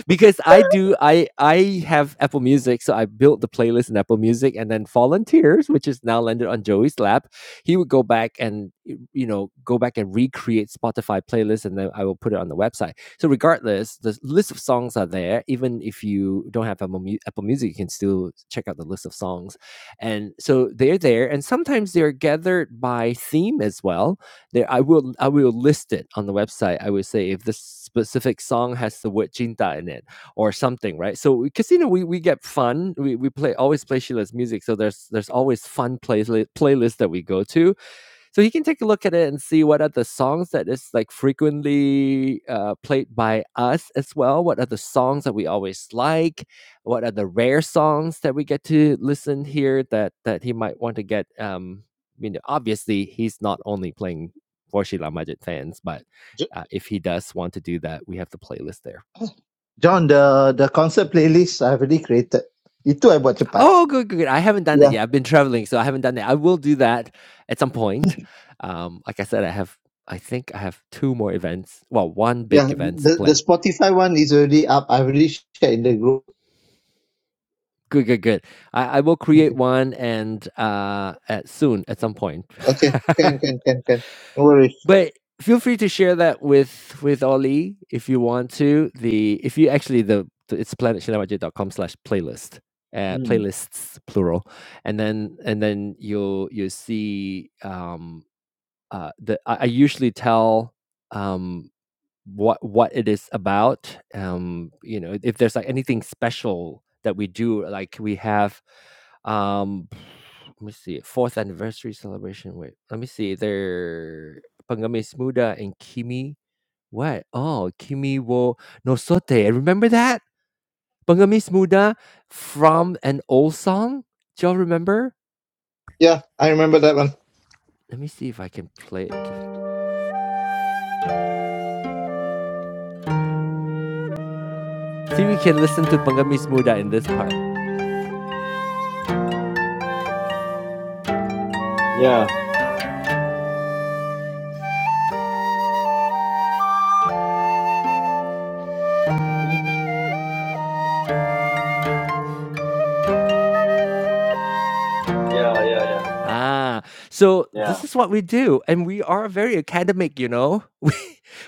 because I do I I have Apple Music, so I built the playlist in Apple Music, and then Fallen Tears, which is now landed on Joey's lap, he would go back and you know go back and recreate Spotify playlists, and then I will put it on the website. So regardless, the list of songs are there. Even if you don't have Apple, Mu- Apple Music, you can still check out the list of songs, and so they're there. And sometimes they're gathered by theme as well there i will i will list it on the website i would say if this specific song has the word "cinta" in it or something right so because you know we, we get fun we, we play always play sheila's music so there's there's always fun playlist playlists that we go to so he can take a look at it and see what are the songs that is like frequently uh, played by us as well what are the songs that we always like what are the rare songs that we get to listen here that that he might want to get um you know obviously he's not only playing for Sheila Majid fans but Jo- uh, if he does want to do that we have the playlist there John, the the concert playlist I've already created. Itu I buat cepat. Oh, good, good, good. I haven't done that Yeah, yet. I've been traveling, so I haven't done that. I will do that at some point. Um, like I said, I have, I think I have two more events. Well, one yeah. big event to The the plan. Spotify one is already up. I've already shared in the group. Good, good, good. I, I will create Okay, one and uh, at, soon at some point. okay. Can can can can. No worries. But feel free to share that with with Ollie if you want to. The if you actually the the- it's planetshinamaj.com slash playlist. Uh, mm, playlists plural and then and then you'll you'll see um uh, the I, I usually tell um, what what it is about. Um, you know, if there's like anything special that we do, like we have. Um, let me see, fourth anniversary celebration. Wait, let me see. There, Pangamis Muda and Kimi. What? Oh, Kimi wo nosote. Remember that Pangamis Muda from an old song. Do y'all remember? Yeah, I remember that one. Let me see if I can play it. See, we can listen to Pangamis Muda in this part. yeah, Mhm. yeah, yeah, yeah, Ah, so yeah. this is what we do, and we are very academic, you know. We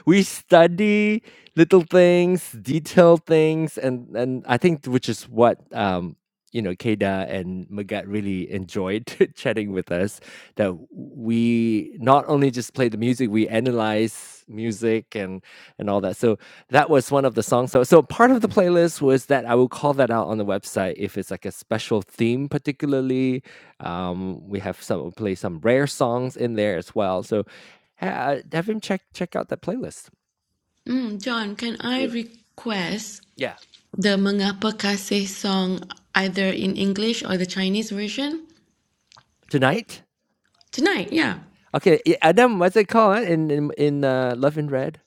we study little things, detailed things, and and I think which is what um you know Keda and Magat really enjoyed chatting with us. That we not only just play the music, we analyze music and and all that. So that was one of the songs. So so part of the playlist was that I will call that out on the website if it's like a special theme, particularly um, we have some play some rare songs in there as well. So ha- have him check check out that playlist. Mm, John, can I Wait. request Yeah, the Mengapa Kasih song either in English or the Chinese version? tonight. Tonight, yeah. Okay, i- Adam, what's it called uh, in in, in uh, Love in Red?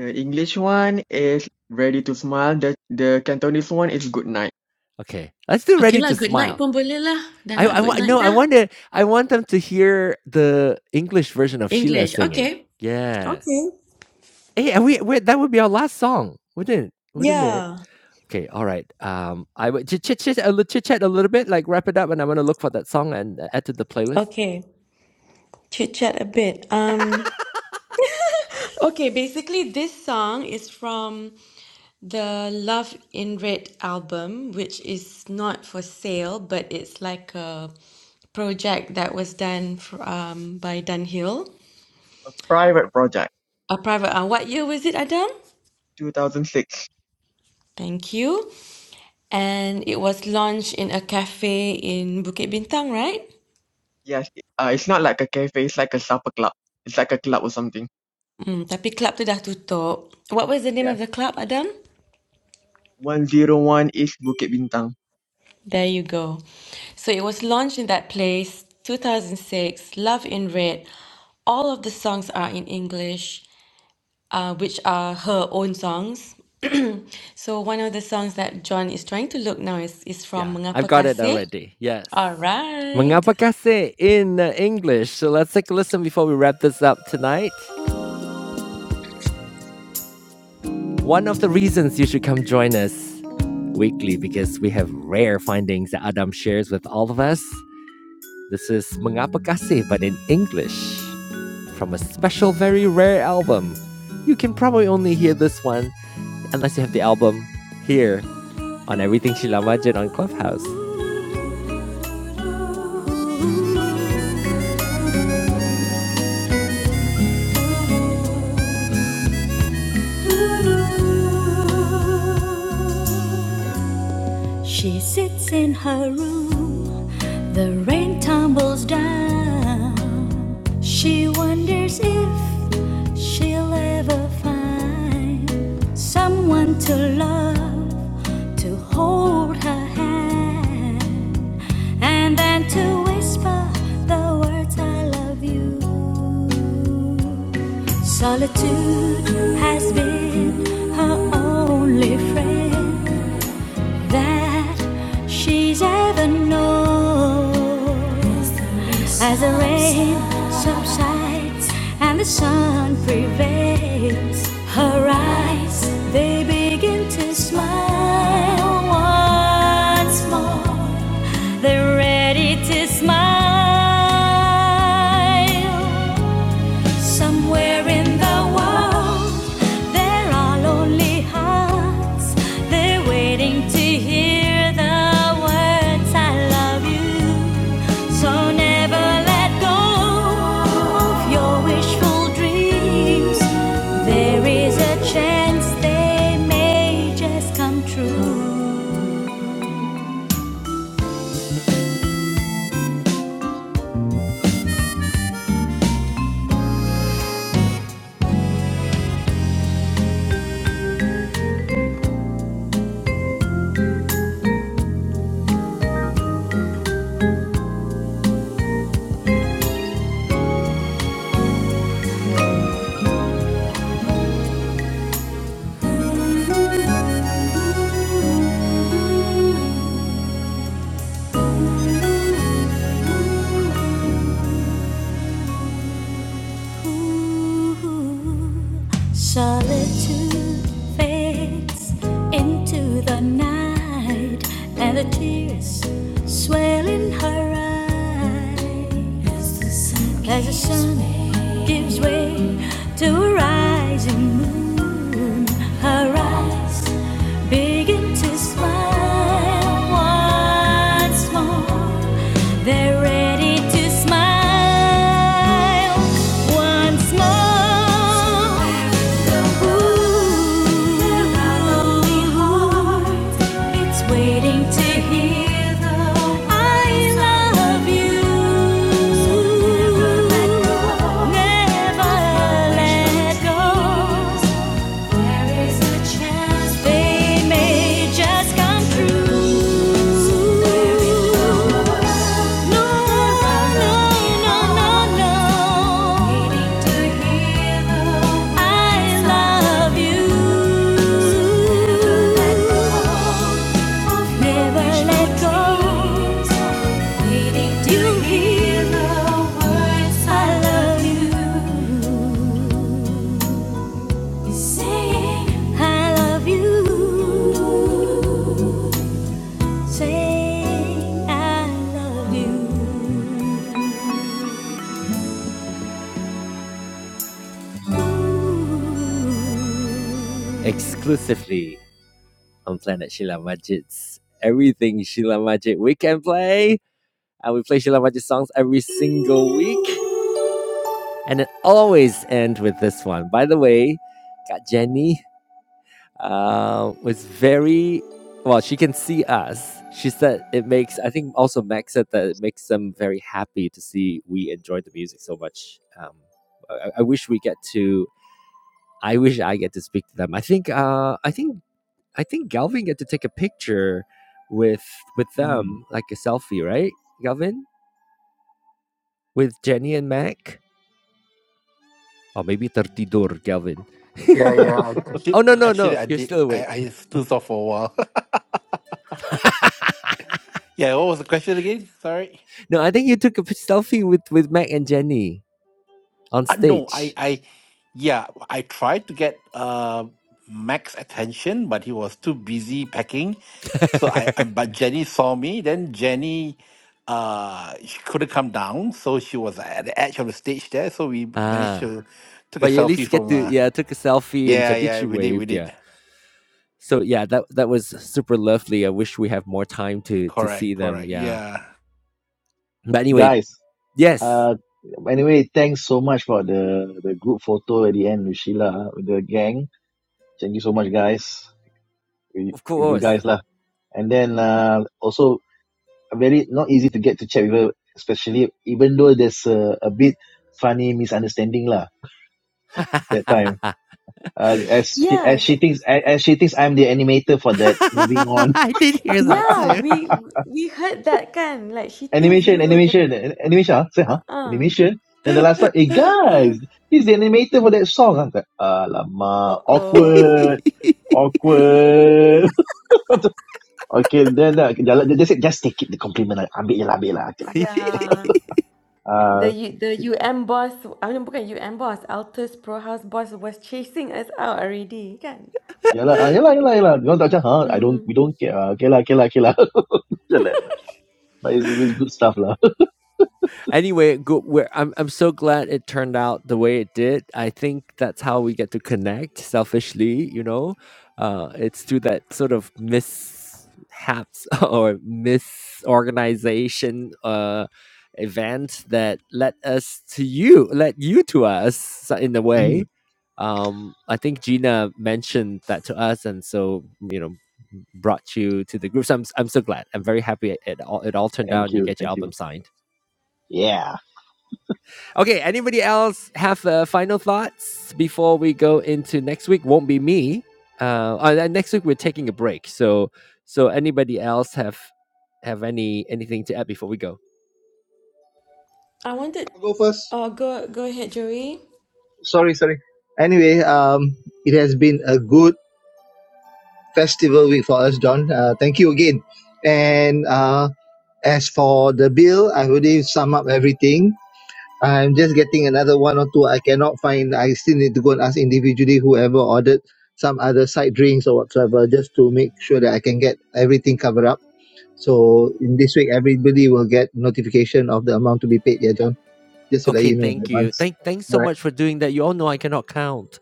The English one is Ready to Smile. The, the Cantonese one is Good Night. Okay, let's do Okay Ready lah, to good night Smile. pun boleh lah. Dah I nak I good wa- night no, I dah. want to I want them to hear the English version of Sheila English, singing. okay. Yeah. Okay. Hey, and we, we that would be our last song, wouldn't it? Wouldn't it? Yeah. Okay, all right. Um, I would chit chit chit a little chit chat a little bit, like wrap it up, and I'm gonna look for that song and uh, add to the playlist. Okay. chit chat a bit. Um, okay, basically, this song is from the Love in Red album, which is not for sale, but it's like a project that was done for, um, by Dunhill. A private project, A private. Uh, what year was it, Adam? 2006. Thank you. And it was launched in a cafe in Bukit Bintang, right? Yes, uh, it's not like a cafe, it's like a supper club. It's like a club or something. Hmm, tapi club tu dah tutup. What was the name of Yeah. the club, Adam? 101 is Bukit Bintang. There you go. So it was launched in that place, 2006, Love in Red. All of the songs are in English, uh, which are her own songs. so one of the songs that John is trying to look now is, is from Yeah, I've Mengapa got it Kasih. already. Yes. All right. Mengapa kasih in uh, English? So let's take a listen before we wrap this up tonight. One of the reasons you should come join us weekly because we have rare findings that Adam shares with all of us. This is Mengapa kasih but in English from a special very rare album. You can probably only hear this one unless you have the album here on Everything Sheila Majid on Clubhouse. She sits in her room The rain tumbles down. She wonders if she'll ever find someone to love, to hold her hand, and then to whisper the words I love you. Solitude has been her only friend that she's ever known. As the rain subsides and the sun prevails, her eyes they begin to smile once more. They're ready to smile. Somewhere in the world, there are lonely hearts. They're waiting to hear the words I love you. So never let go of your wishful dreams. There is a chance they may just come true. Solitude fades into the night, and the tears swell in her eyes. As the sun gives way to a rising moon, her eyes begin to smile once more. They're ready to smile once more. Ooh, it's waiting to hear the I love you. Never let go. There is a chance they may just come true. No, no, no, no, no. I love you. Never let go. Needing to hear the words I love you. Sing, I love you. Sing, I love you. exclusively on Planet Sheila Majid's Everything Sheila Majid Weekend Play. And we play Sheila Majid songs every single week. And it always ends with this one. By the way, got Jenny uh, was very well. She can see us. She said it makes. I think also Max said that it makes them very happy to see we enjoy the music so much. Um, I, I wish we get to. I wish I get to speak to them. I think. Uh, I think. I think Galvin get to take a picture with with Mm. them, like a selfie, right, Galvin, with Jenny and Mac, or maybe Tertidur, Galvin. Yeah, yeah. I- oh Actually, no no actually no! I You're still did. I, awake. I stood off for a while. yeah, what was the question again? Sorry. No, I think you took a p- selfie with with Mac and Jenny. on Uh, no, I, stage. I, yeah, I tried to get uh Max attention, but he was too busy packing. So I, um, but Jenny saw me. Then Jenny, uh, she couldn't come down, so she was at the edge of the stage there. So we managed Ah, to took a but you at selfie least get from. to Uh, yeah, I took a selfie and I yeah, think yeah, she we did, we waved. Yeah, did. so yeah, that that was super lovely. I wish we have more time to to see Correct, them. correct. Yeah, Yeah. but anyway, Guys, yes, uh, anyway, thanks so much for the, the group photo at the end with Sheila, uh, with the gang. Thank you so much, guys, with, of with you course. guys lah. And then, uh, also very not easy to get to chat with her, especially even though there's a, a bit funny misunderstanding lah that time. Uh, as she Yeah, as sh- she thinks as, as she thinks I'm the animator for that. Moving on, yeah, we we heard that kan. Like she thinks animation, you were the animation, animation. Huh? Say, huh? uh. Animation. Then the last part, hey guys, he's the animator for that song. I'm like, alamak, Uh oh. awkward, awkward. okay, then uh, just just take it the compliment. Ambil je lah, ambil lah. Okay lah, okay lah, okay Yeah. The U, the UM boss, I mean bukan UM boss, Altus Pro House boss was chasing us out already, kan? Yeah lah, ah, yeah lah, yeah lah, yeah lah. Because macam, huh, I don't, we Mm. don't care. Ah, Okay lah, okay lah, okay lah. Jalan. But it's, it's good stuff lah. anyway, go, we're, I'm I'm so glad it turned out the way it did. I think that's how we get to connect selfishly. You know, uh, it's through that sort of mishaps or misorganization uh, event that led us to you, led you to us so- in a way. Mm. Um, I think Gina mentioned that to us, and so you know brought you to the group. So I'm, I'm so glad. I'm very happy it all, it all turned out and Thank you you, get your thank album you. signed. Yeah. Okay, anybody else have uh, final thoughts before we go into next week? Won't be me. Uh, oh, and next week we're taking a break. So, so anybody else have have any anything to add before we go? I wanted, I'll go first. oh, go go ahead, Joey. Sorry, sorry. Anyway, um, it has been a good festival week for us, John. Uh, thank you again. And uh, as for the bill, I already sum up everything. I'm just getting another one or two I cannot find. I still need to go and ask individually whoever ordered some other side drinks or whatsoever just to make sure that I can get everything covered up. So in this week, everybody will get notification of the amount to be paid. Yeah, John, just to let Okay, you know in thank you. advance. Thank thanks All so much for doing that. You all know I cannot count.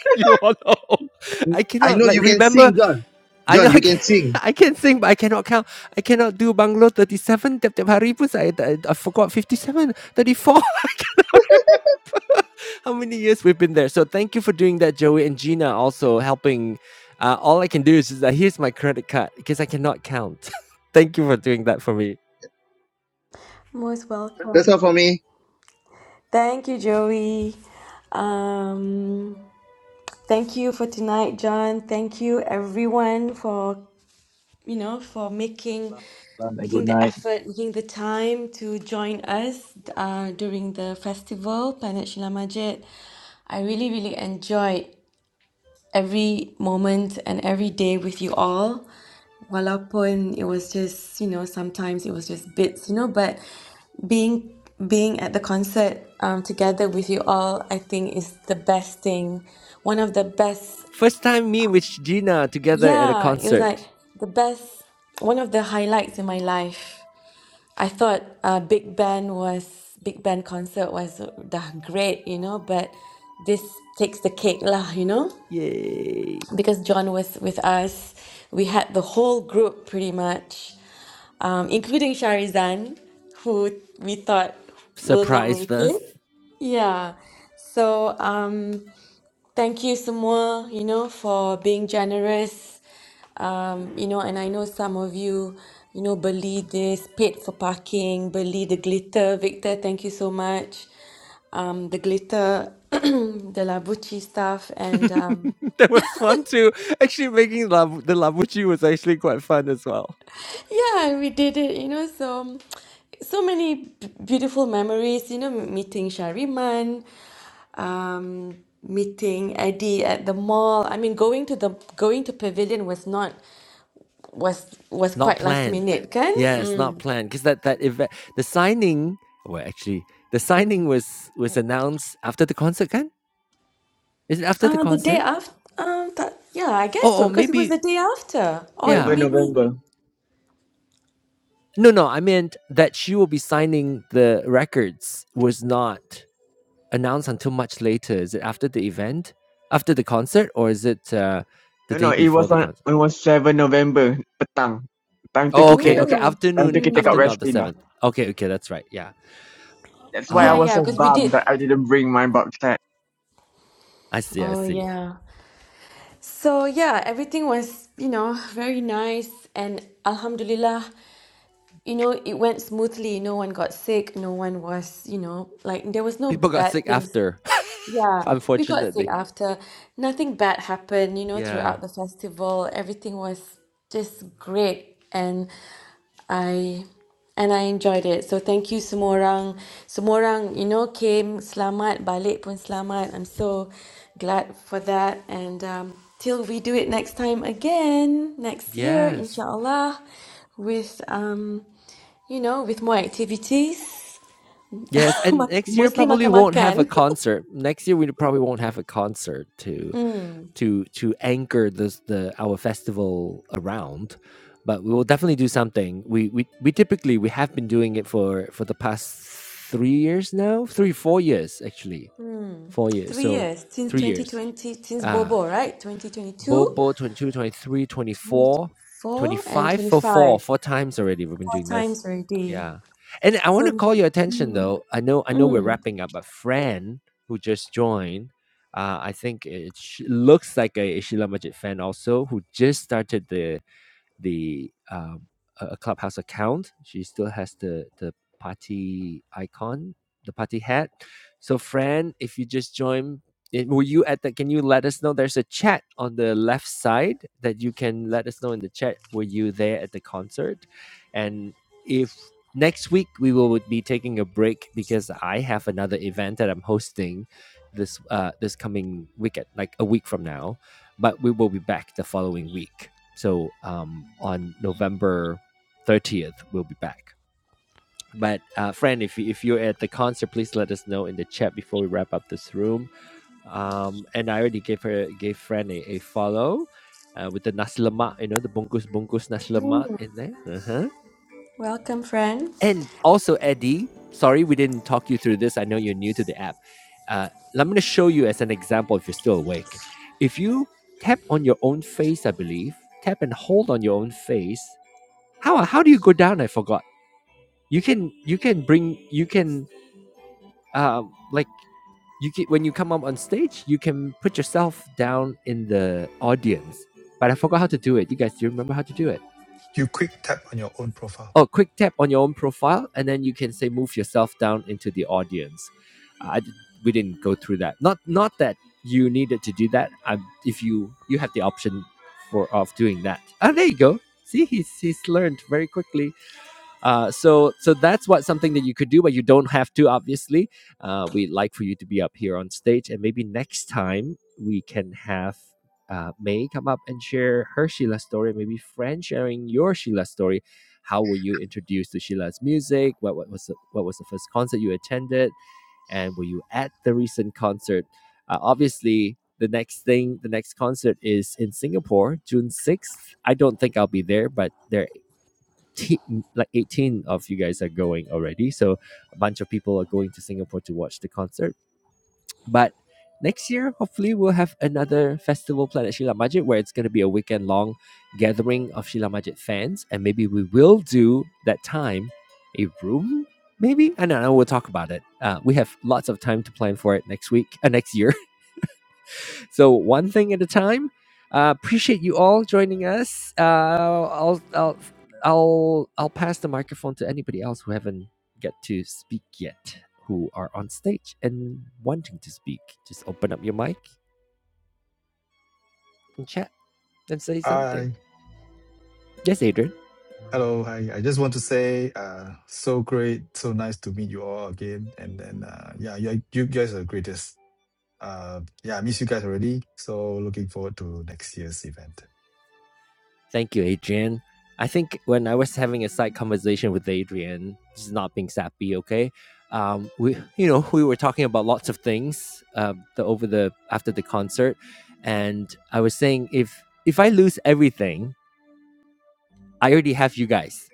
you all know right. I I cannot know like you can remember. sing, John. I know John, you I can can, sing. I can sing, but I cannot count. I cannot do Banglo thirty seven. Tiap tiap hari pun saya I, I forgot fifty seven, thirty four. 34. I how many years we've been there. So thank you for doing that, Joey and Gina, also helping. Uh, all I can do is just, uh, here's my credit card because I cannot count. thank you for doing that for me. Most welcome. That's all for me. Thank you, Joey. Um, thank you for tonight, John. Thank you, everyone, for you know for making Salam and good making the night. effort, making the time to join us uh, during the festival, Planet Shila Majid. I really, really enjoyed every moment and every day with you all. Walaupun it was just, you know, sometimes it was just bits, you know, but being being at the concert um, together with you all, I think is the best thing. One of the best, First time me with Gina together at a yeah, it was concert. like the best, one of the highlights in my life. I thought uh, Big Band was Big Band concert was uh, dah great, you know, but this takes the cake lah, you know. Yay! because John was with us, we had the whole group pretty much, um, including Sharizan, who we thought will not Surprised make us. it. Yeah. So um, thank you semua, you know, for being generous. Um, you know, and I know some of you, you know, Beli this, paid for parking, Beli the glitter. Victor, thank you so much. Um, the glitter, the Labucci stuff, and um, that was fun too. Actually, making love the labuchi was actually quite fun as well. Yeah, we did it, you know, so so many b- beautiful memories, you know, meeting Shariman, um, meeting Eddie at the mall. I mean, going to the going to Pavilion was not was was Not quite last planned. minute, kan? Yes, Mm. not planned because that that event, the signing. Well, actually, the signing was was announced after the concert, kan? Is it after the Uh, the day concert? after, um, that, yeah, I guess Oh, so or because it was maybe the day after, or 7 yeah. maybe. November. No, no, I meant that she will be signing the records was not announced until much later. Is it after the event, after the concert, or is it uh, the No, day no, it before was the on concert? it was 7 November petang. Time tu Oh, okay, kita dah okay. kat Oh. time tu Afternoon, kita kat afternoon Mm. of West the Spring dah. seventh. Okay, okay, that's right. Yeah. That's why I Yeah, Um, was yeah, so because we did. bummed that I didn't bring my box set. I see, I Oh, see. yeah. So, yeah, everything was, you know, very nice. And Alhamdulillah, you know, it went smoothly. No one got sick. No one was, you know, like there was no People got bad sick things after, yeah, we got sick unfortunately. after. Nothing bad happened, you know, Yeah. throughout the festival. Everything was just great and I and I enjoyed it. So thank you semua orang. Semua orang, you know, came selamat, balik pun selamat. I'm so glad for that and um till we do it next time again next year, Yes. inshallah, with um you know, with more activities. Yes, and Mak- next year Mostly probably won't have a makan-makan. concert. Next year we probably won't have a concert to to to anchor this the our festival around but we will definitely do something we we, we typically we have been doing it for for the past three years now three four years actually four years Three so years since three years 2020, since uh Bobo, right? twenty twenty two Bobo 22 23 twenty twenty four, twenty four and five for four, 25. four times already. We've been doing Four this. times already. Yeah. And I want to So, call your attention mm, though. I know I know we're mm, wrapping up, but Fran, who just joined, uh, I think it sh- looks like a Ishila Majid fan also, who just started the the um, a clubhouse account. She still has the the party icon, the party hat. So, Fran, if you just join, it, were you at the? Can you let us know? There's a chat on the left side that you can let us know in the chat. Were you there at the concert? And if next week we will be taking a break because I have another event that I'm hosting this uh this coming weekend, like a week from now. But we will be back the following week. So um, on November 30th, we'll be back. But uh, friend, if if you're at the concert, please let us know in the chat before we wrap up this room. Um, and I already gave her gave friend a, a follow uh, with the naslama, you know, the bungkus bunkus naslama mm. in there. Uh-huh. welcome, friend. And also Eddie, sorry we didn't talk you through this. I know you're new to the app. Uh, I'm going to show you as an example if you're still awake. If you tap on your own face, I believe, tap and hold on your own face How how do you go down? I forgot. You can you can bring you can uh like you can, when you come up on stage you can put yourself down in the audience. But I forgot how to do it. You guys, do you remember how to do it? You quick tap on your own profile. Oh, quick tap on your own profile and then you can say move yourself down into the audience. Uh, I we didn't go through that. Not not that you needed to do that. Um, if you you have the option for of doing that. Oh, there you go. See, he's he's learned very quickly. Uh, so so that's what something that you could do, but you don't have to. Obviously, uh, we'd like for you to be up here on stage, and maybe next time we can have. Uh, May come up and share her Sheila story, maybe Fran sharing your Sheila story. How were you introduced to Sheila's music? What, what was the, what was the first concert you attended, and were you at the recent concert? Uh, obviously, the next thing, the next concert is in Singapore, June sixth. I don't think I'll be there, but there te- like 18 of you guys are going already. So a bunch of people are going to Singapore to watch the concert. But next year, hopefully, we'll have another festival planned at Shila Majid where it's going to be a weekend long gathering of Shila Majid fans. And maybe we will do that time a room. Maybe I don't know. We'll talk about it. Uh, we have lots of time to plan for it next week, uh, next year. So one thing at a time. Uh, appreciate you all joining us. Uh, I'll I'll I'll I'll pass the microphone to anybody else who haven't get to speak yet, who are on stage and wanting to speak. Just open up your mic and chat and say something. Hi. Yes, Adrian. Hello. Hi. I just want to say, uh, so great. So nice to meet you all again. And then, uh, yeah, yeah, you guys are the greatest. Uh, yeah, I miss you guys already. So looking forward to next year's event. Thank you, Adrian. I think when I was having a side conversation with Adrian, this is not being sappy, okay? Um, we, you know, we were talking about lots of things uh, the, over the after the concert, and I was saying if if I lose everything, I already have you guys.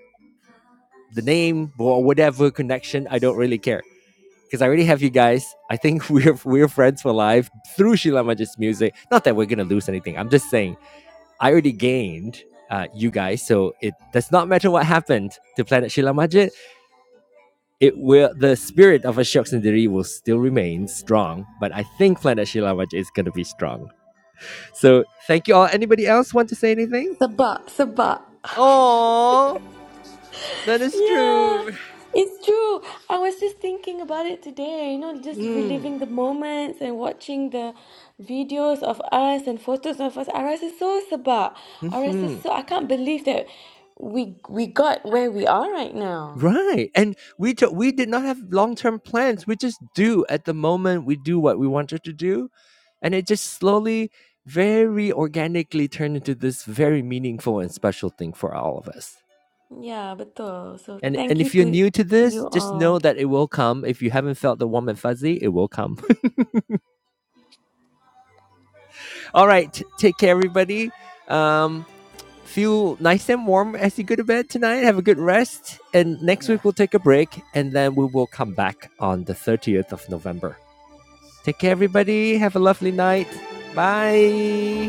The name or whatever connection, I don't really care because I already have you guys. I think we're we're friends for life through Sheila Majid's music. Not that we're gonna lose anything. I'm just saying I already gained uh, you guys, so it does not matter what happened to Planet Shila Majid. It will the spirit of Ashok Sundari will still remain strong, but I think Planet Shila Majid is gonna be strong. So thank you all. Anybody else want to say anything? Sabah, Sabah. Oh, that is Yeah, true. it's true. I was just thinking about it today, you know, just Mm. reliving the moments and watching the videos of us and photos of us. Aras is so Sabah. Aras is hmm so, I can't believe that we we got where we are right now. Right. And we do, we did not have long-term plans. We just do at the moment we do what we wanted to do and it just slowly very organically turned into this very meaningful and special thing for all of us. Yeah, but uh, so And and thank you if you're to new to to you this, just all. know that it will come. If you haven't felt the warm and fuzzy, it will come. all right, t- take care everybody. Um feel nice and warm as you go to bed tonight. Have a good rest and next Yeah. week we'll take a break and then we will come back on the 30th of November. Take care, everybody. Have a lovely night. Bye.